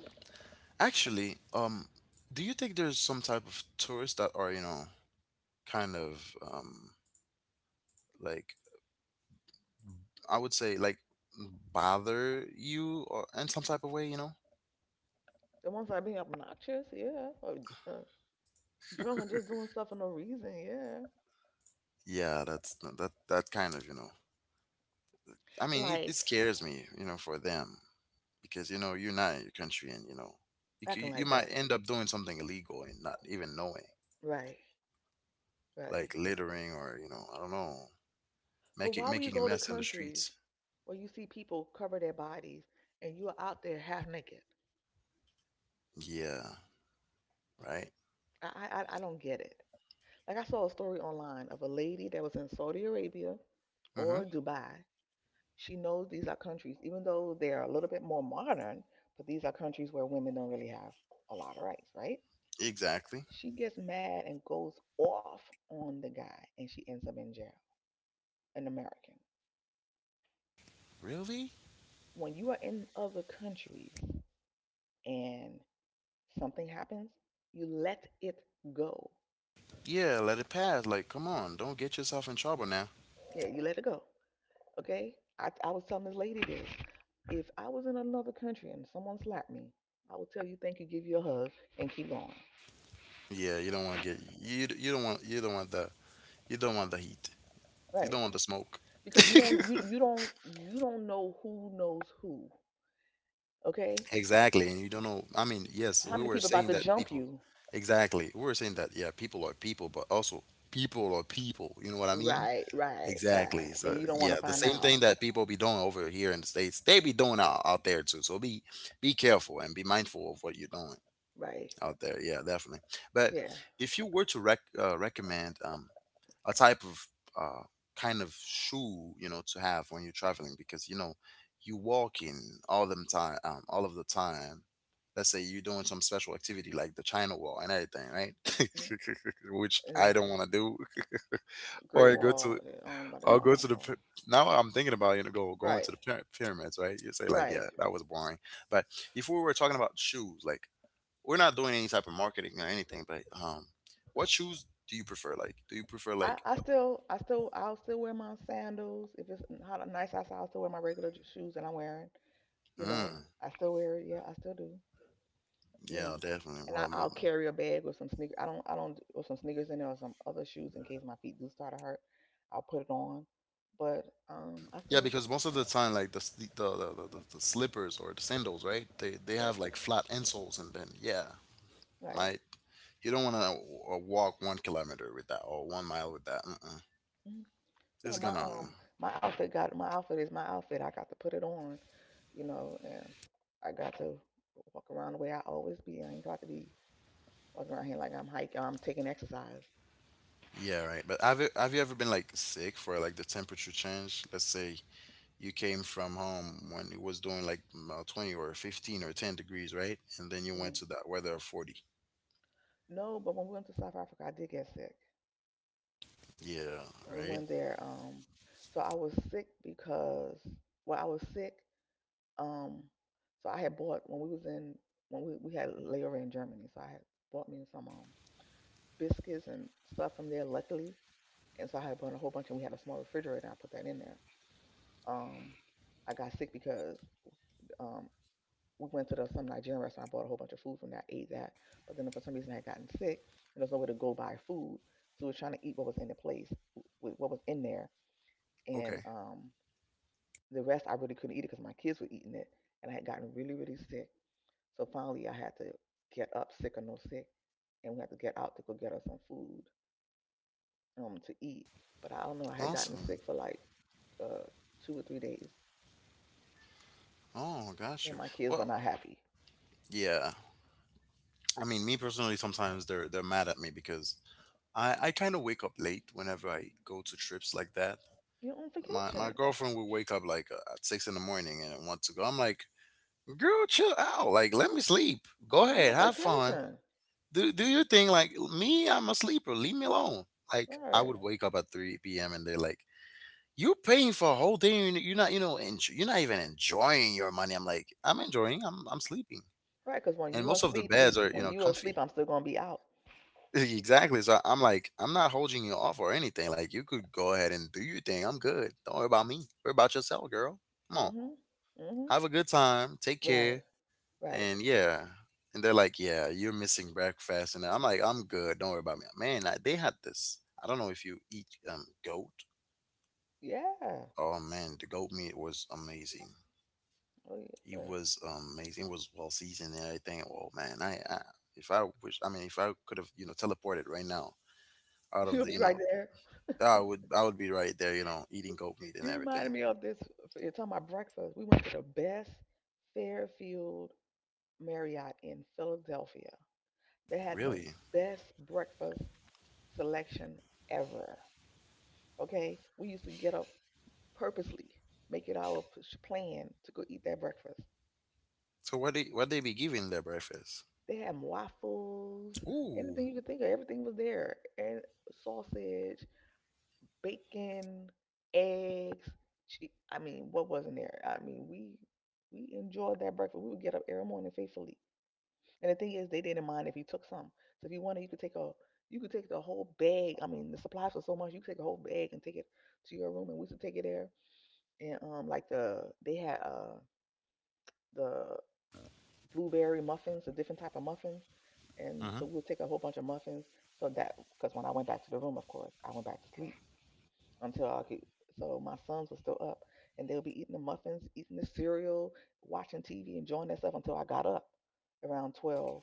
S1: actually, um, do you think there's some type of tourists that are, you know, kind of um, like I would say like bother you or in some type of way, you know?
S2: the ones that are being obnoxious, yeah. Or dr- uh, drunk and just doing stuff for no reason, yeah.
S1: Yeah, that's no, that that kind of, you know. I mean, it, it
S2: Like,
S1: scares me, you know, for them because you know you're not in your country, and you know you
S2: acting
S1: c- you
S2: like
S1: might
S2: that.
S1: end up doing something illegal and not even knowing,
S2: Right,
S1: like
S2: right.
S1: littering or, you know, I don't know,
S2: But
S1: making
S2: why would you
S1: making a
S2: go to
S1: mess in the streets.
S2: countries where you see people cover their bodies and you are out there half naked?
S1: Yeah, right.
S2: I, I, I I don't get it. Like I saw a story online of a lady that was in Saudi Arabia
S1: Mm-hmm.
S2: or Dubai. She knows these are countries, even though they are a little bit more modern, but these are countries where women don't really have a lot of rights, right?
S1: Exactly.
S2: She gets mad and goes off on the guy, and she ends up in jail, an American.
S1: Really?
S2: When you are in other countries and something happens, you let it go.
S1: Yeah, let it pass. Like, come on, don't get yourself in trouble now.
S2: Yeah, you let it go. Okay? I, I was telling this lady this. If I was in another country and someone slapped me, I would tell you thank you, give you a hug, and keep going.
S1: Yeah, you don't want to get you you don't want you don't want the you don't want the heat. You don't
S2: Right.
S1: want the smoke.
S2: Because you don't you,
S1: *laughs*
S2: you don't you don't know who knows who. Okay?
S1: Exactly, and you don't know. I mean, yes,
S2: How
S1: we
S2: many
S1: were
S2: people about
S1: saying
S2: to
S1: that
S2: jump
S1: people.
S2: you?
S1: Exactly, we were saying that yeah, people are people, but also people are people. You know what I mean?
S2: Right, right,
S1: Exactly.
S2: right.
S1: So
S2: And you don't want
S1: yeah,
S2: to
S1: the
S2: find
S1: same thing
S2: out.
S1: that people be doing over here in the states, they be doing out, out there too. So be be careful and be mindful of what you're doing.
S2: Right.
S1: Out there. Yeah, definitely. But
S2: Yeah.
S1: if you were to rec- uh, recommend um, a type of uh, kind of shoe, you know, to have when you're traveling, because you know you walking all the time, um, all of the time. Let's say you're doing some special activity like the China Wall and everything, right? *laughs*
S2: Mm,
S1: Which I don't
S2: ugh,
S1: want to do. *laughs* Or
S2: great
S1: I go to,
S2: wall. Yeah, I ain't about to go
S1: I'll
S2: on
S1: go to
S2: that
S1: the.
S2: far.
S1: py- Now I'm thinking about, you know, go going
S2: Right.
S1: to the pyra- pyramids, right? You say like,
S2: Right.
S1: yeah, that was boring. But if we were talking about shoes, like we're not doing any type of marketing or anything, but um, what shoes do you prefer? Like, do you prefer
S2: I,
S1: like?
S2: I still I still I'll still wear my sandals. If it's hot nice outside, I'll still wear my regular j- shoes that I'm wearing. You
S1: Uh,
S2: know.
S1: mm,
S2: I still wear it, yeah, I still do. You know.
S1: yeah,
S2: And
S1: definitely.
S2: I,
S1: Well,
S2: I'll
S1: mo-
S2: carry a bag with some sneakers. I don't, I don't, with some sneakers in there or some other shoes in case my feet do start to hurt. I'll put it on, but um, I still,
S1: yeah, because most of the time, like the s- the, the, the, the the slippers or the sandals, right? They they
S2: but
S1: have like flat insoles, and then yeah,
S2: like,
S1: might you don't want to walk one kilometer with that or one mile with that. Mm-mm.
S2: mm, no,
S1: It's
S2: my um,
S1: gonna.
S2: my outfit got my outfit is my outfit. I got to put it on, you know, and I got to walk around the way I always be. I ain't got to be walking around here like I'm hiking. I'm taking exercise.
S1: Yeah, right. But have you have you ever been like sick for like the temperature change? Let's say you came from home when it was doing like mm, uh, twenty or fifteen or ten degrees, right? And then you
S2: Hmm.
S1: went to that weather of forty.
S2: No, but when we went to South Africa, I did get sick.
S1: Yeah,
S2: We
S1: right?
S2: went there. Um, so I was sick because, well, I was sick. Um, so I had bought when we was in when we we had a layover in Germany. So I had bought me some um biscuits and stuff from there. Luckily, and so I had bought a whole bunch, and we had a small refrigerator, and I put that in there. Um, I got sick because Um, we went to the some Nigerian restaurant. I bought a whole bunch of food from that, ate that. But then for some reason I had gotten sick, and there was nowhere to go buy food. So we were trying to eat what was in the place, with what was in there,
S1: Okay.
S2: and um, the rest I really couldn't eat it because my kids were eating it, and I had gotten really really sick. So finally I had to get up, sick or no sick, and we had to get out to go get us some food um to eat. But I don't know. I had gotten sick
S1: Awesome.
S2: for like uh, two or three days,
S1: Oh, got
S2: and
S1: you.
S2: my kids were
S1: Well,
S2: not happy.
S1: yeah. I mean, me personally, sometimes they're they're mad at me because I I kind of wake up late whenever I go to trips like that.
S2: You're on
S1: My my
S2: vacation.
S1: girlfriend will wake up like uh, at six in the morning and want to go. I'm like, girl, chill out. Like, let me sleep. Go
S2: You're on
S1: ahead, have fun.
S2: vacation,
S1: do do your thing. Like me, I'm a sleeper. Leave me alone. Like I
S2: right?
S1: would wake up at three p m and they're like, "You're paying for a whole day. And you're not, you know, enjoy, you're not even enjoying your money." I'm like, "I'm enjoying. I'm I'm sleeping."
S2: Right, because when
S1: And
S2: you
S1: most of the
S2: asleep, he's
S1: beds are,
S2: when
S1: you know,
S2: you asleep,
S1: comfy.
S2: I'm still gonna be out.
S1: *laughs* Exactly. So I'm like, I'm not holding you off or anything. Like you could go ahead and do your thing. I'm good. Don't worry about me. Worry about yourself, girl. Come on.
S2: Mhm. Mhm.
S1: Have a good time. Take
S2: Right.
S1: care.
S2: Right.
S1: And yeah, and they're like, "Yeah, you're missing breakfast." And I'm like, "I'm good. Don't worry about me." Man, I, they had this. I don't know if you eat um goat.
S2: Yeah.
S1: Oh man, the goat meat was amazing.
S2: Oh
S1: It
S2: yeah. *laughs*
S1: was amazing. It was well seasoned and everything. Oh man, I, I if I wish, I mean, if I could have, you know, teleported right now out
S2: She'll
S1: of
S2: be
S1: the, you
S2: right
S1: know,
S2: there.
S1: I would, I would be right there, you know, eating goat meat
S2: You
S1: and
S2: reminded
S1: everything.
S2: me of this. You're talking about breakfast. We went to the best Fairfield Marriott in Philadelphia. They had the
S1: Really?
S2: best breakfast selection ever. Okay, we used to get up purposely, make it our p- plan to go eat that breakfast.
S1: So what they what they be giving their breakfast?
S2: They had waffles, anything
S1: Ooh.
S2: you could think of. Everything was there, and sausage, bacon, eggs. Che- I mean, what wasn't there? I mean, we we enjoyed that breakfast. We would get up every morning faithfully. And the thing is, they didn't mind if you took some. So if you wanted, you could take a you could take the whole bag. I mean, the supplies were so much, you could take a whole bag and take it to your room. And we used to take it there. And um, like the they had uh the blueberry muffins, a different type of muffins. And
S1: Mm-hmm.
S2: so we'll take a whole bunch of muffins. So that, because when I went back to the room, of course, I went back to sleep until I could. So my sons were still up and they'll be eating the muffins, eating the cereal, watching T V, enjoying that stuff until I got up around twelve.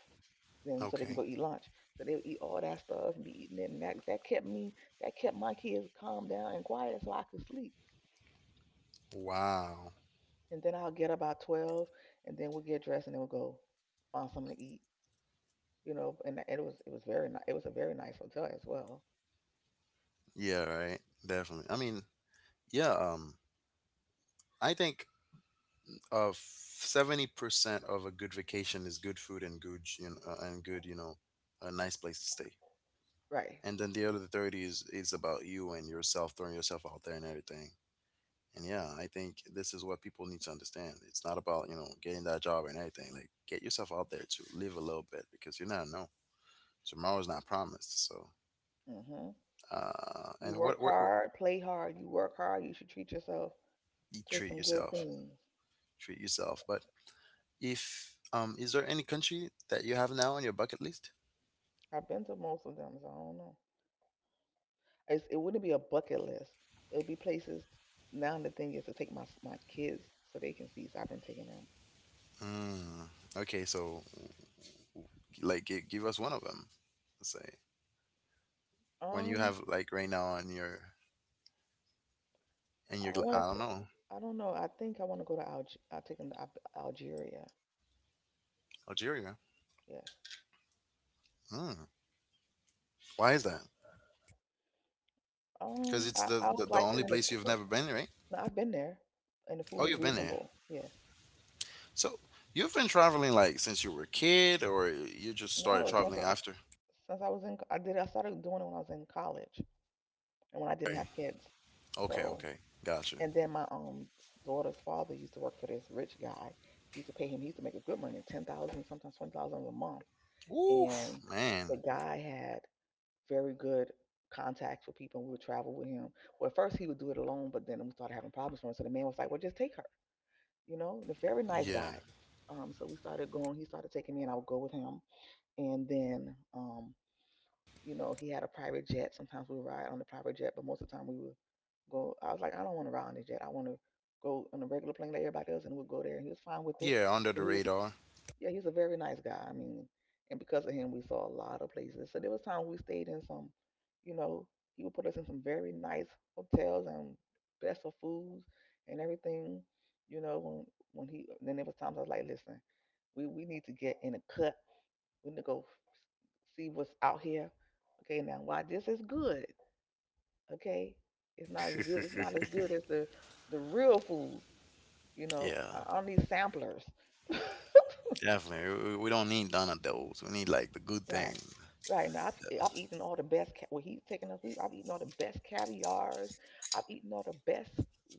S2: Then so they can
S1: Okay.
S2: go eat lunch. So they would eat all that stuff and be eating it. And that, that kept me, that kept my kids calm down and quiet so I could sleep.
S1: Wow.
S2: And then I'll get up about twelve, and then we'll get dressed and then we'll go find something to eat, you know, and it was it was very ni- it was a very nice hotel as well.
S1: Yeah, right. Definitely. I mean, yeah, um, I think of seventy percent of a good vacation is good food and good, you know, uh, and good, you know, a nice place to stay.
S2: Right.
S1: And then the other thirty is is about you and yourself throwing yourself out there and everything. And yeah, I think this is what people need to understand. It's not about you know getting that job and everything. Like get yourself out there to live a little bit because you never know. Tomorrow's not promised. So
S2: Hmm.
S1: uh,
S2: You
S1: and
S2: work
S1: what what, what
S2: hard, play hard. You work hard. You should treat yourself
S1: you
S2: to
S1: treat
S2: some good
S1: yourself,
S2: things.
S1: treat yourself, but if um, is there any country that you have now on your bucket list?
S2: I've been to most of them, so I don't know. It's, it wouldn't be a bucket list. It would be places. Now the thing is to take my s- my kids so they can see. So I've been taking them.
S1: Mm, okay, so like give, give us one of them. Let's say when you
S2: Um,
S1: have like right now on your, in
S2: I
S1: your gla- I
S2: wanted
S1: don't
S2: to.
S1: know,
S2: I don't know. I think I want to go to Alge. I'll take them to Al- Algeria.
S1: Algeria.
S2: Yes.
S1: Hmm. Why is that? Because
S2: Um,
S1: it's
S2: I
S1: the,
S2: I
S1: the
S2: always
S1: the
S2: liked
S1: only
S2: it in the
S1: place you've
S2: food.
S1: never been, right?
S2: No, I've been there, and the food
S1: Oh,
S2: is
S1: you've been there.
S2: reasonable. Yes.
S1: So you've been traveling like since you were a kid, or you just started
S2: No, since I,
S1: traveling after?
S2: since I was in, I did, I started doing it when I was in college and when I didn't
S1: Okay,
S2: have kids.
S1: okay,
S2: So,
S1: okay, gotcha.
S2: and then my um daughter's father used to work for this rich guy. He used to pay him, he used to make a good money, ten thousand, sometimes twenty thousand a month. And
S1: Oof,
S2: the
S1: man.
S2: guy had very good contacts with people. And we would travel with him. Well, at first he would do it alone, but then we started having problems for him. So the man was like, well, just take her, you know, and a very nice
S1: Yeah,
S2: guy. Um, so we started going, he started taking me and I would go with him. And then, um, you know, he had a private jet. Sometimes we would ride on the private jet, but most of the time we would go. I was like, I don't want to ride on the jet. I want to go on a regular plane like everybody else, and we would go there. And he was fine with it.
S1: yeah, under
S2: But
S1: the
S2: he was,
S1: radar.
S2: yeah, he's a very nice guy. I mean, and because of him, we saw a lot of places. So there was time we stayed in some, you know, he would put us in some very nice hotels and best of foods and everything. You know, when when he then there was times I was like, listen, we we need to get in a cut, we're gonna go see what's out here. Okay, now why this is good. Okay, it's not as good. It's not as good as the the real food. You know,
S1: Yeah.
S2: I I don't need samplers. *laughs*
S1: Definitely. We we don't need none of those. We need like the good
S2: Right,
S1: things.
S2: right. Now I've I've eaten all the best. Ca- well, he's taking us. We I've eaten all the best caviars. I've eaten all the best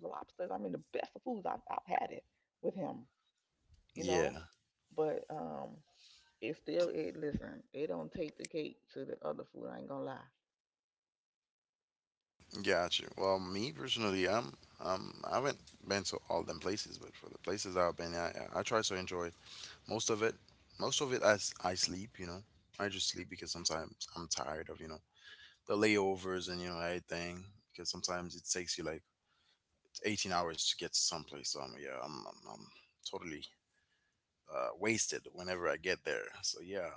S2: lobsters. I mean, the best of foods. I've I've had it with him. You know,
S1: Yeah,
S2: but um, it still it. Listen, it don't take the cake to the other food. I ain't gonna lie.
S1: gotcha. Well, me personally, I'm um I haven't been to all them places, but for the places I've been, I I I try to enjoy most of it. Most of it, I s- I sleep. You know, I just sleep because sometimes I'm tired of you know the layovers and you know everything. Because sometimes it takes you like eighteen hours to get to someplace. So I'm, yeah, I'm I'm, I'm totally uh, wasted whenever I get there. So yeah,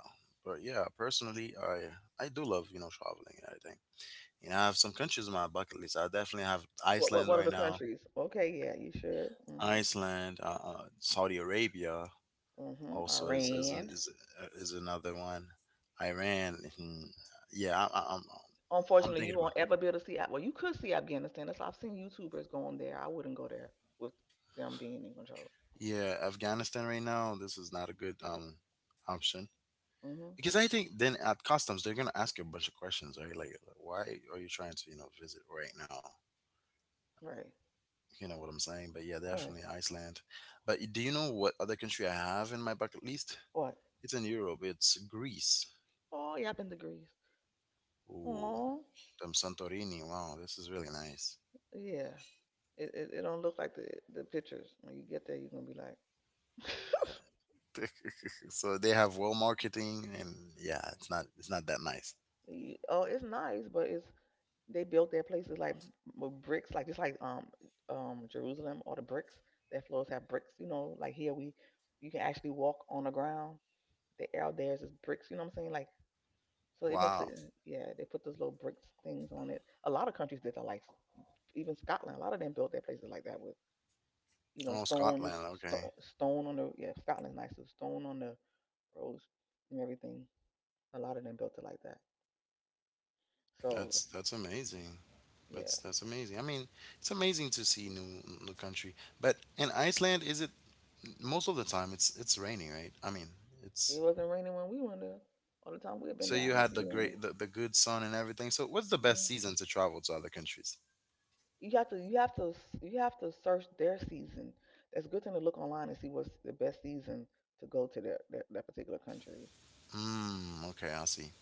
S1: but yeah, personally, I I do love you know traveling and everything. You know, I have some countries on my bucket list. I definitely have
S2: What, what
S1: Iceland
S2: what are
S1: right
S2: the
S1: now.
S2: countries? Okay, yeah, you should. Mhm.
S1: Iceland, uh, uh, Saudi Arabia
S2: Mhm.
S1: also is is an-
S2: Iran.
S1: is, uh, is another one. Iran, hmm, yeah, I, I- I'm I'm
S2: Unfortunately,
S1: thinking
S2: you
S1: about,
S2: won't ever be able to see. Af- Well, you could see Afghanistan. That's I've seen YouTubers going there. I wouldn't go there with them being in control.
S1: yeah, Afghanistan right now. This is not a good um option
S2: Mhm.
S1: because I think then at customs they're gonna ask you a bunch of questions, right? Like, why are you trying to you know visit right now?
S2: Right.
S1: You know what I'm saying? But yeah, definitely
S2: Right.
S1: Iceland. But y- do you know what other country I have in my bucket list?
S2: What?
S1: It's in Europe. It's Greece.
S2: Oh, yeah, I've been to Greece.
S1: Ooh,
S2: Oh,
S1: them Santorini. Wow, this is really nice.
S2: yeah. It, it it don't look like the the pictures. When you get there, you're gonna be like, *laughs*
S1: But *laughs* so they have well marketing, and yeah, it's not it's not that nice.
S2: "Ye- oh, it's nice, but it's They built their places like with bricks, like just like um um Jerusalem or the bricks. Their floors have bricks, you know. Like here, we you can actually walk on the ground. The air theirs is bricks, you know what I'm saying? Like so, it makes it
S1: Wow.
S2: yeah. They put those little bricks things on it. A lot of countries did that, like even Scotland. A lot of them built their places like that with you know
S1: Oh,
S2: stones,
S1: Scotland.
S2: stone,
S1: Okay,
S2: stone on the yeah. Scotland's nice, with stone on the roads and everything. A lot of them built it like that. So
S1: that's that's amazing.
S2: yeah,
S1: That's that's amazing. I mean, it's amazing to see new new country. But in Iceland, is it most of the time? It's it's raining, right? I mean,
S2: it
S1: it's
S2: wasn't raining when we went there. All the time we had been
S1: so
S2: there, I
S1: you
S2: ain't
S1: had
S2: seen
S1: the
S2: rain.
S1: great, the, the good sun and everything. So what's the
S2: Mm.
S1: best season to travel to other countries?
S2: You have to you have to s- you have to search their season. It's a good thing to look online and see what's the best season to go to their their, their particular countries.
S1: Mm, okay, I see.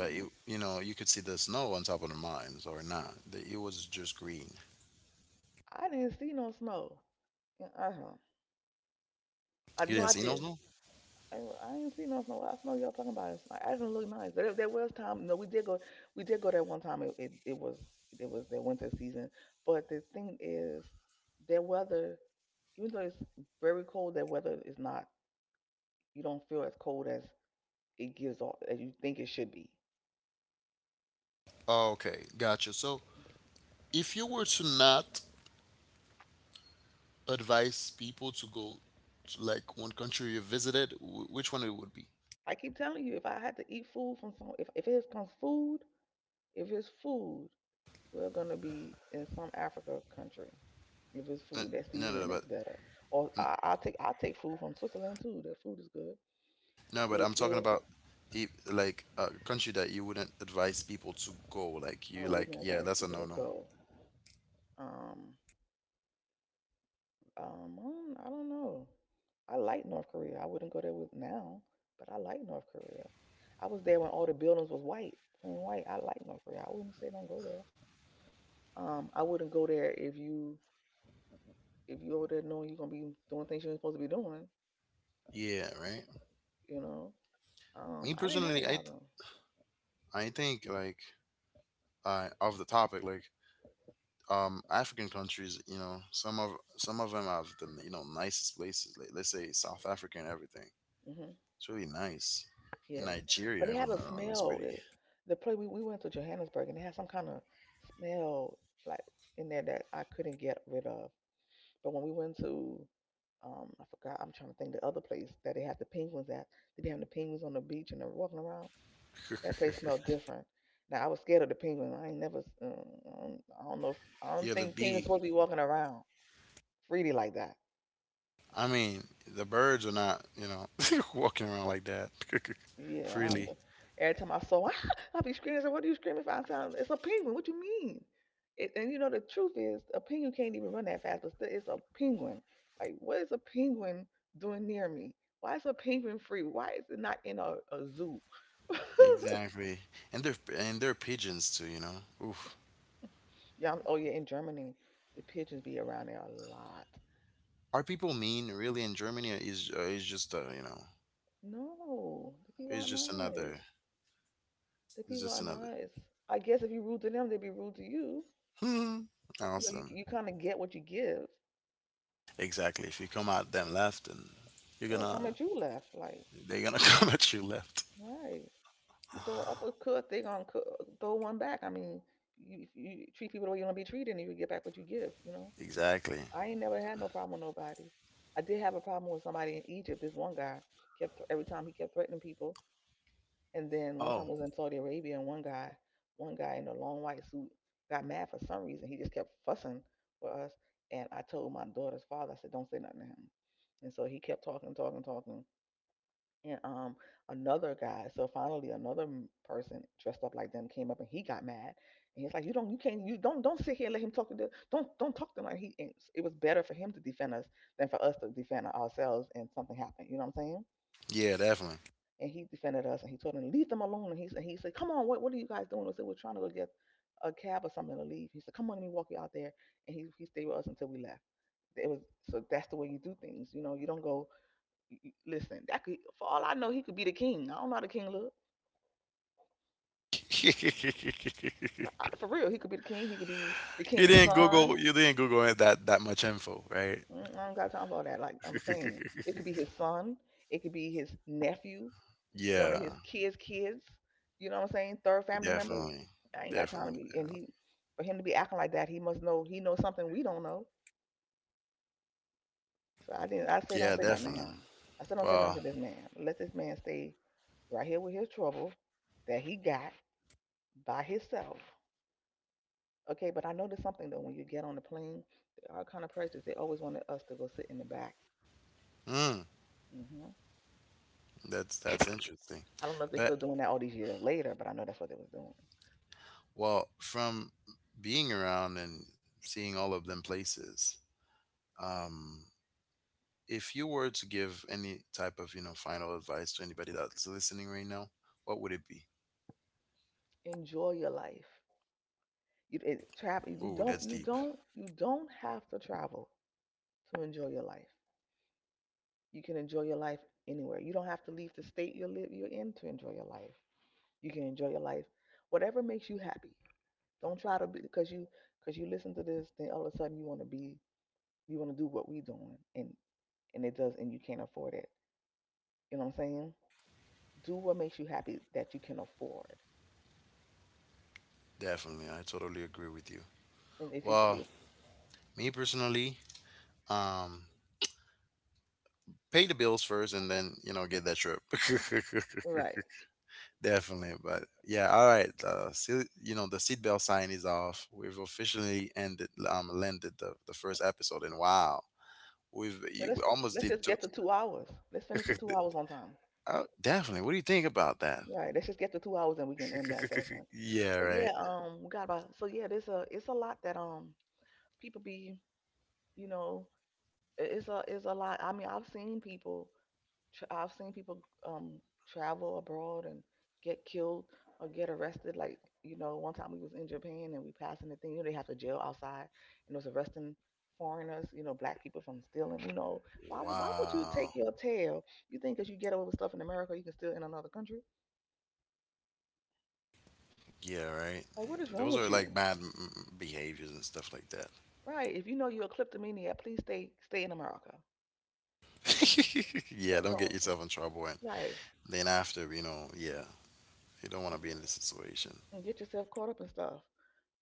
S1: But you, you know, you could see the snow on top of the mountains or not. The, it was just green.
S2: I didn't see no snow. Uh huh. I
S1: You
S2: no,
S1: didn't
S2: I
S1: see no
S2: did.
S1: snow?
S2: I, I didn't see no snow. What snow y'all talking about? It's like, I didn't look nice. There, there was time. No, we did go. We did go there one time. It, it, it was it was their winter season. But the thing is, their weather, even though it's very cold, their weather is not. You don't feel as cold as it gives off as you think it should be.
S1: Okay, gotcha. So if you were to not advise people to go to like one country you visited, wh- which one it would be?
S2: I keep telling you, if I had to eat food from some, if, if it's from food, if it's food, we're gonna be in some Africa country. If it's
S1: Uh,
S2: food, that
S1: No, no, no,
S2: seasoning is
S1: but
S2: better. Or I, I'll take I'll take food from Switzerland too. Their food is good.
S1: no, but
S2: If
S1: I'm talking
S2: it's,
S1: about if, like, a country that you wouldn't advise people to go. Like
S2: I
S1: you, like,
S2: wouldn't
S1: yeah,
S2: advise
S1: that's a
S2: people to
S1: no-no.
S2: go. Um, um, I don't I don't know. I like North Korea. I wouldn't go there with now, but I like North Korea. I was there when all the buildings was white, plain white. I like North Korea. I wouldn't say don't go there. Um, I wouldn't go there if you if you over there knowing you're gonna be doing things you ain't supposed to be doing.
S1: Yeah, right.
S2: You know, um,
S1: Me
S2: I didn't have a
S1: personally, i th-
S2: problem.
S1: I think like uh of the topic, like um African countries, you know some of some of them have the you know nicest places, like let's say South Africa and everything.
S2: Hmm.
S1: It's really nice. In
S2: Yes, but
S1: Nigeria,
S2: they
S1: if I'm
S2: had a
S1: not wrong, it's
S2: smell.
S1: pretty.
S2: It, the place we, we went to Johannesburg and they had some kind of smell like in there that I couldn't get rid of. But when we went to um, I forgot. I'm trying to think the other place that they had the penguins at. They be having the penguins on the beach and they're walking around.
S1: *laughs*
S2: That place smelled different. Now I was scared of the penguin. I ain't never. s- mm, I don't, I don't know. If, I don't
S1: Yeah, the
S2: think penguins
S1: bee
S2: supposed to be walking around freely like that.
S1: I mean, the birds are not, you know *laughs* walking around like that *laughs*
S2: Yeah. I don't,
S1: freely.
S2: every time I saw, *laughs* I'll be screaming. I said, "What are you screaming for?" I sound. It's a penguin. What you mean? It, and you know the truth is, a penguin can't even run that fast. But still, it's a penguin. Like, what is a penguin doing near me? Why is a penguin free? Why is it not in a, a zoo? *laughs*
S1: Exactly. And they're and they're pigeons too you know Oof.
S2: Yeah. I'm- Oh yeah. In Germany, the pigeons be around there a lot.
S1: Are people mean really in Germany, or is uh, is just uh you know
S2: No, the people
S1: it's
S2: are
S1: just another
S2: nice. The
S1: it's
S2: people
S1: just
S2: are
S1: another
S2: nice. I guess if you rude to them, they'd be rude to you.
S1: Hmm.
S2: You know, you
S1: Awesome.
S2: you kind of get what you give.
S1: Exactly. If you come at them left, and you're
S2: They don't
S1: gonna,
S2: come at you left. Like,
S1: they're gonna *laughs* come at you left.
S2: right. You throw an uppercut, they gonna cu- throw one back. I mean, you, if you treat people the way you want to be treated, and you get back what you give. You know,
S1: Exactly.
S2: I ain't never had no problem with nobody. I did have a problem with somebody in Egypt. This one guy kept every time he kept threatening people. And then one time
S1: Oh,
S2: I was in Saudi Arabia, and one guy, one guy in a long white suit, got mad for some reason. He just kept fussing with us. And I told my daughter's father, I said, "Don't say nothing to him." And so he kept talking, talking, talking. And um, another guy. So finally, another person dressed up like them came up, and he got mad. And he's like, "You don't, you can't, you don't, don't sit here and let him talk to the, don't, don't talk to him." Like he, it was better for him to defend us than for us to defend ourselves, and something happened. You know what I'm saying?
S1: yeah, definitely.
S2: And he defended us and he told them leave them alone, and he said he said come on, what what are you guys doing? I said we're trying to go get a cab or something to leave. He said, "Come on, let me walk you out there." And he he stayed with us until we left. It was so That's the way you do things. You know, you don't go y- listen. That, could for all I know, he could be the king. I don't know how the king look.
S1: *laughs* you
S2: For real, he could be the king. He could be the king's
S1: didn't
S2: son.
S1: Google. You didn't Google it that that much info, right?
S2: Mm, I not got time for all that. Like I'm saying,
S1: *laughs*
S2: it could be his son, it could be his nephew, one of his
S1: Yeah,
S2: kids' kids. You know what I'm saying? Third family member.
S1: definitely,
S2: I ain't got time to
S1: definitely,
S2: be. And
S1: definitely.
S2: he, for him to be acting like that, he must know. He knows something we don't know. So I didn't. I say,
S1: Yeah,
S2: "Don't say nothing to
S1: definitely.
S2: him." I said, "Don't say nothing
S1: Well,
S2: to this man. Let this man stay right here with his trouble that he got by himself." Okay, but I noticed something though. When you get on the plane, there are kind of prejudice. They always wanted us to go sit in the back.
S1: Mm,
S2: Hmm.
S1: that's that's interesting.
S2: I don't know if they're
S1: But
S2: still doing that all these years later, but I know that's what they was doing.
S1: well, from being around and seeing all of them places, um, if you were to give any type of you know final advice to anybody that's listening right now, what would it be?
S2: Enjoy your life. You it, travel. You
S1: Oh,
S2: don't.
S1: that's
S2: You
S1: deep.
S2: don't. You don't have to travel to enjoy your life. You can enjoy your life anywhere. You don't have to leave the state you live you're in to enjoy your life. You can enjoy your life, whatever makes you happy. Don't try to be, because you, because you listen to this, then all of a sudden you want to be, you want to do what we doing, and and it does, and you can't afford it. You know what I'm saying? Do what makes you happy that you can afford,
S1: Definitely, I totally agree with you.
S2: and if you
S1: Well,
S2: treat
S1: me personally, um, pay the bills first, and then you know get that trip. *laughs*
S2: right.
S1: Definitely, but yeah, all right. Uh, see, you know the seatbelt sign is off. We've officially ended, um, landed the, the first episode, and wow, we've
S2: Yeah,
S1: we
S2: let's
S1: almost
S2: let's
S1: did
S2: just
S1: two.
S2: get to two hours. Let's finish the two
S1: *laughs*
S2: hours on time.
S1: Uh, definitely. What do you think about that?
S2: Right. Let's just get to two hours and we can end that session.
S1: *laughs*
S2: But
S1: Yeah,
S2: yeah,
S1: right.
S2: um, we got about, so yeah, there's a, it's a lot that um people be, you know, i- it's a, it's a lot. I mean, I've seen people. Tra- I've seen people um travel abroad and get killed or get arrested. Like, you know, one time we was in Japan and we passing the thing. You know, they have to jail outside and was arresting foreigners. You know, black people from stealing. You know, why would- why would you take
S1: Wow.
S2: your tail? You think that you get away with stuff in America, you can steal in another country?
S1: Yeah, right.
S2: Like, what is wrong
S1: Those
S2: with
S1: are like
S2: you?
S1: bad mm, mm, behaviors and stuff like that.
S2: Right? If you know you're a kleptomaniac, please stay stay in America.
S1: *laughs* Yeah,
S2: Don't
S1: don't
S2: don't
S1: get yourself in trouble. And
S2: right,
S1: then after, you know, yeah, you don't want to be in this situation.
S2: and get yourself caught up in stuff.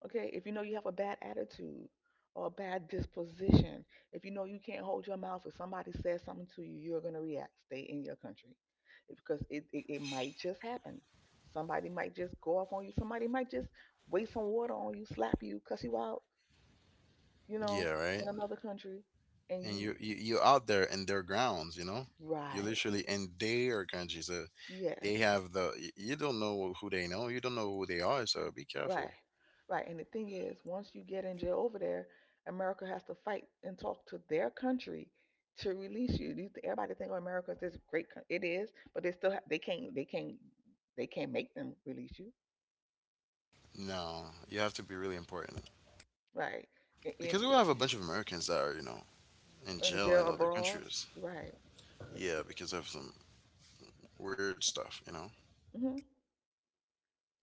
S2: Okay, if you know you have a bad attitude or a bad disposition, if you know you can't hold your mouth, if somebody says something to you, you're going to react. Stay in your country because it, it, it might just happen. Somebody might just go off on you. Somebody might just waste some water on you, slap you, cuss you out, you know,
S1: Yeah,
S2: in
S1: right.
S2: another country. And
S1: And
S2: you,
S1: you, you you're out there in their grounds, you know. You're
S2: right,
S1: literally in their country, so
S2: yes.
S1: they have the. Y- you don't know who they know. You don't know who they are. So be
S2: Right.
S1: careful.
S2: Right. And the thing is, once you get in jail over there, America has to fight and talk to their country to release you. You, everybody think, oh, America is this great country. It is, but they still ha- they can't they can't they can't make them release you.
S1: No, you have to be really important,
S2: Right. In, in,
S1: because we have a bunch of Americans that are, you know, in
S2: in
S1: jail
S2: jail
S1: in other
S2: abroad.
S1: countries.
S2: Right.
S1: Yeah, because of some weird stuff, you know.
S2: Hmm.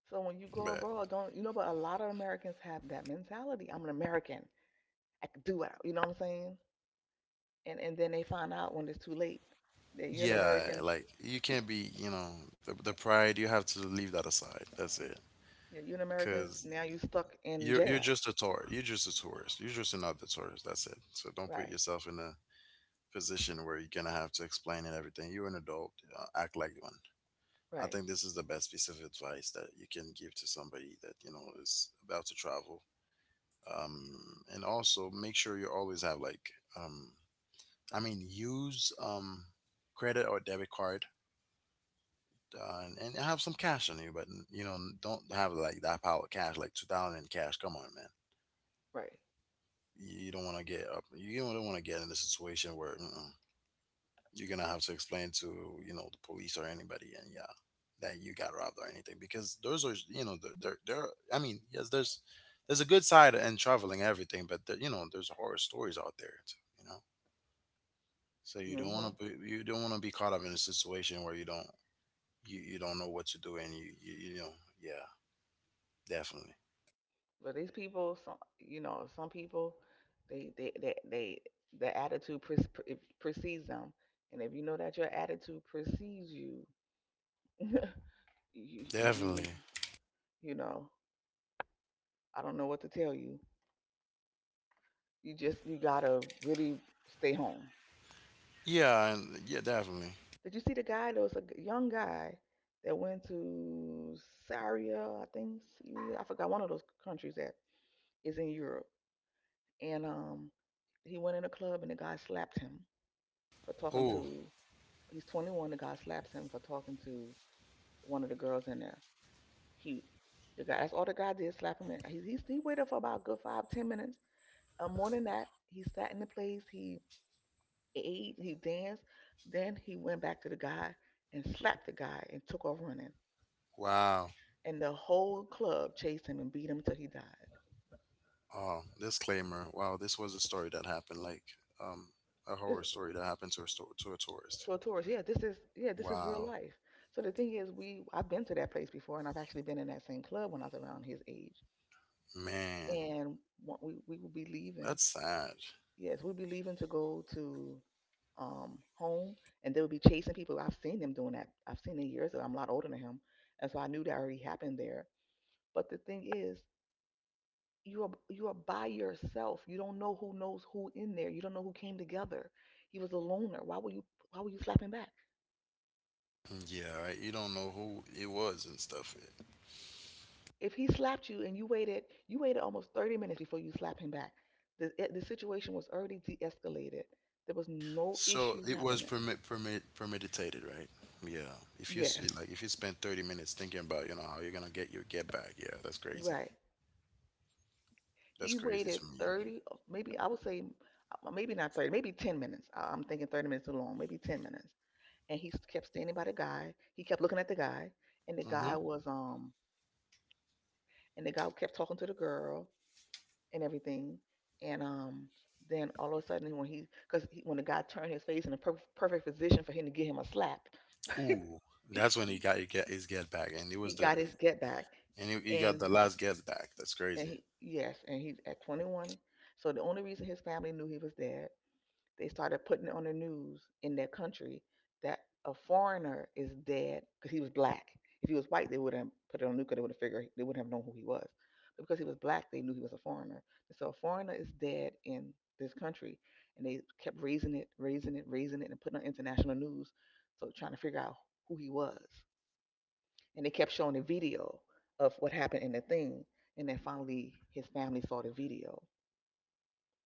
S2: So when you go
S1: But
S2: abroad, don't you know? But a lot of Americans have that mentality. I'm an American. I can do it. You know what I'm saying? And and then they find out when it's too late that you're an
S1: yeah,
S2: American.
S1: like you can't be, you know, the, the pride. You have to leave that aside. That's it.
S2: Yeah, you Americans,
S1: Cause
S2: now you stuck in
S1: you're you're
S2: jail.
S1: just a tourist. You're just a tourist. You're just another tourist. That's it. So don't put
S2: Right,
S1: yourself in a position where you're gonna have to explain and everything. You're an adult. Uh, act like one. I
S2: right,
S1: think this is the best piece of advice that you can give to somebody that you know is about to travel. Um, and also make sure you always have like, um, I mean, use um, credit or debit card, uh, and, and have some cash on you, but you know, don't have like that pile of cash, like two thousand in cash. Come on, man.
S2: right.
S1: You don't want to get up. You don't want to get in a situation where mm you're gonna have to explain to you know the police or anybody, and yeah, that you got robbed or anything. Because those are you know there there there. I mean, yes, there's there's a good side in traveling and everything, but there, you know there's horror stories out there. Too, you know, so you don't
S2: Hmm.
S1: want to be you don't want to be caught up in a situation where you don't you, you don't know what to do, and you you, you know yeah, definitely.
S2: But these people, some, you know, some people, they they they, they the attitude pre- pre- precedes them, and if you know that your attitude precedes you, *laughs* you you
S1: Definitely.
S2: you know, I don't know what to tell you. You just, you gotta really stay home.
S1: Yeah, and yeah, definitely.
S2: Did you see the guy? There was a g- young guy that went to Syria, I think Syria, I forgot, one of those countries that is in Europe. And um he went in a club and the guy slapped him for talking
S1: Oh,
S2: to, he's twenty-one, the guy slaps him for talking to one of the girls in there. He the guy That's all the guy did, slap him. And he, he, he waited for about a good five, ten minutes, uh, more than that. He sat in the place, he ate, he danced, then he went back to the guy and slapped the guy and took off running,
S1: wow.
S2: and the whole club chased him and beat him till he died.
S1: Oh, disclaimer. Wow, this was a story that happened, like um a
S2: This,
S1: horror story that happened to a store to a tourist.
S2: to a tourist. Yeah, this is, yeah, this is real
S1: Wow.
S2: life. So the thing is, we I've been to that place before, and I've actually been in that same club when I was around his age.
S1: Man,
S2: And what, we we will be leaving.
S1: that's sad.
S2: Yes, we'll be leaving to go to um home, and they will be chasing people. I've seen them doing that. I've seen it years ago. I'm a lot older than him, and so I knew that already happened there. But the thing is, you are you are by yourself. You don't know who knows who in there. You don't know who came together. He was a loner. Why were you Why were you slapping back?
S1: Yeah, right. You don't know who it was and stuff.
S2: If he slapped you and you waited, you waited almost thirty minutes before you slapped him back. The, eh, the situation was already de escalated. There was no
S1: So
S2: issue
S1: it was
S2: happening.
S1: permit permit premeditated, right? Yeah. If you s-
S2: Yes,
S1: like, if you spend thirty minutes thinking about, you know, how you're gonna get your get back, yeah, that's crazy.
S2: right.
S1: That's
S2: He
S1: crazy
S2: waited
S1: to me.
S2: thirty, uh, maybe I would say, uh, maybe not thirty, maybe ten minutes. I- I'm thinking thirty minutes too long, maybe ten minutes. And he kept standing by the guy. He kept looking at the guy, and the
S1: Mm-hmm.
S2: guy was, um, and the guy kept talking to the girl and everything. And um, then all of a sudden, when he, because he, when the guy turned his face in a perf- perfect position for him to give him a slap, *laughs*
S1: Ooh,
S2: he,
S1: that's when he got he get his get back. And it
S2: he
S1: was the
S2: got his get back.
S1: and he, he got
S2: And
S1: the last get back. That's
S2: and
S1: crazy.
S2: he, yes, and he's at twenty-one. So the only reason his family knew he was dead, they started putting it on the news in their country that a foreigner is dead because he was black. If he was white, they wouldn't put it on the news, 'cause they would have figured, they wouldn't have known who he was. But because he was black, they knew he was a foreigner. And so a foreigner is dead in this country, and they kept raising it, raising it, raising it, and putting on international news. So trying to figure out who he was, and they kept showing the video of what happened in the thing, and then finally his family saw the video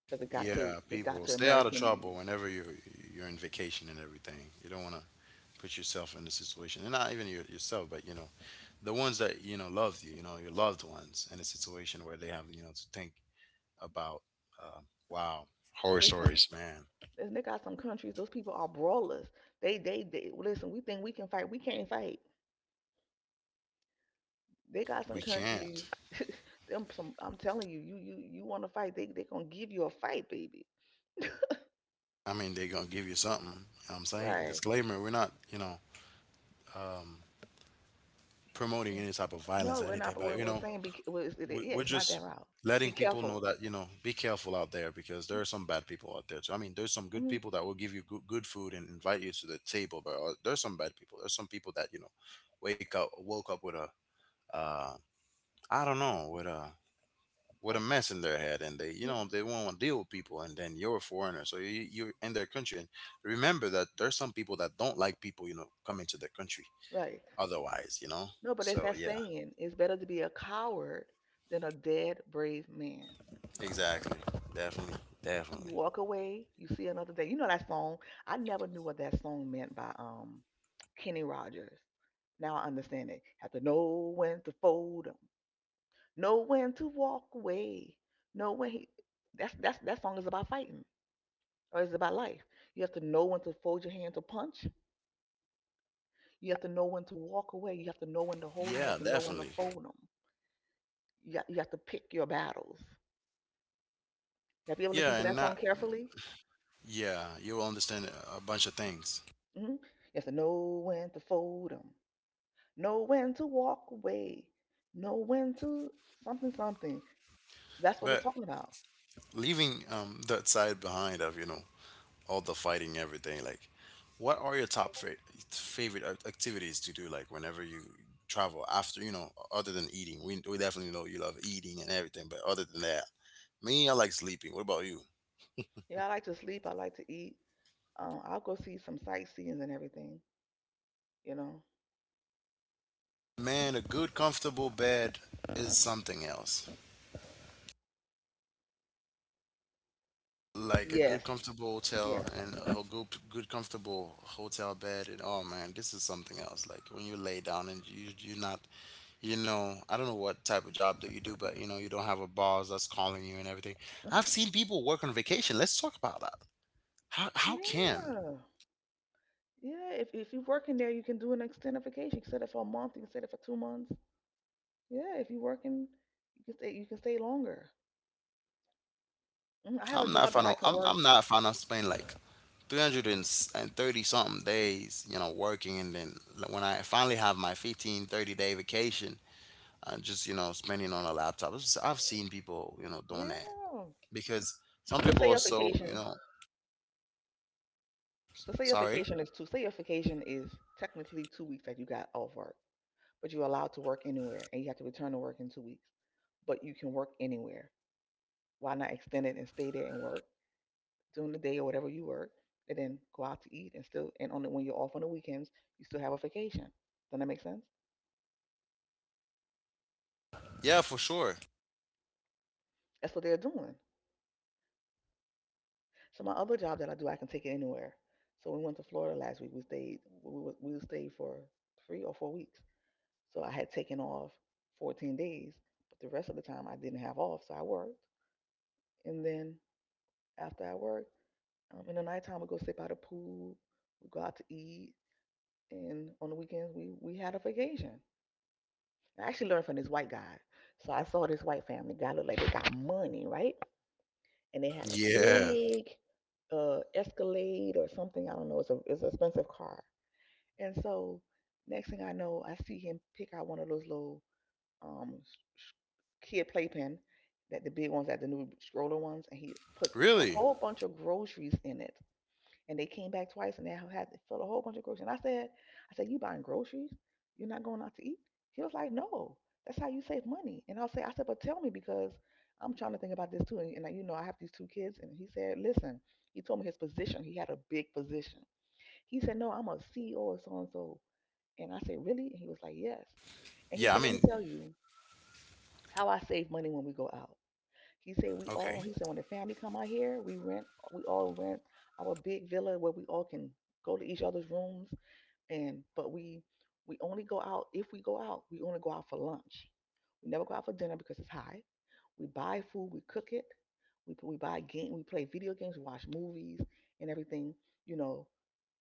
S2: because it got to,
S1: Yeah,
S2: it got
S1: people
S2: to
S1: stay out of
S2: American
S1: trouble
S2: news.
S1: whenever you you're in vacation and everything. You don't want to put yourself in a situation, and not even your, yourself, but you know, the ones that you know love you, you know, your loved ones, in a situation where they have you know to think about. Um, wow, Horror
S2: Listen.
S1: stories, man.
S2: And they got some countries, those people are brawlers. They, they, they, listen, we think we can fight. We can't fight. They got
S1: We
S2: some countries,
S1: can't.
S2: *laughs* them some, I'm telling you, you, you, you want to fight, they, they going to give you a fight, baby.
S1: I mean, they're gonna give you something. You know what I'm saying,
S2: Right.
S1: disclaimer: we're not you know promoting any type of violence
S2: No,
S1: or
S2: we're
S1: anything,
S2: not,
S1: but
S2: we're,
S1: you
S2: we're
S1: know,
S2: saying, be, well, it's, it,
S1: we,
S2: yeah,
S1: we're
S2: it's not
S1: just
S2: that loud.
S1: letting
S2: Be
S1: people know
S2: careful.
S1: that you know be careful out there because there are some bad people out there too. I mean, there's some good
S2: Mhm.
S1: people that will give you good, good food and invite you to the table, but uh, there's some bad people, there's some people that you know wake up woke up with a uh I don't know, with a with a
S2: Uh,
S1: mess in their head, and they you
S2: no,
S1: know they won't want to deal with people. And then you're a foreigner, so you, you're in their country and remember that there's some people that don't like people you know coming to their country,
S2: right.
S1: otherwise you know
S2: No, but
S1: so
S2: it's that
S1: yeah.
S2: saying, it's better to be a coward than a dead brave man.
S1: Exactly. Definitely. Definitely.
S2: You walk away, you see another day. You know that song? I never knew what that song meant by um Kenny Rogers. Now I understand it. Have to know when to fold 'em, know when to walk away, know when he. That's that's that song is about fighting, or it's about life. You have to know when to fold your hand to punch. You have to know when to walk away. You have to know when to hold them.
S1: Yeah,
S2: You have to know when
S1: definitely.
S2: to fold 'em. You got, you have to pick your battles. Have you
S1: Yeah,
S2: ever
S1: and
S2: listened to
S1: not,
S2: that song carefully?
S1: yeah, you will understand a bunch of things.
S2: Hmm. You have to know when to fold them. Know when to walk away. Know when to something something. That's what
S1: But
S2: it's talking about.
S1: leaving um that side behind of you know all the fighting, everything, like, what are your top fa- favorite ac- activities to do, like, whenever you travel, after, you know other than eating? We we definitely know you love eating and everything, but other than that, me, I like sleeping. What about you?
S2: Yeah, I like to sleep. I like to eat. Um, I'll go see some sightseeing and everything. You know.
S1: Man, a good comfortable bed is something else. Like a good
S2: Yes.
S1: comfortable hotel
S2: Yes.
S1: and a good good comfortable hotel bed. And oh man, this is something else, like when you lay down and you you're not you know I don't know what type of job that you do, but you know you don't have a boss that's calling you and everything. I've seen people work on vacation. Let's talk about that. How, how can,
S2: Yeah. Yeah. If if you're working there, you can do an extended vacation. You can set it for a month. You can set it for two months. Yeah. If you're working, you can stay. You can stay longer. Mm, I
S1: I'm
S2: have a
S1: not fan
S2: job
S1: of,
S2: that I
S1: i'm,
S2: can
S1: I'm
S2: work.
S1: not a fan of spending like three hundred thirty something days you know working, and then, like, when I finally have my fifteen thirty day vacation and just you know spending on a laptop. It's- I've seen people you know doing that
S2: Yeah.
S1: because some
S2: So
S1: people are
S2: say your
S1: so you know
S2: vacation. So say your
S1: sorry.
S2: vacation is two. Say your vacation is technically two weeks that you got off work, but you're allowed to work anywhere and you have to return to work in two weeks. But you can work anywhere. Why not extend it and stay there and work during the day or whatever you work and then go out to eat and still and on the, when you're off on the weekends, you still have a vacation. Doesn't that make sense?
S1: Yeah, for sure.
S2: That's what they're doing. So my other job that I do, I can take it anywhere. So we went to Florida last week. We stayed we, we stayed for three or four weeks. So I had taken off fourteen days, but the rest of the time I didn't have off, so I worked. And then after I worked, Um, in the nighttime, we go sit by the pool, we go out to eat, and on the weekends, we we had a vacation. I actually learned from this white guy. So I saw this white family guy looked like they got money, right? And they had a
S1: Yeah,
S2: big uh, Escalade or something. I don't know. It's a it's an expensive car. And so next thing I know, I see him pick out one of those little um kid playpen that the big ones, that the new stroller ones, and he put a
S1: really.
S2: whole bunch of groceries in it and they came back twice and they had had- filled a whole bunch of groceries. And I said, I said, you buying groceries? You're not going out to eat? He was like, no, that's how you save money. And I'll say, I said, but tell me because I'm trying to think about this too. And, and uh, you know, I have these two kids. And he said, listen, he told me his position. He had a big position. He said, no, I'm a C E O of so and so. And I said, really? And he was like, yes. And
S1: Yeah,
S2: he
S1: I
S2: said, let
S1: mean,
S2: me tell you how I save money when we go out. He said we
S1: okay,
S2: all. He said when the family come out here, we rent. We all rent our big villa where we all can go to each other's rooms. And but we we only go out if we go out. We only go out for lunch. We never go out for dinner because it's high. We buy food, we cook it, we we buy game, we play video games, we watch movies and everything, you know,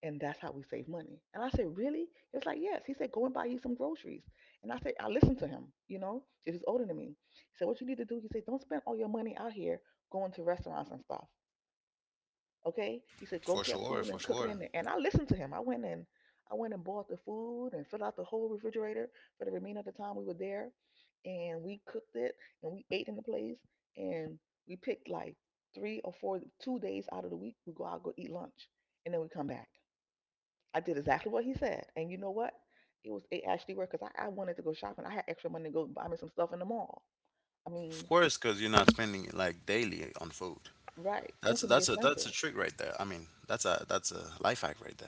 S2: and that's how we save money. And I said, really? He was like, yes. He said, go and buy you some groceries. And I said, I listened to him, you know, because he's older than me. He said, what you need to do? He said, don't spend all your money out here going to restaurants and stuff. Okay? He said,
S1: for
S2: go get
S1: sure,
S2: food
S1: for
S2: and cook it
S1: sure.
S2: in there. And I listened to him. I went and I went and bought the food and filled out the whole refrigerator for the remainder of the time we were there. And we cooked it and we ate in the place. And we picked like three or four, two days out of the week, we go out, go eat lunch. And then we come back. I did exactly what he said. And you know what? It was, it actually worked because I, I wanted to go shopping. I had extra money to go buy me some stuff in the mall. I
S1: Of
S2: mean,
S1: course, because you're not spending it like daily on food.
S2: right.
S1: That's
S2: Food can
S1: that's
S2: be
S1: a that's a
S2: expensive.
S1: trick right there. I mean, that's a, that's a life hack right there.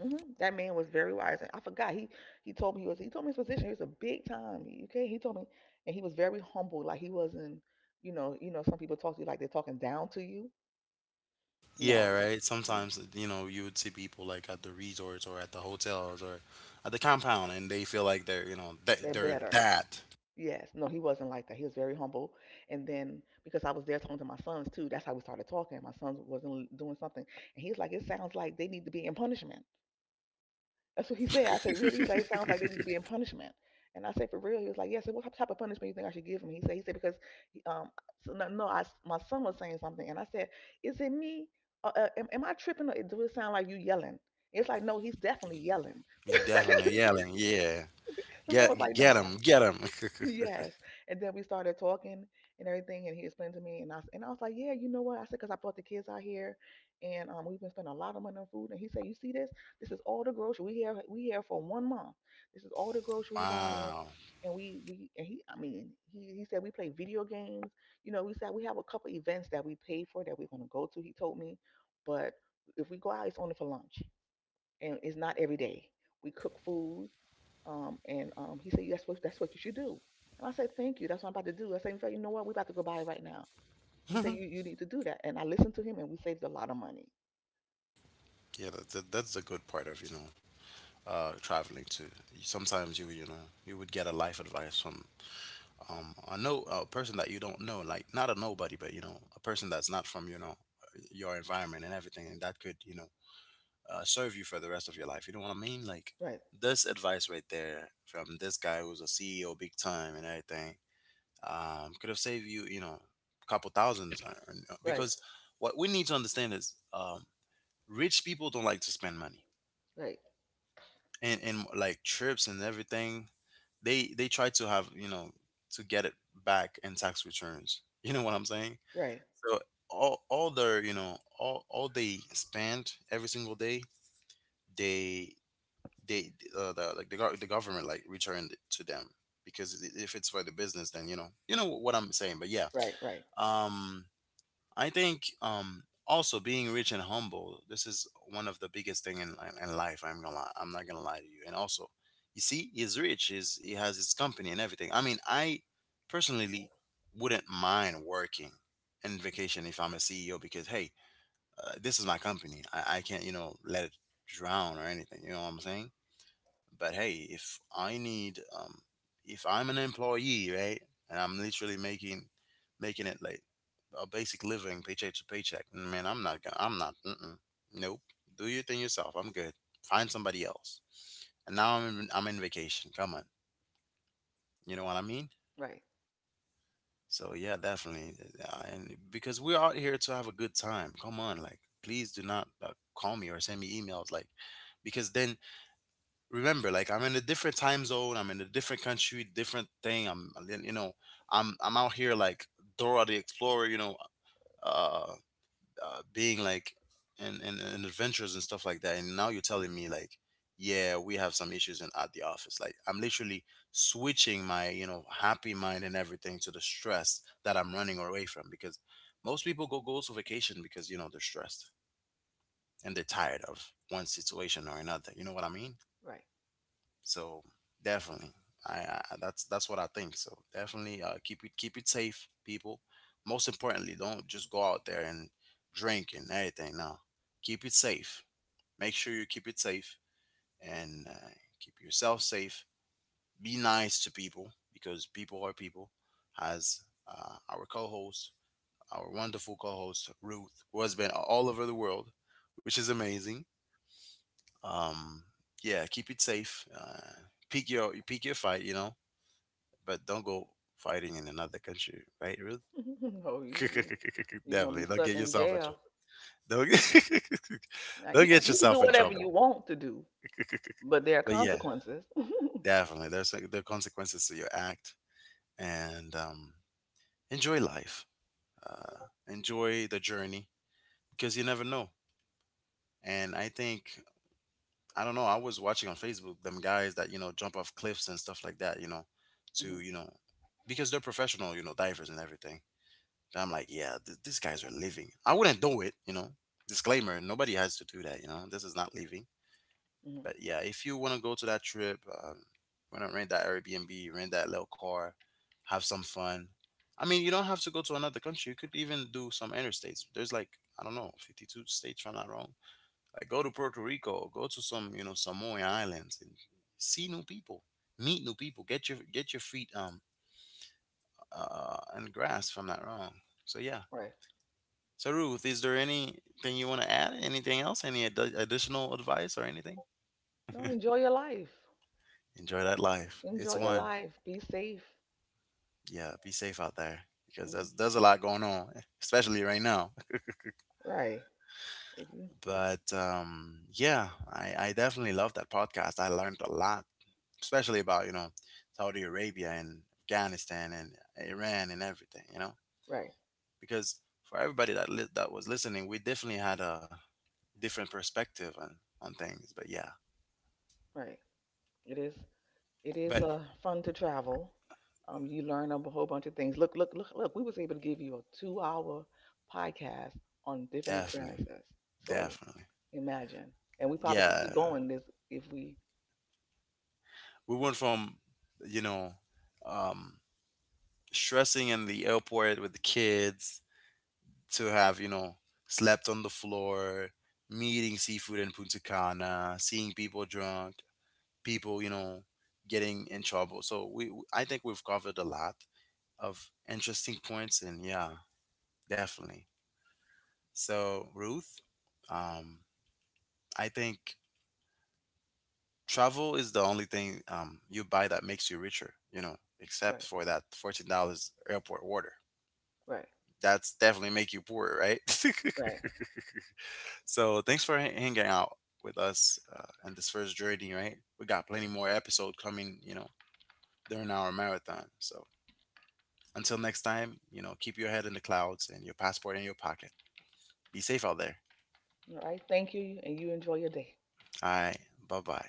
S2: Hmm. That man was very wise, and I forgot he he told me he was he told me his position. He was a big time. He, okay, he told me, and he was very humble. Like he wasn't, you know, you know, some people talk to you like they're talking down to you.
S1: Yeah,
S2: No,
S1: right.
S2: he
S1: Sometimes you know you would see people like at the resorts or at the hotels or at the compound, and they feel like they're you know they,
S2: they're
S1: they're
S2: better.
S1: that.
S2: Yes, no, he wasn't like that. He was very humble. And then because I was there talking to my sons too, that's how we started talking. My sons wasn't doing something, and he's like, it sounds like they need to be in punishment. That's what he said. I said, really? He's like, it sounds like they need to be in punishment. And I said, for real? He was like, yes. Yeah. I said, what type of punishment you think I should give him? He said, he said because, um, so no, no, I, s- my son was saying something, and I said, is it me? Uh, uh, am, am I tripping? Or do it sound like you yelling? It's like, no, he's definitely yelling. *laughs*
S1: He's definitely
S2: the
S1: yelling. Yeah.
S2: man was
S1: Get
S2: like,
S1: get
S2: no.
S1: him. Get him. *laughs*
S2: Yes. And then we started talking and everything, and he explained to me, and I s- and I was like, yeah, you know what? I said, 'cause I brought the kids out here, and um, we've been spending a lot of money on food. And he said, you see this? This is all the grocery we have. We here for one month. This is all the grocery we buying,
S1: Wow.
S2: and we we and he. I mean, he he said we play video games. You know, we said we have a couple events that we paid for that we're gonna go to. He told me, but if we go out, it's only for lunch, and it's not every day. We cook food. Um, and um, he said, "That's what that's what you should do." And I said, "Thank you. That's what I'm about to do." I said, "You know what? We're about to go buy it right now."
S1: *laughs*
S2: He
S1: Yeah,
S2: said, "You you need to do that." And I listened to him, and we saved a lot of money.
S1: that's a, that's the good part of, you know, uh, traveling too. Sometimes you, you know, you would get a life advice from um, a no a person that you don't know, like not a nobody, but you know, a person that's not from, you know, your environment and everything, and that could, you know, uh, serve you for the rest of your life. You know what I mean? Like
S2: Right,
S1: this advice right there from this guy who's a C E O big time and everything. Um, could have saved you, you know, a couple thousands. Or, or-
S2: right,
S1: because what we need to understand is, um, rich people don't like to spend money,
S2: right,
S1: and and like trips and everything, they they try to have, you know, to get it back in tax returns. *laughs* You know what I'm saying?
S2: right,
S1: So all all their, you know, all all they spend every single day, they they, uh, the, like, the gov- the government like returned it to them because i- if it's for the business, then you know, you know what I'm saying. But yeah,
S2: right, right,
S1: um I think, um also being rich and humble, this is one of the biggest thing in in life. I'm gonna lie, I'm not gonna lie to you. And also, you see, he's rich. He's, he has his company and everything. I mean, I personally wouldn't mind working and vacation if I'm a C E O because hey, uh, this is my company. I, I can't, you know, let it drown or anything. You know what I'm saying? But hey, if I need, um, if I'm an employee, right, and I'm literally making making it like a basic living, paycheck to paycheck, man, I'm not gonna, I'm not, mm-mm, nope. Do your thing yourself. I'm good. Find somebody else. And now I'm in, I'm in vacation. Come on, you know what I mean?
S2: right,
S1: So yeah, definitely. uh, And because we're out here to have a good time. Come on, like, please do not, uh, call me or send me emails, like, because then remember, like, I'm in a different time zone, I'm in a different country, different thing. I'm You know, i'm I'm out here like Dora the Explorer, you know. uh, uh Being like, and, and and adventures and stuff like that. And now you're telling me like, yeah, we have some issues in at the office, like, I'm literally switching my, you know, happy mind and everything to the stress that I'm running away from, because most people go goes to vacation because, you know, they're stressed and they're tired of one situation or another. You know what I mean?
S2: right.
S1: So definitely, I, I I- that's that's what I think. So definitely, uh, keep it keep it safe, people. Most importantly, don't just go out there and drink and everything. Now, keep it safe. Make sure you keep it safe, and uh, keep yourself safe. Be nice to people because people are people. As uh, our co-host, our wonderful co-host Ruth, who has been all over the world, which is amazing. Um, yeah, keep it safe. Uh, pick your pick your fight. You know, but don't go fighting in another country, right, Ruth?
S2: *laughs* Oh, you you-
S1: *laughs*
S2: you're
S1: Definitely,
S2: gonna be
S1: don't get
S2: stuck in
S1: yourself in trouble.
S2: jail.
S1: Don't get, *laughs* don't
S2: Now you
S1: get
S2: you
S1: yourself
S2: can
S1: in
S2: do
S1: trouble.
S2: whatever you want to do, but there
S1: But
S2: are
S1: yeah,
S2: consequences. *laughs*
S1: definitely, there's like, there are consequences to your act, and um, enjoy life, uh, enjoy the journey because you never know. And I think I don't know. I was watching on Facebook them guys that, you know, jump off cliffs and stuff like that. You know, to, you
S2: Hmm.
S1: know, because they're professional, you know, divers and everything. And I'm like, yeah, th- these guys are living. I wouldn't do it, you know. Disclaimer: nobody has to do that, you know. This is not living. But
S2: Hmm.
S1: yeah, if you want to go to that trip, um, want to rent that Airbnb, rent that little car, have some fun. I mean, you don't have to go to another country. You could even do some interstates. There's like, I don't know, fifty-two states, if I'm not wrong. Like, go to Puerto Rico, go to some, you know, Samoan islands and see new people, meet new people, get your get your feet um uh in the grass, if I'm not wrong. So yeah.
S2: Right.
S1: So, Ruth, is there anything you want to add? Anything else? Any ad- additional advice or anything?
S2: No, enjoy your life.
S1: Enjoy that life. It's
S2: Enjoy your
S1: one.
S2: life. Be safe.
S1: Yeah, be safe out there because there's
S2: Hmm.
S1: there's a lot going on, *laughs* especially right now.
S2: Right. If you
S1: But um, yeah, I, I definitely love that podcast. I learned a lot, especially about, you know, Saudi Arabia and Afghanistan and Iran and everything. You know,
S2: right,
S1: because for everybody that li- that was listening, we definitely had a different perspective on on things. But yeah,
S2: right. It is. It
S1: but
S2: is uh, fun to travel. Um, you learn a whole bunch of things. Look, look, look, look. We was able to give you a two-hour podcast on different
S1: definitely,
S2: experiences. So
S1: definitely.
S2: imagine, and we probably
S1: Yeah,
S2: could keep going this if we.
S1: we went from, you know, um stressing in the airport with the kids, to have, you know, slept on the floor, meeting seafood in Punta Cana, seeing people drunk, people, you know, getting in trouble. So we w- I think we've covered a lot of interesting points. And yeah, definitely. So Ruth, um I think travel is the only thing, um, you buy that makes you richer, you know, except
S2: Right,
S1: for that fourteen dollars airport order.
S2: right,
S1: That's definitely make you poorer, right? *laughs*
S2: right.
S1: So thanks for h- hanging out with us, uh, in this first journey, right? We got plenty more episode coming, you know, during our marathon. So until next time, you know, keep your head in the clouds and your passport in your pocket. Be safe out there.
S2: Yeah. All right. Thank you, and you enjoy your day.
S1: All right. Bye bye.